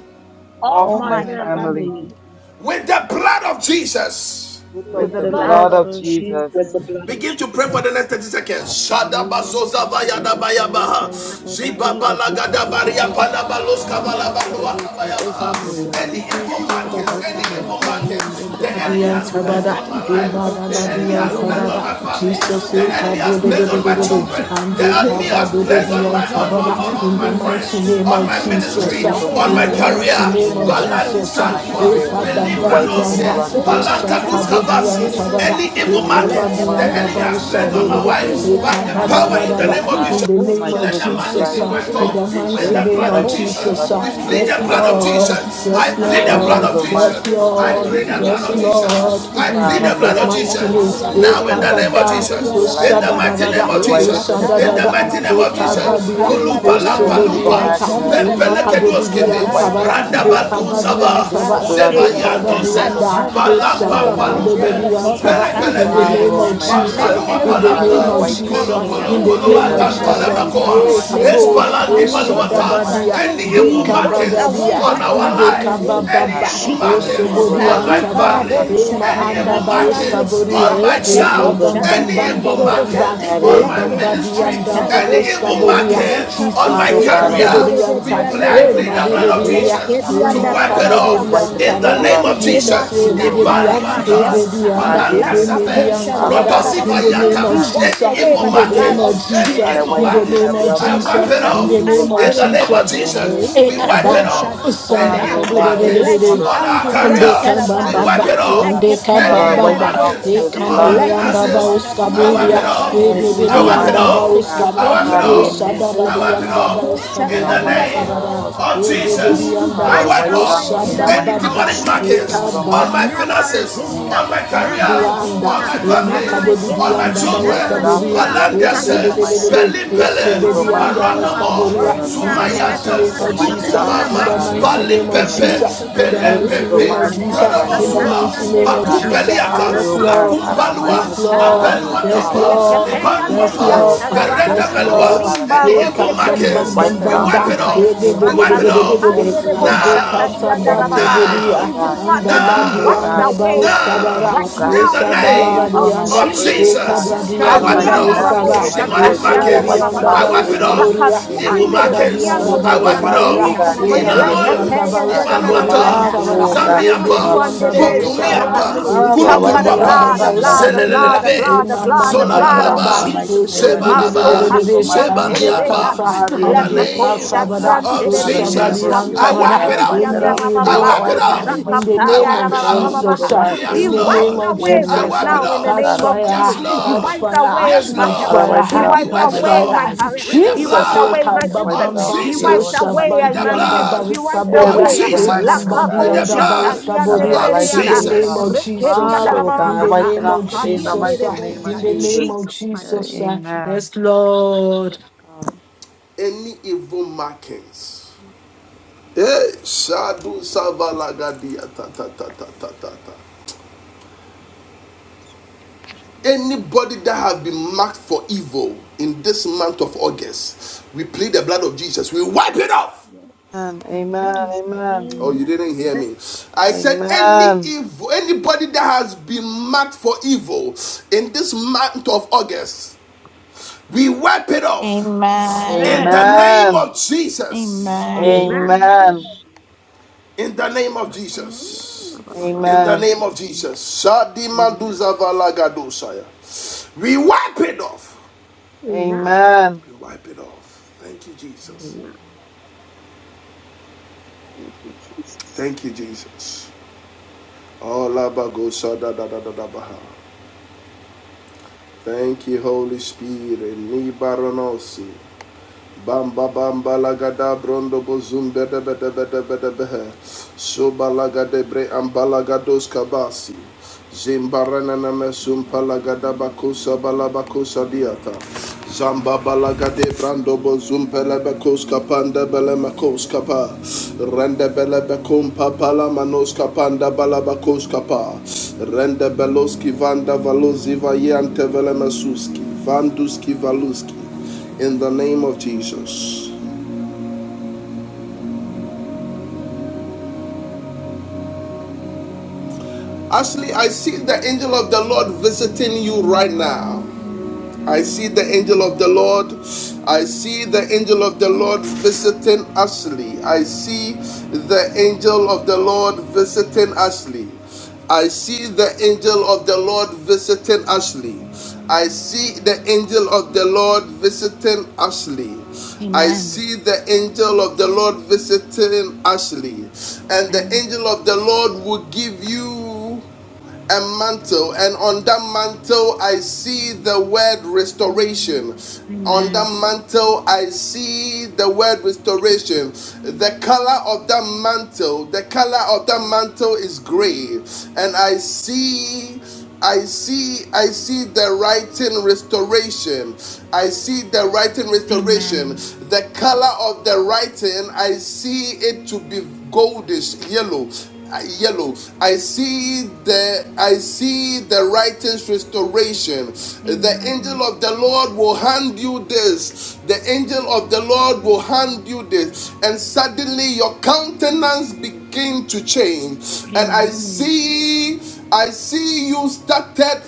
S7: off
S5: of
S2: off
S3: off
S7: my
S2: my
S5: my
S3: my
S7: family,
S2: family
S3: family,
S5: family,
S11: family,
S1: with the blood of Jesus.
S7: with
S11: with
S7: the
S5: with
S2: with
S3: with
S11: the
S5: the
S2: the
S3: the
S7: blood
S11: blood
S7: of
S5: blood
S2: blood
S3: blood
S11: of
S5: of
S2: of
S3: of
S2: Jesus.
S4: with
S5: Jesus.
S3: Jesus.
S4: the blood of
S1: Begin to pray for the
S4: Jesus.
S1: next 30 seconds.
S5: In the name of
S2: Oh,
S5: Jesus,
S2: Jesus,
S3: Masikatadadaba,
S2: I wipe every demonic
S5: I
S2: marking
S5: plead
S3: librayatadadaba,
S2: off
S5: the
S2: of
S5: blood
S2: my
S5: of
S2: life, oh
S3: sukatididi,
S2: God, off
S5: Jesus.
S2: of my
S11: Jesus.
S5: And
S2: family
S5: Be
S2: with the
S5: under
S2: blood
S5: the
S2: of Jesus.
S3: mashatadadaba,
S5: water over
S11: And
S5: my
S2: Any demonic
S1: Any
S5: life,
S3: sikatididibi,
S1: evil
S2: marking, oh
S5: over
S2: God,
S1: markings,
S5: that
S2: oh
S1: any
S5: of
S2: God,
S5: my
S2: on
S3: shiantadadaba,
S1: evil
S2: my life,
S5: family
S2: any
S1: markings the
S5: members.
S2: evil
S1: enemy
S2: markings
S6: Dian
S1: has
S2: on
S5: In
S2: my
S5: the
S1: placed
S5: mighty
S2: life,
S6: Sabada,
S1: on
S2: oh
S1: my life,
S2: God,
S5: name of
S1: the
S6: Imada
S3: masikatididibi,
S2: any
S1: enemy
S5: Jesus,
S6: Dian
S1: has
S2: evil
S1: placed
S5: any
S1: on
S2: marking,
S6: Sabada,
S1: my
S2: any
S1: family,
S3: librayatadadaba,
S2: misplaced
S6: Jesus,
S2: on
S3: raba,
S1: the
S2: my
S1: The
S5: blocking
S2: life,
S1: enemy has
S6: Cabo
S2: on
S6: de
S2: my
S1: placed
S6: de de
S1: on
S3: sikatadaba,
S6: de
S1: my
S2: children,
S6: de
S2: on my
S5: be
S1: children,
S6: de,
S2: husband,
S6: and
S2: oh
S3: no
S1: the
S6: the
S2: God.
S3: evil
S1: enemy
S3: mark
S1: has
S2: I
S6: Cabado
S3: is to
S6: de
S2: wipe
S1: placed
S2: it
S1: on
S5: right
S2: with
S1: my
S6: Dian
S2: the
S3: placed
S5: now
S1: on,
S2: blood of
S3: on
S5: in
S1: on,
S3: me,
S5: the
S6: Sabada,
S1: on,
S2: Jesus
S3: on
S5: mighty
S2: in
S3: my
S1: on
S2: the
S6: in
S1: my
S6: the
S5: name
S2: mighty
S5: of
S3: family,
S1: friends,
S2: name
S6: mighty
S3: on
S2: of
S3: my
S6: name
S5: Jesus.
S1: on
S2: Jesus.
S6: of
S1: my
S3: friends,
S5: Be
S2: Any
S3: on
S1: ministry,
S6: Jesus,
S5: wiped
S3: my
S6: ah,
S2: evil
S5: away
S1: on
S5: in
S6: in
S3: colleagues.
S5: the
S1: my
S3: In
S6: the
S3: the
S5: name
S2: marking
S5: of
S1: career.
S3: name
S2: that
S6: mighty
S3: of
S5: Jesus
S2: the
S5: by
S6: name
S5: the
S6: of
S2: enemy
S3: Jesus,
S2: has
S3: we
S5: blood of
S1: Balandi
S2: placed
S3: come
S6: Jesus,
S2: on
S5: Jesus,
S2: my
S3: against
S5: by
S3: it.
S5: the
S1: Sandua,
S2: career,
S5: blood of
S3: Any
S2: I
S5: Jesus.
S6: Ekabamba
S3: evil
S2: wipe it
S3: mark
S2: with the
S3: is
S1: Belibranose,
S6: Dianda,
S3: to
S2: blood of
S3: be placed
S5: Makosa
S2: Jesus
S6: Usa
S2: in
S3: on
S2: the
S1: Balankadus
S5: tadi
S2: mighty
S6: Cabo
S2: name
S1: Kavasi,
S6: Dian
S2: of
S3: anyone
S2: Jesus.
S6: Sabada,
S3: close
S5: anderebeha.
S1: any
S3: to me,
S1: evil
S2: Any
S3: anyone
S1: market
S2: evil
S3: around
S1: the
S3: me.
S2: marking
S6: Ekabambianda
S1: enemy
S5: Lekeposha
S1: has
S3: Father,
S5: di
S3: we
S2: the
S1: placed
S3: come
S1: on
S2: enemy
S1: my
S2: has
S3: against
S6: Bausaboria,
S1: wife
S3: it in
S5: anderebehi
S3: the
S2: placed
S3: name
S1: by
S3: of
S2: oh,
S1: the
S5: andaha.
S2: on my
S3: Jesus.
S6: Ekabada
S1: power
S6: da
S1: in
S2: life,
S6: da
S1: the
S6: da,
S2: oh
S1: name of
S2: God,
S3: Whether
S1: Jesus.
S6: in
S3: I
S6: the
S2: on
S3: cover
S6: name
S2: my
S5: Lakaposha
S6: of
S1: Let the
S3: myself
S5: di
S2: children's
S3: with
S1: magic
S6: Jesus,
S3: the
S1: be
S2: life,
S6: ah,
S2: on
S3: blood,
S1: wiped
S2: their
S6: in
S5: anderebeha.
S1: off
S6: the
S3: cover
S1: with
S6: mighty
S2: education.
S3: my
S1: the
S2: I
S6: name
S1: blood
S3: family
S1: of
S6: of
S2: wipe
S3: with
S2: it
S3: the
S2: with
S1: Jesus.
S2: the
S5: Lekeposha
S3: blood,
S6: Jesus,
S2: blood
S5: di
S2: of
S6: ah.
S1: We
S2: Jesus
S1: plead
S2: in
S1: the
S6: yes,
S2: the
S1: blood
S3: cover
S2: mighty
S1: of
S3: my
S2: name
S5: anderebeha.
S2: of
S6: Lord,
S3: aunts and
S1: Jesus.
S2: Jesus.
S3: my
S1: I
S6: yes,
S3: cousins
S1: plead the
S3: with
S2: Any
S3: the
S1: blood
S5: Kapayande
S6: Lord.
S1: of
S3: blood.
S2: evil
S3: I
S1: Jesus.
S5: siki
S6: Yes,
S2: marking,
S3: cover
S2: oh
S1: I
S2: God,
S3: each
S2: the
S6: Lord.
S3: and
S1: plead
S3: every
S1: the
S5: anderebehi
S2: enemy
S3: one
S2: has
S3: of
S1: blood
S6: Yes,
S3: them
S1: of
S5: anderebeha.
S3: with
S2: placed,
S3: the
S2: oh
S1: Jesus.
S3: blood
S2: God,
S3: in
S6: Lord.
S3: the name
S1: I
S6: In
S1: plead
S3: of
S2: Father,
S1: the
S2: on
S1: blood
S6: Jesus'
S2: my
S1: of
S3: Jesus.
S2: on
S3: All
S6: mighty
S1: Jesus.
S2: my
S3: those
S6: name.
S3: that are
S2: siblings,
S5: Lakapayande
S3: close
S1: Now
S2: oh
S1: in
S3: to
S1: the
S2: God,
S3: me
S2: on
S1: name
S2: their
S5: rebosha
S1: of
S6: Ekababa.
S2: marriages,
S1: Jesus.
S5: tadi
S2: on their
S1: In
S2: lives,
S1: the
S2: oh
S3: and
S5: adababa.
S2: God.
S1: mighty
S3: others
S1: name
S6: Oshadadadada.
S3: that
S1: of
S2: I
S3: wouldn't
S2: wipe
S1: Jesus.
S2: it with
S3: affect
S2: the
S3: him
S1: In
S2: blood
S3: and
S1: the
S2: of
S6: Oshadadada.
S1: mighty
S3: affect
S2: Jesus,
S1: name
S5: Lakapayadababa.
S2: oh
S1: of
S2: God, on
S3: it
S1: Jesus.
S5: I
S2: their
S3: affects
S6: Ekababia.
S3: us
S5: come by
S2: careers.
S3: further.
S5: the
S1: Pulumpa
S3: I
S2: Any
S3: cover
S1: lampa
S5: blood.
S3: each
S2: evil
S3: and
S1: lumpa.
S5: I
S3: every one of
S6: Oshobodianta.
S2: marking
S3: them
S5: come
S2: the
S3: with
S5: by
S3: the
S5: the
S2: enemy has
S3: blood.
S1: Pempele
S2: placed
S5: blood.
S2: on their
S5: The
S2: careers,
S1: kedoskipi.
S2: I
S5: blood
S6: Imakadodianta
S2: wipe
S5: that
S3: Each
S2: it
S6: bara.
S3: and
S2: in
S5: speaks
S3: every
S2: the
S3: one
S1: Branda
S3: of
S2: name
S5: better
S3: them
S2: of
S3: with
S1: badu
S3: the
S2: Jesus.
S5: things than
S3: blood.
S5: the
S1: sava.
S3: I
S6: Ekababianta
S2: With the
S5: blood
S3: cover
S5: of
S6: bara.
S3: each
S2: blood
S3: and
S1: Zeva
S2: of
S3: every one
S5: Abel.
S2: Jesus,
S3: of them with
S2: any
S3: the
S1: yantose.
S5: I
S2: evil
S3: blood.
S6: Ekababianda.
S5: come by
S2: marking
S5: the
S2: the
S3: Father,
S1: Balampa
S5: blood
S3: I
S5: that
S3: pray
S2: enemy
S5: was
S3: that
S2: has
S3: your
S1: palumpe.
S5: shed on
S3: blood
S5: the
S2: placed,
S3: will
S2: oh
S5: cross
S6: Oshabakadodianta
S3: speak
S2: God.
S5: of
S6: ba.
S3: for
S1: Pele
S3: them,
S1: pele
S6: In
S3: O
S6: the
S5: Calvary.
S2: Father,
S3: Lord.
S1: pe.
S6: name of
S2: on my
S5: That
S3: Pray
S5: let
S3: That
S6: Jesus.
S2: parents,
S3: your
S2: oh
S1: Papalua
S3: blood
S6: In
S2: God.
S3: will
S6: the
S5: every
S2: Father,
S6: name
S2: I
S1: palaka,
S3: speak
S6: of
S5: evil
S3: for
S2: wipe it,
S3: them, O
S1: kolo
S2: oh
S6: Jesus.
S5: marking
S3: Lord.
S5: uh,
S2: God,
S6: In
S1: kolo
S6: the
S1: kolo
S2: in
S6: name
S5: placed
S2: the
S6: of
S5: on
S1: watan
S5: my
S2: blood of
S6: Jesus.
S5: life,
S2: Jesus,
S5: uh,
S2: in
S1: palamakoa,
S2: the mighty
S5: placed on
S2: name
S6: Ekabo.
S5: my
S2: of
S1: espalandi
S2: Jesus.
S5: family's
S2: Any evil
S1: paluata,
S5: life, uh,
S6: Oshadadadia.
S2: marking
S1: any
S2: the
S5: be
S1: evil
S2: enemy is
S5: wiped
S3: um,
S1: markings
S2: placed on
S5: away
S6: Ekabadadia
S1: on
S2: Kumo,
S5: right
S1: our
S2: God,
S5: now
S2: on
S6: ande
S2: his
S5: in
S1: life,
S5: the name
S2: leaders, oh
S5: of
S1: any
S2: God.
S6: kabababa
S1: evil
S3: Eh,
S5: Jesus.
S2: Father, his
S1: markings
S2: followers,
S6: osobori
S2: I
S1: on my
S2: wipe it with the
S6: antaba
S1: family,
S2: blood
S5: Kadibarabo
S2: of Jesus,
S6: ema
S2: in
S1: any
S2: the
S1: evil
S2: mighty
S6: andaba
S2: name of
S5: shakatadiande,
S1: markings
S2: Jesus.
S1: on
S6: osaboria
S1: my
S6: e
S2: Any
S5: lekepo
S1: child,
S2: evil
S6: kabam bam
S1: any
S2: marking,
S6: bam
S2: oh
S1: evil
S6: bam
S2: God.
S6: bam
S5: shadiande,
S6: bam
S1: markings
S2: Father, the
S6: e
S1: on my
S2: enemy is
S5: lekedi
S2: placed on
S6: bambadi
S1: ministry,
S2: my job,
S6: andaba
S2: on
S1: any
S2: my
S5: antarabosa
S1: evil
S2: career, oh
S6: osaboria
S2: God.
S1: markings on
S6: Jesus
S1: my
S2: Father, oh
S6: e
S3: Amen.
S5: rakatisi
S2: God, on my
S6: kadodori
S1: career,
S2: on
S1: we
S5: anterebedi
S2: my
S6: anta
S1: ple- I
S2: friends,
S6: e
S2: oh
S1: plead
S5: anderebeha
S1: the
S2: God, on
S1: blood
S2: my
S1: of
S2: loved
S6: madederia
S1: Jesus
S2: ones, oh God,
S5: lekedi
S2: on my
S6: e
S1: to wipe
S2: cousins,
S1: it
S2: I
S1: off
S6: makadodori
S5: andarabababaha
S2: wipe
S3: Sikatara,
S2: it
S3: sikatara,
S1: in
S2: with the
S1: the
S5: any
S6: antabara
S1: name
S2: blood of
S1: of
S5: evil
S3: sikatara,
S2: Jesus.
S6: Jesus
S1: Jesus.
S6: e
S2: Any
S5: marking uh,
S2: evil
S6: dederia
S5: on
S2: marking,
S5: my
S2: oh
S6: e
S2: God.
S5: health
S1: Ibaliwantas,
S5: uh,
S6: bedianda
S2: Father, the enemy
S6: e
S2: has placed on my
S1: Palankasefe,
S2: father, oh
S6: mediantabara
S2: God, his
S6: in
S5: lakaposhariarabababaha,
S6: the
S2: business, his
S6: name
S1: Rodosivayata,
S5: be
S6: of
S2: marriage, oh
S5: wiped
S1: any
S6: Jesus
S2: God,
S5: away
S1: evil
S5: by
S6: in
S5: the
S6: the
S2: his
S1: marking,
S5: blood
S6: name
S5: of
S6: of
S2: relationships, oh
S1: any
S2: God.
S6: Jesus
S2: I
S5: Jesus
S1: evil
S6: in
S2: wipe
S6: the
S2: it
S5: Christ
S1: marking,
S2: with
S5: uh,
S2: the
S6: name of
S2: blood
S1: I
S2: of
S1: wipe
S2: Jesus.
S1: it
S6: Jesus in
S2: Any
S1: off
S5: masukadi
S6: the
S2: evil
S6: name of
S1: in the
S2: marking
S1: name
S5: anterebeha
S1: of
S6: Jesus
S2: the enemy has
S1: Jesus. We
S2: placed,
S1: wipe
S6: Ekaba,
S2: oh
S1: it
S2: God.
S1: off.
S6: Osama
S5: likaposhadikata
S1: Any
S2: Father, oh
S1: evil
S2: God, on my
S1: markings
S5: let the
S2: mother,
S6: Kabadadadadada.
S2: on
S1: on
S2: my
S1: our
S2: marriage,
S5: andirian
S2: on
S1: career,
S6: Ande
S2: my
S6: kamba
S1: we
S5: terabaha.
S2: stepfather's
S1: wipe
S6: bamba,
S1: it
S2: health, oh
S5: Let
S1: off.
S5: Let
S2: God.
S5: the Let
S6: ande
S2: Father,
S6: kamba
S1: Any
S2: I
S1: evil
S2: wipe
S6: bamba,
S2: it off
S1: markings
S2: in
S6: e
S2: the the
S1: on
S6: kamba yanda ba
S2: blood
S6: he can bam
S1: my
S2: of
S6: the
S2: Jesus,
S5: the
S2: in the
S6: andaba
S1: finances,
S5: posha.
S2: mighty name
S1: I
S2: of
S1: wipe
S2: Jesus.
S1: it
S6: uskaburia,
S5: andiriantarabaha lekepeyereberebosha
S1: off.
S6: e
S2: Any
S6: bebe
S1: I
S2: evil
S6: di
S1: wipe
S5: Limba
S1: it
S6: yanda
S2: marking,
S6: ba
S1: off.
S2: oh
S5: rose
S2: God.
S1: I
S6: uskaba,
S1: wipe it
S2: Father,
S6: e
S2: the
S5: keteriande.
S1: off.
S2: enemy has
S6: shada da
S1: I
S2: placed,
S6: di
S2: oh
S1: wipe
S3: debusha,
S1: it
S2: God,
S5: Be
S6: yanda
S2: on
S1: off
S6: ba
S5: wiped
S2: Sister April,
S1: in the
S6: uskaburi
S2: on marriage, oh
S6: yanta
S1: name
S2: God, her
S6: bara,
S2: husband,
S1: of
S6: e
S2: Gideon, oh
S6: bebe
S2: God.
S6: di
S1: Jesus.
S2: Father,
S1: I
S6: yanda,
S2: I
S1: wipe
S2: wipe it
S1: off
S5: away
S2: off
S5: in
S2: today in
S5: the
S2: the
S6: ushaba
S1: any
S5: name
S2: mighty
S5: of
S2: name
S1: demonic
S6: bamba,
S2: of Jesus.
S6: e
S5: Jesus.
S1: markings
S2: Any evil
S1: on
S6: kamba
S2: marking,
S1: my
S2: oh God.
S5: Never
S1: finances,
S2: Gavin,
S5: again,
S2: yes,
S1: on my
S2: based on
S1: career,
S2: this,
S5: never
S2: oh God, my
S6: Dianda,
S5: again,
S1: on my
S2: family, oh God,
S1: family,
S2: my
S5: never
S6: Imakado
S2: son,
S6: di
S2: oh
S1: on
S5: again,
S2: God.
S1: my
S6: Dianda
S2: I wipe
S5: never
S1: children,
S2: that off with
S5: again
S2: the
S6: Bauskaburia,
S1: my
S2: blood
S1: land,
S2: of
S5: shall
S2: Jesus in
S5: you
S2: the
S5: be
S2: mighty name of
S6: Ishebedede,
S5: seen
S1: Belim
S2: Jesus.
S1: Bele,
S2: Any
S5: of
S2: evil
S5: my
S1: my
S2: marking, oh
S1: run
S6: Ishebedianda
S5: life
S2: God,
S1: no
S2: on
S5: uh,
S1: more.
S5: or
S2: Shakira
S6: Skaburia,
S2: and her
S5: any
S6: in the
S2: family, oh God.
S5: aspect
S6: mighty
S5: of my
S6: name
S1: Sumayantes,
S2: I
S6: of
S5: life uh,
S2: wipe it
S6: Jesus,
S5: in
S2: off,
S5: the
S6: in
S2: oh
S1: Kunkumama,
S6: the
S5: mighty
S2: God, in the
S6: mighty
S5: name
S2: mighty
S6: name
S5: of
S6: of
S2: name of
S1: Balimpepe,
S6: Jesus,
S2: Jesus.
S5: Jesus.
S6: in
S5: uh,
S6: the
S2: Any
S5: Let
S6: mighty
S2: evil
S5: the
S6: name
S1: Pelempepe,
S6: of
S2: marking, oh
S6: Jesus,
S2: God, the
S5: antosta
S3: Thank
S6: in the
S2: devil has
S1: Brodobosua,
S5: tadi
S6: mighty
S2: placed,
S6: name
S2: oh
S6: of
S2: God.
S5: anderebeha,
S6: Jesus,
S1: Bakumpeliaka,
S5: la
S2: Father,
S6: yes,
S2: oh God,
S6: Lord,
S2: Father,
S5: kaposta
S2: on my
S5: di
S1: Lakumbalua,
S6: yes,
S2: husband, oh God,
S6: Lord,
S2: on his
S5: antarabeha,
S1: Abelua
S6: yes,
S2: job, oh
S1: Tapa,
S5: le
S2: God,
S5: kepe
S6: Lord,
S2: on his
S6: Yes,
S1: Libanuapa,
S2: career, oh
S6: Lord.
S2: God, on his
S1: Berenda
S6: Yes,
S2: mind, oh
S1: Belua,
S6: Lord.
S2: God, on his
S5: Limba
S1: any
S6: Ye
S2: health, oh
S6: ka
S1: evil
S5: rose
S2: God.
S6: bam
S2: I
S6: bam
S5: ketedi
S1: markings,
S6: bam
S2: wipe it
S5: anda
S1: we
S6: bam
S2: off
S1: wipe
S2: in the
S6: bam.
S1: it
S5: ramaha.
S1: off,
S6: Ye
S2: mighty
S6: de
S2: name
S6: de
S1: we
S2: of
S6: de de
S1: wipe it
S6: de
S2: Jesus.
S6: de de
S5: Rakatu
S1: off.
S6: de de.
S2: Any evil
S5: anderebo
S6: And de
S1: Now,
S2: marking
S6: ka
S5: shatadi
S2: the
S5: anda
S2: enemy
S6: sabato
S2: has
S5: rababa.
S2: placed, oh
S6: bodia.
S2: God.
S5: Evil
S6: And
S1: now,
S6: the
S5: markings
S1: now
S5: be
S2: Father,
S6: body
S2: oh
S1: now,
S6: and
S2: God.
S5: wiped
S6: the
S5: away
S6: baus
S1: now,
S6: kabara.
S2: Oh
S5: right
S6: Ye
S2: God,
S1: in the
S5: now in the
S6: sabara
S1: name
S5: name
S2: Father,
S6: body
S5: of
S2: on my
S6: and the.
S1: of
S2: career, oh
S6: Ye
S5: Jesus.
S1: Jesus,
S6: ka
S2: God,
S6: body
S1: I
S2: Father,
S6: and
S2: on
S6: the
S1: wipe
S5: Kadi
S2: my
S1: it
S5: anda
S6: baus
S1: off.
S2: finances,
S5: rabo
S6: kabara.
S2: on my
S6: Ye
S1: Demonic
S2: marriage,
S5: shatadi
S2: oh God, I
S5: anda
S6: shibiri
S1: markings,
S2: wipe
S6: and
S2: it
S6: the
S5: rababa.
S1: I
S2: off
S1: wipe
S6: baus
S7: Jesus.
S2: today
S1: it
S2: in the
S1: off.
S2: mighty
S6: kaboria.
S5: Rakatu
S2: name of
S1: Evil
S6: Ye
S7: Yes,
S6: da
S2: Jesus.
S7: God,
S6: body
S1: markings,
S7: the
S5: andereberi
S6: and
S7: blood
S6: the
S7: of
S5: ando
S2: Any
S1: I
S5: ki
S2: evil
S1: wipe
S6: baus
S7: Jesus.
S1: it
S2: marking,
S1: off.
S2: oh
S7: Aye,
S5: anderebeha.
S6: kabara.
S2: God,
S7: kama
S2: the
S7: maya
S6: Eda
S2: enemy is
S7: nero
S6: badi
S1: Inanoe,
S2: placed,
S7: kuri,
S5: Lekepe
S6: anda
S2: oh
S7: akasa
S2: God.
S6: bauska
S7: nero
S6: bori
S1: Ibanuata,
S7: kuri.
S5: anderebebebeha.
S2: Father,
S6: anta
S3: you.
S6: bara.
S2: oh God,
S1: Zamiapa,
S2: on
S5: Rakatu
S2: our
S7: Yes.
S6: Ebedi anda
S2: possessions,
S7: Eh,
S2: oh
S5: andereberi
S6: bauska
S7: papa
S2: God.
S7: ya
S6: bara.
S5: andaha.
S1: Pupumiapa,
S7: nero
S5: We
S2: Father,
S7: kuri,
S3: Amen.
S2: I
S6: Eka
S5: come by
S2: wipe
S5: the
S2: it
S6: badi
S7: shatani.
S2: off,
S1: Kulukuluapa,
S6: anda
S2: oh
S5: blood, the
S2: God, and that's
S5: blood,
S6: bauska
S2: what
S5: the
S2: you
S6: bori
S2: blessed
S5: blood,
S6: a.
S5: the
S2: us
S1: Zelelelebe,
S2: with,
S5: blood,
S2: oh
S5: the
S2: God.
S6: Imam
S7: The
S5: blood,
S2: I
S5: the
S6: bam
S7: blood of
S2: wipe
S6: bam
S2: it
S5: blood of
S2: off
S6: bam
S7: Jesus.
S1: Zolalalaba,
S2: in
S6: ba.
S2: the
S7: Yes,
S5: Jesus.
S2: mighty
S7: Lord, the
S2: name
S6: Eshe
S2: of
S7: blood of
S6: de de
S2: Jesus.
S6: de de
S7: Jesus.
S6: de
S1: Zebalaba,
S2: Any
S6: de de.
S2: evil
S5: Mastokatian
S2: marking, oh
S6: Ande
S2: God.
S7: The
S1: Zebaliapa,
S7: blood of
S5: terebeha,
S6: kata.
S7: Jesus.
S2: Father, the
S1: in the
S2: enemy
S6: Ande
S2: is placed,
S1: name
S6: kata
S2: oh
S6: bada.
S2: God.
S5: lekaposhadian
S1: of
S5: terebe,
S2: Father,
S6: Usha
S2: any
S6: badi
S2: member of
S1: Jesus,
S6: anta
S1: I
S5: kapaya
S2: VOP,
S6: bara.
S1: wipe
S2: God,
S1: it
S2: I
S1: off.
S2: wipe it
S5: nosianda
S2: off
S6: Any
S2: today
S1: I
S2: in
S6: evil
S5: rabababa,
S2: the
S1: wipe it
S2: mighty
S6: order.
S1: off.
S2: name of
S6: In the
S2: Jesus
S1: I
S5: rakapaya
S6: name of
S1: wipe it off.
S2: any
S5: rabababa.
S2: evil
S6: Jesus. ah.
S2: marking,
S5: Be
S6: In
S1: Yes,
S2: oh
S6: the
S2: God,
S6: name of
S5: wiped
S1: Lord.
S6: Oh
S2: the
S5: away
S11: Amen.
S1: I
S2: enemy has
S5: right
S6: Jesus,
S1: wipe
S6: uh,
S1: it
S5: now
S2: placed,
S5: in the
S2: oh
S1: off.
S6: catch
S2: God,
S5: name of
S2: upon us,
S6: fire,
S1: Yes,
S5: Jesus.
S2: oh God,
S5: Be
S2: and
S1: Lord.
S6: catch
S2: Jessica,
S5: wiped
S2: oh
S6: fire,
S2: God.
S5: away
S1: Yes,
S5: my
S6: catch
S5: health.
S2: Father,
S1: Lord.
S2: wipe it
S5: Be
S6: fire,
S1: We
S2: off
S5: wiped
S2: in the
S1: wipe
S6: catch
S1: it
S2: mighty
S5: away
S1: off
S5: my
S2: name
S6: fire.
S2: of
S5: career.
S2: Jesus,
S1: with the
S2: oh
S5: Be
S2: God,
S6: Jesus,
S5: wiped
S2: Bishop
S6: we
S1: blood
S5: away my
S2: Kingsley,
S6: can
S2: and
S6: bam
S2: wipe
S5: business.
S1: of
S2: it
S6: bam
S2: off
S6: bam.
S5: Be
S2: today,
S6: Oh
S5: wiped
S1: Jesus.
S2: Lord, in the
S5: away
S2: mighty
S1: With
S5: in
S1: the
S6: shabandi
S5: my
S2: name of
S6: anda
S5: ministry.
S1: blood
S2: Jesus.
S5: Be
S6: barista
S5: wiped
S1: of
S2: Every
S6: bodia,
S5: away.
S2: evil
S6: eh
S2: marking, oh
S1: Jesus.
S2: God,
S6: bambandi
S1: With
S2: the
S1: the
S6: anda
S2: enemy has
S1: blood
S2: placed,
S6: barista
S2: oh
S5: Lakaposhadian
S2: God, on
S6: bodia.
S2: our
S1: of
S2: lives
S6: In
S5: terebereana,
S6: the
S2: today,
S6: name
S2: God.
S6: of
S1: Jesus.
S6: Jesus,
S5: rekebianda
S2: Father,
S6: uh,
S2: oh
S6: in
S2: God,
S6: the
S2: wipe
S5: rabababa,
S2: it
S6: name
S2: off
S6: of
S2: today in the
S5: kadian
S6: Jesus, uh,
S2: mighty
S5: nerebo.
S2: name of
S6: in the name
S2: Jesus.
S6: of
S5: Jesus' mighty
S2: Uh,
S6: Jesus.
S5: name.
S6: uh,
S2: Amen.
S6: Yes, Lord.
S2: Praise God.
S1: Any evil markings. Eh, Shadu Savalagadia ta ta ta ta ta ta ta. Anybody that has been marked for evil in this month of August, we plead the blood of Jesus. We wipe it off.
S5: Yes.
S2: Amen.
S5: Yes, Lord.
S2: Amen.
S1: Oh, you
S5: Amen.
S1: didn't hear
S7: Amen.
S1: me. I said any
S2: Amen.
S1: evil, anybody that has been marked for evil in this month of August, we wipe it off.
S10: Amen.
S1: In
S2: Amen.
S7: Amen.
S1: the
S5: Amen.
S1: name
S2: Amen.
S1: of
S7: Amen.
S1: Jesus.
S10: Amen.
S5: Amen.
S2: Amen.
S3: Amen.
S1: In the name of Jesus.
S7: Amen.
S1: In
S5: Masopatoriabababababa.
S1: the
S11: Amen.
S2: Amen.
S1: name of Jesus.
S11: Amen. Amen.
S1: Shadima
S5: Amen.
S1: duzavala gadosaya. We wipe it off.
S5: Amen.
S2: Amen.
S1: We wipe it off. Thank you,
S11: Amen.
S1: Jesus.
S5: Amen.
S11: Amen.
S5: Thank you, Jesus.
S1: Thank you, Jesus. Olabagosadadadadabaha. Thank you, Holy Spirit. Nibaranossi. Bamba bamba lagada brondo bozum bede bede bede bede behe. Soba lagade bre ambalagados kabasi. Zimbarana namesum palagada bakusa balabakusa diata. Zamba balagade brando bozum pelebekos kapanda belemakos kapa. Rende belebekum papala manos kapanda balabakos kapa. Rende beloski vanda valozi vayante velemesuski. Vanduski valuski in the name of Jesus. Ashley, I see the angel of the Lord visiting you right now. I see the angel of the Lord. I see the angel of the Lord visiting Ashley. I see the angel of the Lord visiting Ashley. I see the angel of the Lord visiting Ashley. I see the angel of the Lord visiting Ashley. I
S10: Amen.
S1: see the angel of the Lord visiting Ashley. And the
S10: Amen.
S1: angel of the Lord will give you a mantle, and on that mantle, I see the word restoration. On
S10: Amen.
S1: that mantle, I see the word restoration. The color of that mantle, the color of that mantle is gray, and I see I see I see the writing restoration. I see the writing restoration.
S10: Amen.
S1: The color of the writing, I see it to be goldish yellow. uh, Yellow. I see the I see the writing's restoration. The
S10: Amen.
S1: angel of the Lord will hand you this. The angel of the Lord will hand you this, and suddenly your countenance begin to change. And I
S10: Amen.
S1: see I see you started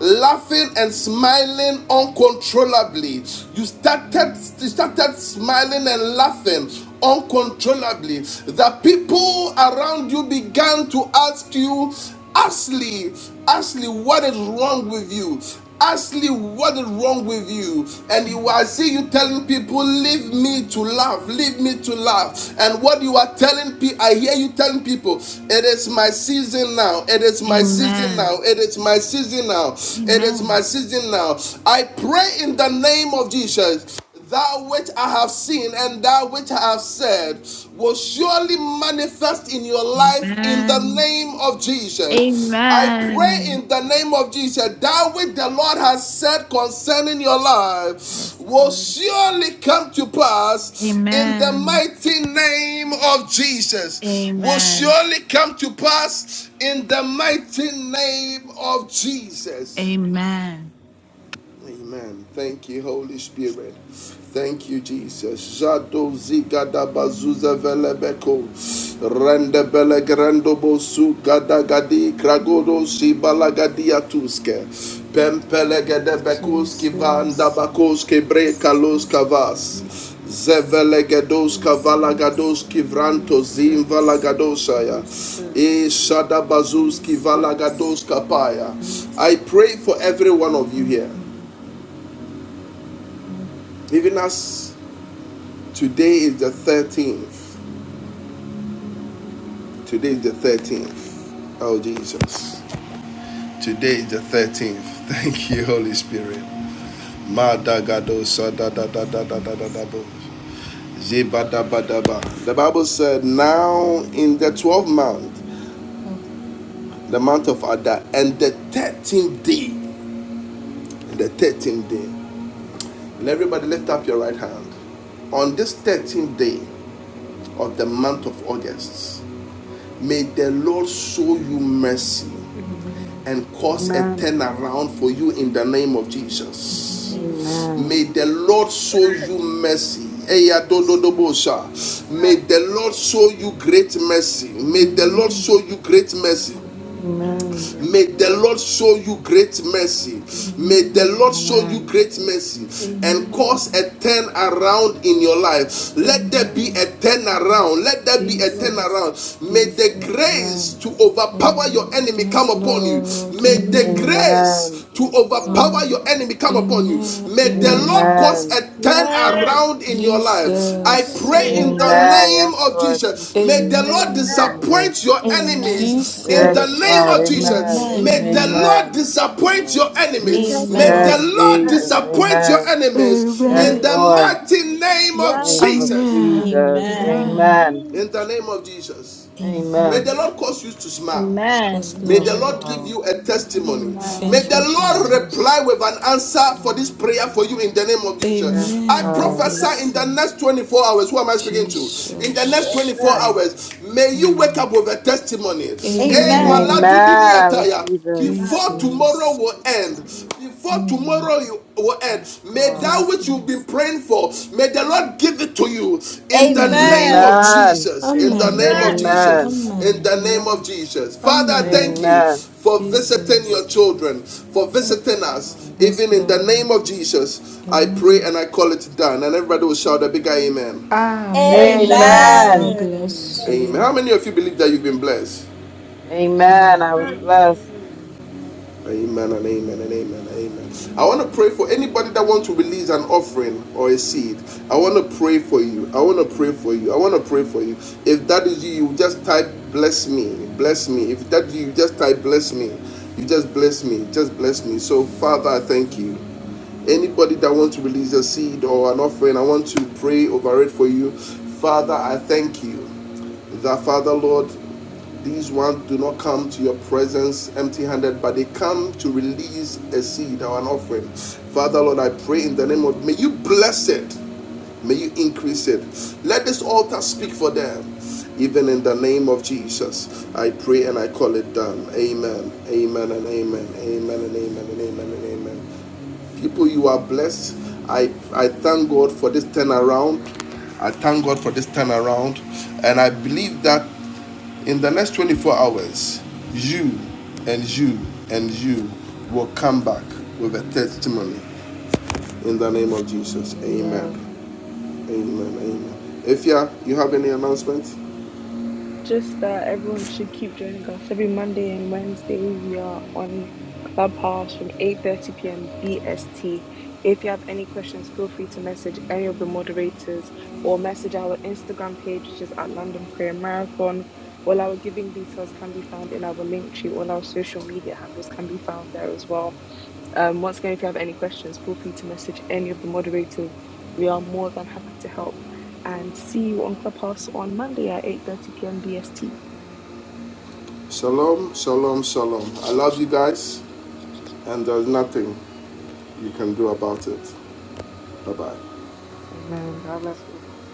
S1: laughing and smiling uncontrollably. You started you started smiling and laughing uncontrollably. The people around you began to ask you Ashley, Ashley, what is wrong with you? Ashley, what is wrong with you? And you are see you telling people, leave me to laugh, leave me to laugh. And what you are telling people, I hear you telling people, it is my season now, it is my season
S10: Amen.
S1: now, it is my season now, it is my
S10: Amen.
S1: season now. I pray in the name of Jesus that which I have seen and that which I have said will surely manifest in your life in the
S10: Amen.
S1: name of Jesus. I pray
S10: Amen.
S1: in the name of Jesus that which the Lord has said concerning your life
S10: Yes,
S1: will
S10: Lord.
S1: surely come to pass in the
S10: Amen.
S1: mighty name of Jesus. Will
S10: Amen.
S1: surely come to pass in the mighty name of Jesus.
S10: Amen.
S1: Amen. Thank you, Holy Spirit. Thank you, Jesus. Jado ziga bazuza velebeko. Rende bele bosu gada gadi kragodo si balagadi atuske. Pempele gede bekus
S6: Jesus,
S1: vanda bakos ki kavas. Zevele gedos kavala
S6: Jesus, Jesus, Jesus,
S1: zim vala gadosaya.
S6: Jesus,
S1: E
S6: Jesus.
S1: shada
S6: Jesus,
S1: kapaya. I pray
S6: Jesus.
S1: for every one of you
S6: Amen.
S1: here. Even as today is the 13th. Today is the 13th. Oh, Jesus. Today is the 13th. Thank you, Holy Spirit. Madagado
S6: Jesus.
S1: sadadadadadadadabo. Zebadabadaba. The Bible said, Now in the 12th month,
S6: Oh,
S1: the month of Adar, and the 13th day, the 13th day. And everybody lift up your right hand. On this 13th day of the month of August, may the Lord show you mercy
S6: Amen.
S1: and cause a
S2: Amen.
S11: Amen.
S1: turnaround for you in the name of Jesus.
S6: Amen.
S1: May
S2: Amen.
S11: Amen.
S1: the Lord show you mercy. Eya
S6: Jesus.
S1: dododobosha. May the Lord show you
S11: Amen.
S1: great mercy. May the Lord
S5: Amen.
S6: Amen.
S1: show you
S11: Amen.
S1: great mercy.
S5: Amen.
S2: Amen.
S11: Amen.
S2: Yes,
S1: May the
S2: Lord.
S1: Lord show you great mercy. May the
S6: Amen.
S1: Lord
S5: Amen.
S1: show you
S2: Amen.
S1: great mercy and
S6: Amen.
S1: cause
S5: Amen.
S1: a turn around in your life. Let there be
S6: Amen.
S1: a turn
S5: Amen.
S1: around. Let there
S5: Yes,
S1: be a turn
S5: Lord.
S1: around.
S6: Jesus.
S1: May the
S5: Yes,
S6: Jesus.
S5: yes,
S1: grace
S2: Amen.
S1: to
S5: Lord. Yes,
S1: overpower your
S6: Mm.
S5: Lord.
S1: enemy come
S6: Yes,
S1: upon you.
S6: Lord.
S5: In the
S1: May
S11: Amen.
S1: the
S5: name
S11: Amen.
S5: of
S6: Amen.
S5: Jesus.
S1: grace
S2: Amen.
S1: to
S2: Yes, Lord.
S5: Yes,
S1: overpower
S6: Mm.
S1: your
S5: Lord.
S1: enemy come upon you.
S6: Amen.
S1: May the
S5: Amen.
S1: Lord
S6: Amen.
S1: cause
S2: Amen.
S1: a
S11: Amen.
S1: turn
S5: Yes, Lord.
S1: around in your life. I
S6: Jesus.
S5: Yes,
S1: pray
S7: Amen. Amen.
S1: in
S6: Mm.
S11: Amen.
S1: the
S2: Amen.
S1: name
S2: Yes,
S1: of
S5: Lord.
S2: Lord. Thank
S1: Jesus.
S2: you,
S1: May the
S2: Jesus.
S7: Amen. Amen. Thank
S2: I
S1: Lord
S6: Amen.
S2: receive it.
S1: disappoint your
S10: Amen.
S1: enemies in
S2: Yes,
S1: the
S11: Amen. Amen.
S1: name
S2: God.
S1: of
S10: Amen.
S6: Jesus.
S11: Amen.
S1: Jesus.
S2: Amen.
S1: May
S7: you, Jesus. Amen.
S10: Amen.
S1: the
S6: Amen.
S1: Lord
S2: Amen.
S1: disappoint your enemies.
S5: Yes,
S1: May the
S5: Lord.
S2: Yes,
S6: Jesus.
S10: Amen.
S1: Lord
S7: Amen.
S2: Jesus.
S5: Amen.
S1: disappoint your
S2: Amen.
S1: enemies
S5: In the
S6: Amen.
S2: Yes,
S1: in
S5: name-
S1: the
S11: Amen.
S2: Lord.
S1: mighty name of
S2: Name
S5: Yes,
S2: of
S5: Lord.
S1: Jesus.
S6: Amen.
S2: Jesus.
S10: Amen.
S5: Amen.
S6: Amen.
S2: Amen.
S1: In
S11: Amen.
S1: the name of Jesus. May
S2: Amen.
S1: the
S6: Amen.
S1: Lord cause you to smile.
S6: Yes,
S1: May the
S2: Yes,
S11: Amen.
S6: Lord.
S1: Lord give
S2: God.
S1: you a testimony. May
S6: Thank
S10: Amen.
S2: Yes,
S6: you,
S1: the Lord
S2: Lord.
S1: reply
S6: Jesus.
S1: with an answer for this
S10: Amen.
S1: prayer for you in the name of
S2: Yes,
S1: Jesus. I
S6: Amen. God
S2: God.
S11: Amen.
S1: prophesy
S11: Amen.
S1: in
S7: Amen.
S6: bless
S11: Amen.
S1: the
S6: you,
S1: next 24 hours. Who am I speaking to? In the next
S2: Yes,
S6: Jesus.
S10: Yes.
S1: 24
S2: Lord.
S1: hours, may you wake
S6: Mm.
S1: up with a testimony.
S5: Amen.
S1: Hey,
S2: Amen.
S6: Amen.
S10: Amen.
S5: Amen.
S2: I
S1: Maladudiniataya.
S2: receive it.
S1: Before
S2: Jesus, let
S1: tomorrow
S6: Jesus.
S2: me
S1: will
S2: be the
S1: end,
S2: one God.
S1: before
S6: Mm.
S1: tomorrow you will end,
S2: Yes,
S1: may
S2: God.
S1: that which you've been
S6: Jesus.
S1: praying for, may the Lord give it to you in the
S6: Amen.
S1: name of
S10: Amen.
S2: Amen.
S1: Jesus. In the
S6: Amen.
S1: name of
S10: Amen.
S5: Amen.
S2: Amen.
S1: Jesus. In
S6: Amen.
S1: the name of Jesus. Father, I
S10: Amen.
S6: Amen.
S1: thank
S5: Amen.
S1: you
S2: Amen.
S1: for
S2: Thank you,
S1: visiting
S2: Lord
S1: your
S6: Jesus.
S1: children, for
S10: Amen.
S7: Amen.
S1: visiting us.
S2: God.
S6: Yes,
S1: Even in the
S6: Lord.
S1: name of Jesus, I pray
S6: Amen.
S1: and I call it done. And everybody will shout a big amen.
S7: Amen. Amen. Amen.
S6: Amen. God
S2: Amen.
S10: Amen.
S6: bless
S1: Amen. How
S6: you.
S1: many of you believe that you've been blessed?
S2: Amen. I was
S7: Amen.
S2: blessed.
S11: I do.
S1: Amen and amen and amen and amen. I want to pray for anybody that wants to release an offering or a seed. I want to pray for you. I want to pray for you. I want to pray for you. If that is you, you just type bless me. Bless me. If that is you, you just type bless me. You just bless me. Just bless me. So, Father, I thank you anybody that wants to release a seed or an offering, I want to pray over it for you. Father, I thank you. That Father, Lord, these ones do not come to your presence empty handed, but they come to release a seed or an offering. Father, Lord, I pray in the name of, may you bless it. May you increase it. Let this altar speak for them. Even in the name of Jesus, I pray and I call it done. Amen. Amen and amen. Amen and amen and amen and amen. People, you are blessed. I, I thank God for this turnaround. I thank God for this turnaround. And I believe that in the next 24 hours, you and you and you will come back with a testimony in the name of Jesus.
S2: Amen.
S1: Amen. Amen.
S2: Amen.
S1: Amen. If yeah, you have any announcement?
S3: Just that everyone should keep joining us every Monday and Wednesday. We are on Clubhouse from 8:30 p.m. BST. If you have any questions, feel free to message any of the moderators or message our Instagram page, which is at London Prayer Marathon. All our giving details can be found in our link tree. All our social media handles can be found there as well. Um, once again, if you have any questions, feel free to message any of the moderators. We are more than happy to help. And see you on Clubhouse on Monday at 8:30 p.m. BST.
S1: Shalom, shalom, shalom. I love you guys, and there's nothing you can do about it. Bye bye.
S2: Amen. God bless you, Apostle.